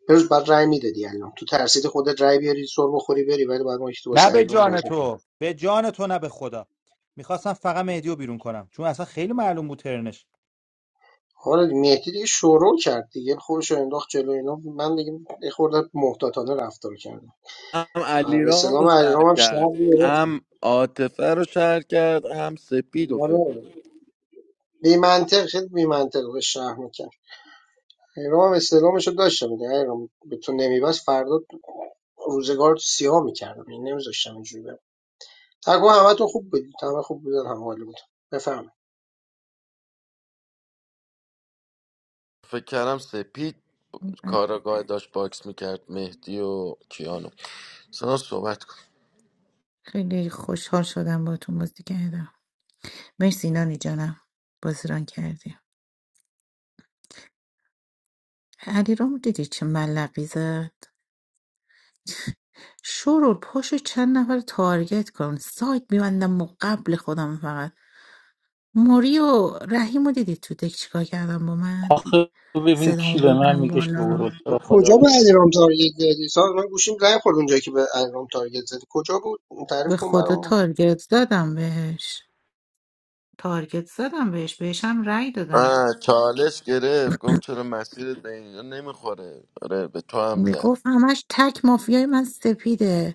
امروز باید رأی میدادی الان تو ترسیدی خودت رأی بیاری سر بخوری بری ولی بعد ما یکی تو نه واسه به ایران باز جان میکنیم تو به جان تو نه به خدا میخواستم فقط مهدی رو بیرون کنم چون اصلا خیلی معلوم بود ترنش حالا دیگه مهدی دیگه شروع کرد دیگه خودش رو انداخت جلو اینا من دیگه یه خورده محتاطانه رفتار کردم هم آه، به علیرام سلام رو شهر ایران هم کرد شهر گرفتم هم عاطفه رو شهر کرد هم سپید رو حالا فکر کنم بی منطق خیلی بی منطق به شهر میکرد ایران هم استعلامش رو داشتم دیگه ایران به تو نمیبست فردا روزگار تو سیاه میکردم این نمیذاشتم اینجوری برم تقوا همتون خوب بودید همه خوب بودن هم حال بود بفرمایید. فکر کردم سپید کاراگاه داشت باکس میکرد مهدی و کیانو سنا صحبت کن خیلی خوشحال شدم با تو بازی کردم مرسی نانی جانم بازی ران کردی علیرام دیدی چه ملقی زد شورول پاشو چند نفر تارگت کن سایت میبندم و قبل خودم فقط موری و رحیم رو دیدی تو دک چیکار کردم با من آخه ببین، صدامو بردم بالا رو خب کجا به علیرام تارگت زدی سال من گوشیم زنگ خورد اونجایی که به علیرام تارگت زدی کجا بود تعریف به کن خدا برامون تارگت زدم بهش تارگت زدم بهش بهشم رأی دادم آه چالش گرفت گفت چرا مسیرت به اینجا نمیخوره آره به تو هم زد میگفت همش تک مافیای من سپیده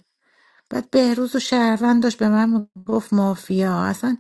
بعد بهروز و شهروند داشت به من گفت مافیا اصلا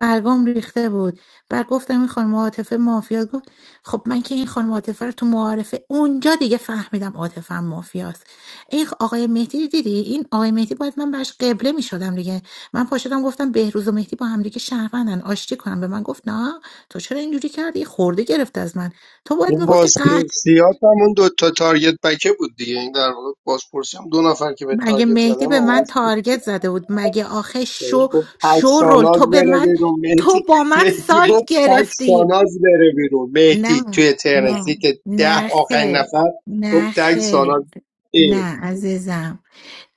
برگام ریخته بود بعد گفتم این خانم عاطفه مافیا گفت خب من که این خانم عاطفه رو تو معارفه اونجا دیگه فهمیدم عاطفه هم مافیاست این آقای مهدی دیدی این آقای مهدی باید من براش قبله میشدم دیگه من پاشدم گفتم بهروز و مهدی با هم دیگه شهروندن آشتی کنم به من گفت نه تو چرا اینجوری کردی خورده گرفت از من تو باید این میگفتی بازپرسیات هم اون دوتا تارگت بکه بود دیگه این در واقع بازپرسی هم دو نفر که به مگه تارگت مهدی زدن به آقا من تارگت زده بود مگه آخه بهش شو گفت پک شو رول تو ساناز به بره من بیرون تو مهدی با من مهدی سایت گفت پک گرفتی ساناز بره بیرون مهدی نه توی ترنسی نه که ده نه آخرین خیر نفر گفت نه تک خیر ساناز نه عزیزم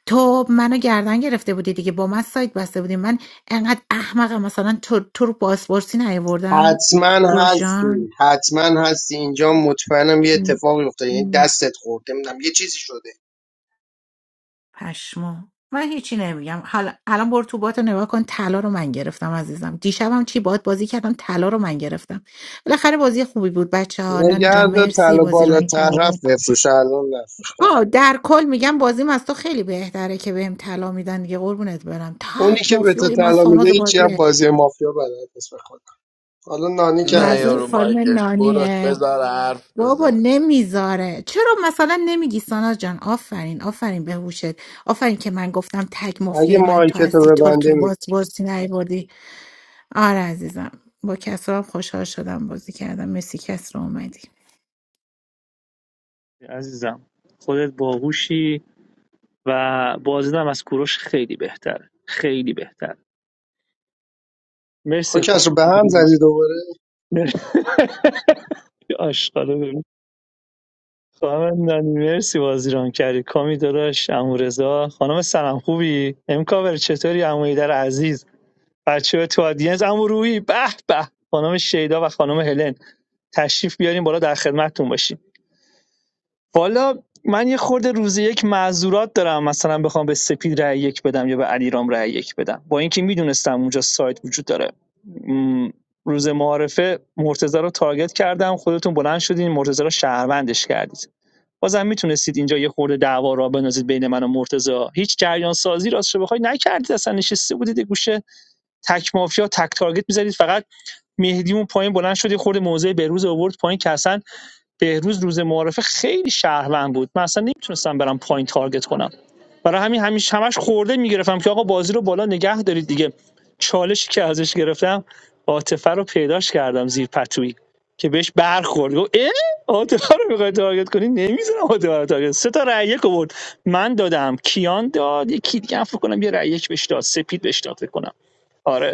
تو منو گردن گرفته بودی دیگه با من سایت بسته بودی من انقدر احمقم مثلا تو, تو رو بازپرسی نیاوردم حتما کوروش جان هستی حتما هستی اینجا مطمئنم یه اتفاقی افتاده یعنی دستت خورده نمیدونم یه چیزی شده پشمو من هیچی نمیگم حالا الان برو تو بات نگاه کن طلا رو من گرفتم عزیزم دیشبم چی باد بازی کردم طلا رو من گرفتم بالاخره بازی خوبی بود بچه ها نانی جان نگرد مرسی طلا بازی بالا رانی طرف کردی بفروش الان نفروش آه در کل میگم بازیم از تو خیلی بهتره که بهم طلا میدن دیگه قربونت برم اونی تک که به تو مفلوی من طلا میده ساناز هیچی هم بازیه بازی مافیا بلد نیست بخواد حالا نانی که نه منظور یارو عزیزم خانم مایکش کوراش نانیه بذار حرف بابا بزنه نمیذاره چرا مثلا نمیگی ساناز جان آفرین آفرین به هوشت آفرین که من گفتم تگ اگه مافیای من تو مایکتو هستی تو رو تو ببنده می باز بازی نیاوردی آره عزیزم با کسرا هم خوشحال شدم بازی کردم مسی کسرا اومدی عزیزم خودت باهوشی و بازی هم از کوروش خیلی بهتره خیلی بهتر خب مرسی کس رو به هم خانم زدی دوباره آشقاله ببین خانم نانی مرسی بازی ران کردی کامی داداش امو رضا خانم سلام خوبی امکاور چطوری امو در عزیز بچه تو آدینس امو روحی به به خانم شیدا و خانم هلن تشریف بیارین بالا در خدمتتون باشیم والا من یه خورده روز یک معذورات دارم مثلا بخوام به سپید رأی یک بدم یا به علیرام رأی یک بدم با اینکه میدونستم اونجا سایت وجود داره م، روز معارفه مرتضی رو تارگت کردم خودتون بلند شدین مرتضی رو شهروندش کردید بازم میتونستید اینجا یه خورده دعوا را بندازید بین من و مرتضی هیچ جریان سازی راستش بخوای نکردید اصلا نشسته بودید یه گوشه تک مافیا تک تارگت میزدید فقط مهدی اون پایین بلند شد یه خورده موضع بهروز آورد پایین که اصلا بهروز روز معارفه خیلی شهروند بود من اصلا نمیتونستم برم پایین تارگت کنم برای همین همیش همش خورده میگرفتم که آقا بازی رو بالا نگه دارید دیگه چالشی که ازش گرفتم عاطفه رو پیداش کردم زیر پتویی که بهش برخورد گفت اه عاطفه رو میخوای تارگت کنی نمیذارم عاطفه رو تارگت سه تا رأی یک آورد من دادم کیان داد یکی دیگه هم فکر کنم یه رأی یک بهش داد سپید بهش داد فکر کنم آره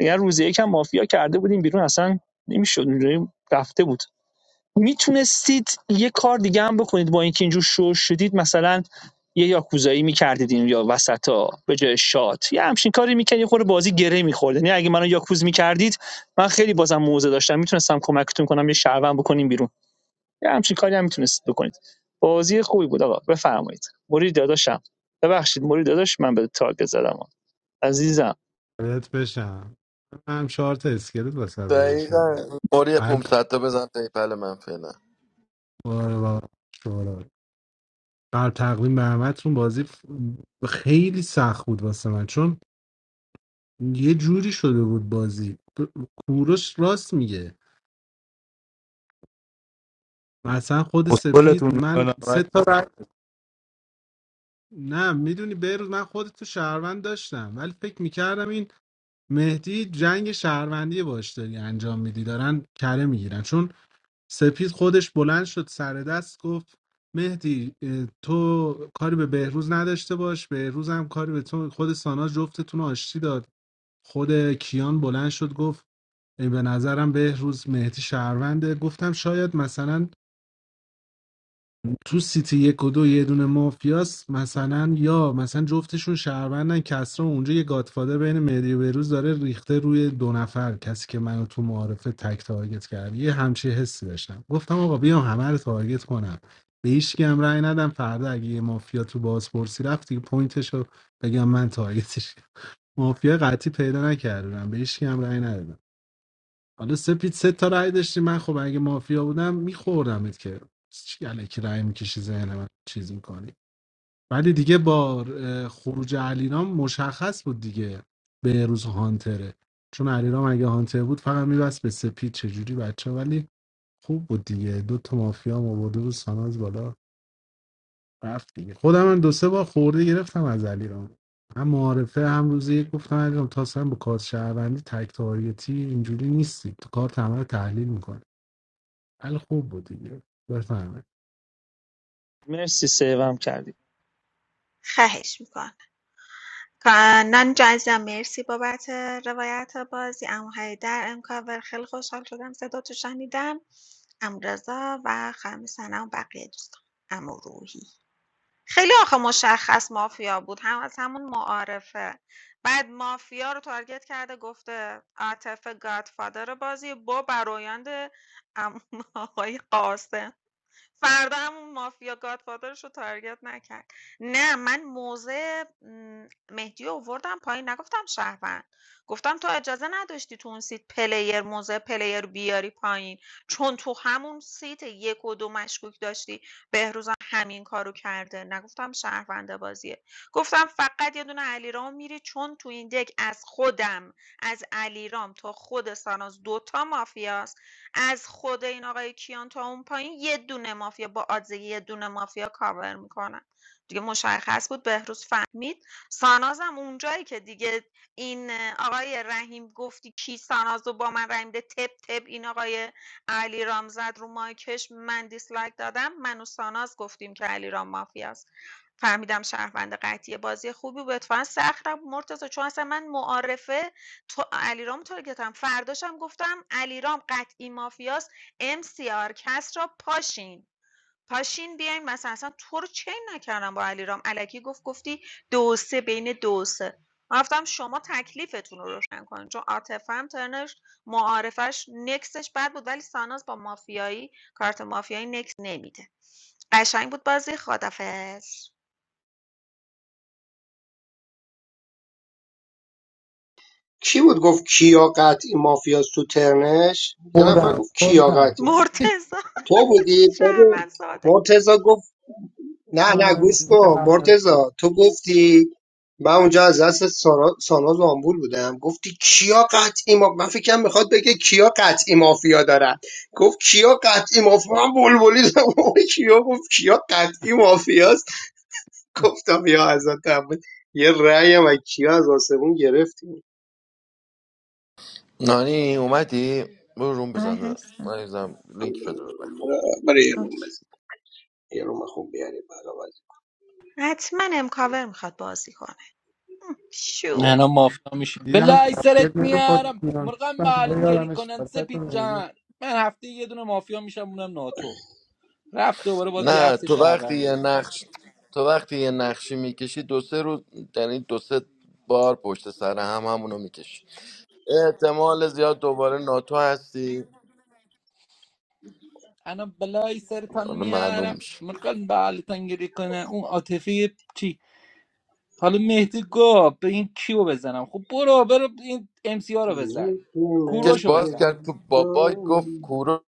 اگر روز یکم مافیا کرده بودیم بیرون اصلا نمیشد اونجوری رفته بود میتونستید یه کار دیگه هم بکنید با اینکه اینجور شور شدید مثلا یه یاکوزایی میکردید این یا وسطا به جای شات یه همچین کاری میکردید یه خورده بازی گره میخورد یعنی اگه منو یاکوز میکردید من خیلی بازم موزه داشتم میتونستم کمکتون کنم یه شهروند بکنیم بیرون یه همچین کاری هم میتونستید بکنید بازی خوبی بود آقا بفرمایید مرید داداشم ببخشید مرید داداش من به تارگت زدم عزیزم بهت بشم هم چهار تا اسکلت واسه رو بشم دقیقا اوری قلب 500 تا بزن پیپل من فعلا بار و شورا بر تقویم برمتون بازی ف- خیلی سخت بود واسه من چون یه جوری شده بود بازی ب- کوروش راست میگه مثلا خود اسکلتون سپید من سه میکنم تا رای- نه میدونی بیروز من خود تو شهروند داشتم ولی فکر میکردم این مهدی جنگ شهروندی باش داری انجام میدی دارن کره میگیرن چون سپید خودش بلند شد سر دست گفت مهدی اه، تو کاری به بهروز نداشته باش بهروز هم کاری به تو خود سانا جفتتون رو آشتی داد خود کیان بلند شد گفت ای به نظرم بهروز مهدی شهرونده گفتم شاید مثلا تو سیتی یک و دو یه دونه مافیاس مثلا یا مثلا جفتشون شهروندن کسرا اونجا یه گادفادر بین مهدی و بهروز داره ریخته روی دو نفر کسی که منو تو معارفه تک تارگت کرد یه همچی حسی داشتم گفتم آقا بیام همه رو تارگت کنم به هیچ کی هم رأی ندم فردا اگه یه مافیا تو بازپرسی رفت دیگه پوینتشو بگم من تارگتش کردم. مافیا قطعی پیدا نکردم به هیچ کی هم رأی ندادم حالا سپید سه تا رای داشتی من خب اگه مافیا بودم میخوردمت که چی الکی رای میکشی ذهن من چیز میکنی ولی دیگه با اه، خروج علیرام مشخص بود دیگه به روز هانتره چون علیرام اگه هانتر بود فقط میبست به سپید چجوری بچه ولی خوب بود دیگه دو تا مافیا هم آورده بود ساناز بالا رفت دیگه خودم من دو سه بار خورده گرفتم از علیرام هم معارفه هم روزی یک گفتم علیرام تا اصلا با کارت شهروندی تک تاریتی اینجوری نیستی تو کار تمام تحلیل میکنه ولی خوب بود دیگه بفهمه مرسی سیوم کردی خواهش میکنم کانان جان عزیزم مرسی بابت روایت بازی امو در امکاور خیلی خوشحال شدم صدا تو شنیدم امو رضا و خانم سنم و بقیه دوستان امو روحی خیلی آخه مشخص مافیا بود هم از همون معارفه بعد مافیا رو تارگت کرده گفته عاطف گادفادر بازی با برایند عمو آقای قاسم فردا همون مافیا گادفادرش رو تارگت نکرد نه من موضع م، مهدی رو آوردم پایین نگفتم شهروند گفتم تو اجازه نداشتی تو اون سیت پلیر موضع پلیر بیاری پایین چون تو همون سیت یک و دو مشکوک داشتی بهروزم همین کارو کرده نگفتم شهرونده بازیه گفتم فقط یه دونه علیرام میری چون تو این دک از خودم از علیرام تا خود ساناز دوتا مافیاست از خود این آقای کیان تا اون پایین یه دونه مافیا با آدزه یه دونه مافیا کاور میکنن دیگه مشخص بود بهروز فهمید ساناز سانازم اونجایی که دیگه این آقای رحیم گفتی کی ساناز رو با من رحیم ده تپ تپ این آقای علی رام زد رو مایکش من دیسلایک دادم من و ساناز گفتیم که علی رام مافیاست فهمیدم شهروند قطعی بازی خوبی بود اتفاقا سخت مرتضی چون اصلا من معارفه تو علیرامو تارگت هم فرداشم گفتم علیرام قطعی مافیاست ام سی آر کس را پاشین پاشین بیاین مثلا اصلا تو رو چین نکردم با علیرام الکی گفت گفتی دو سه بین دو و سه گفتم شما تکلیفتون رو روشن کن چون عاطفه هم ترنش معارفش نکسش بد بود ولی ساناز با مافیایی کارت مافیایی نکس نمیده قشنگ بود بازی خدافظ کی بود گفت کیا قطعی مافیاست تو ترنش یه نفر خودم گفت کیا خودم قطعی مرتضی تو بودی ببین شهروند ساده مرتضی گفت نه نه یانم گوش کن دیدم مرتزا تو گفتی من اونجا از دست سارا- ساناز آمبول بودم گفتی کیا قطعی ما من فکرم میخواد بگه کیا قطعی مافیا دارن گفت کیا قطعی مافیا من بلبلی زدم. کیا گفت کیا قطعی مافیاست گفتم یا حضرت عباس یه رأی و کیا از آسمون گرفتیم نانی اومدی برو روم آره بزن هستم نانی زم لینک شده برای برای یه روم اوکی. بزن یه روم خوب بیاریم برای حتما امکاور میخواد بازی کنه شو نه مافیا میشه دیدم بلای سرت خودم میارم خودم مرغم بغلت گری یادم کنن شرکت سپید رو جان من هفته یه دونه مافیا میشم اونم ناتو رفت دوباره باز یه نه هفته تو وقتی یه شهروندی نقش تو وقتی یه نقشی میکشی دو سه روز یعنی دو سه بار پشت سر هم همونو میکشی احتمال زیاد دوباره ناتو هستی انا بلای سرتان حالا معلوم میارم میشه مرغم بغلتان گری کنن اون عاطفه چی حالا مهدی گفت به این کیو بزنم خب برو برو این ام سی رو بزن کش کوروشو باز بزن کرد تو بابای گفت بازی. کورو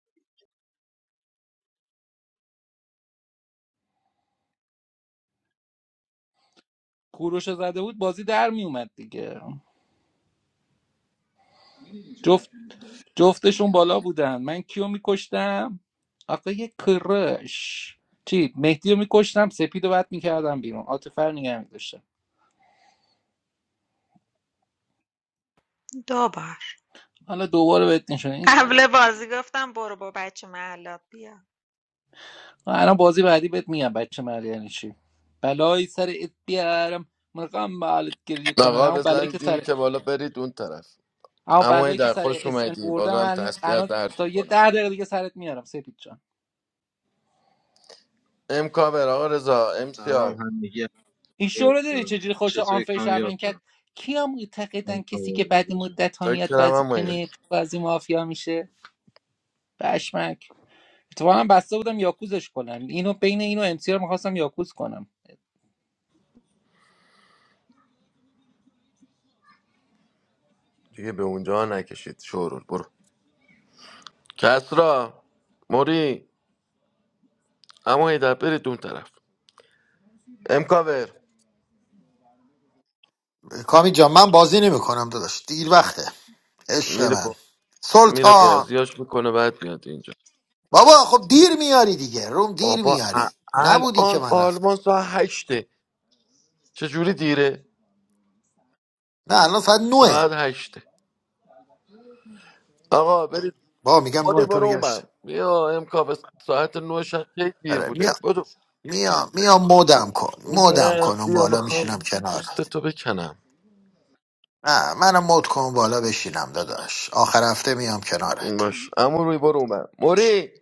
کوروش زده بود بازی در میومد دیگه جفت جفتشون بالا بودن من کیو میکشتم آقای کرش چی مهدی رو میکشتم سپید رو بد میکردم بیرون آتفر نگه می‌داشتم دو بار حالا دوباره بهت نشون این قبل بازی گفتم برو با بچه محلات بیا الان بازی بعدی بهت میگم بچه مرد یعنی چی بلایی سر ات بیارم مرقم بالت گریه کنن نقا همون بلایی که بزنید این سر که بالا برید اون طرف همون اما این بلایی که در سر خوش اس ان اومدی آوردم بازم الان تسلیت الان درد تا یه میکنه ده دقیقه دیگه سرت میارم سپید جان. امکا بر آقا رضا امسیار این شو رو دیدی چجوری خوش آنفر شون کرد Assalamualaikum. کیا معتقدن کسی که بعد مدت ها میاد بازی چاکرم هم کنه بازی مافیا میشه بشمک اتفاقا بسته بودم یاکوزش کنم اینو بین اینو امسی رو میخواستم یاکوز کنم دیگه به اونجا نکشید شورول برو کسرا موری اما هیدر برید اون طرف امکاور ها. کامی جان من بازی نمیکنم داداش دیر وقته عشق میره با... من میره سلطان بازیاش میکنه بعد میاد اینجا بابا خب دیر میاری دیگه روم دیر بابا ا- میاری نبودی که الان من رفتم آلمان ساعت هشته چجوری دیره نه الان ساعت نوه ساعت هشته آقا برید بابا میگم باری نوه تو برو میگشت اومم بیا امکاور ساعت نو شب خیلی دیر آره بوده میام بدو میام میام مودم کن مودم نه کن اون بیا بالا میخوام میشینم کنار پوست تو بکنم نه منو مد کن بالا بشینم داداش آخر هفته میام کنارت باش اما روی برو اومم موری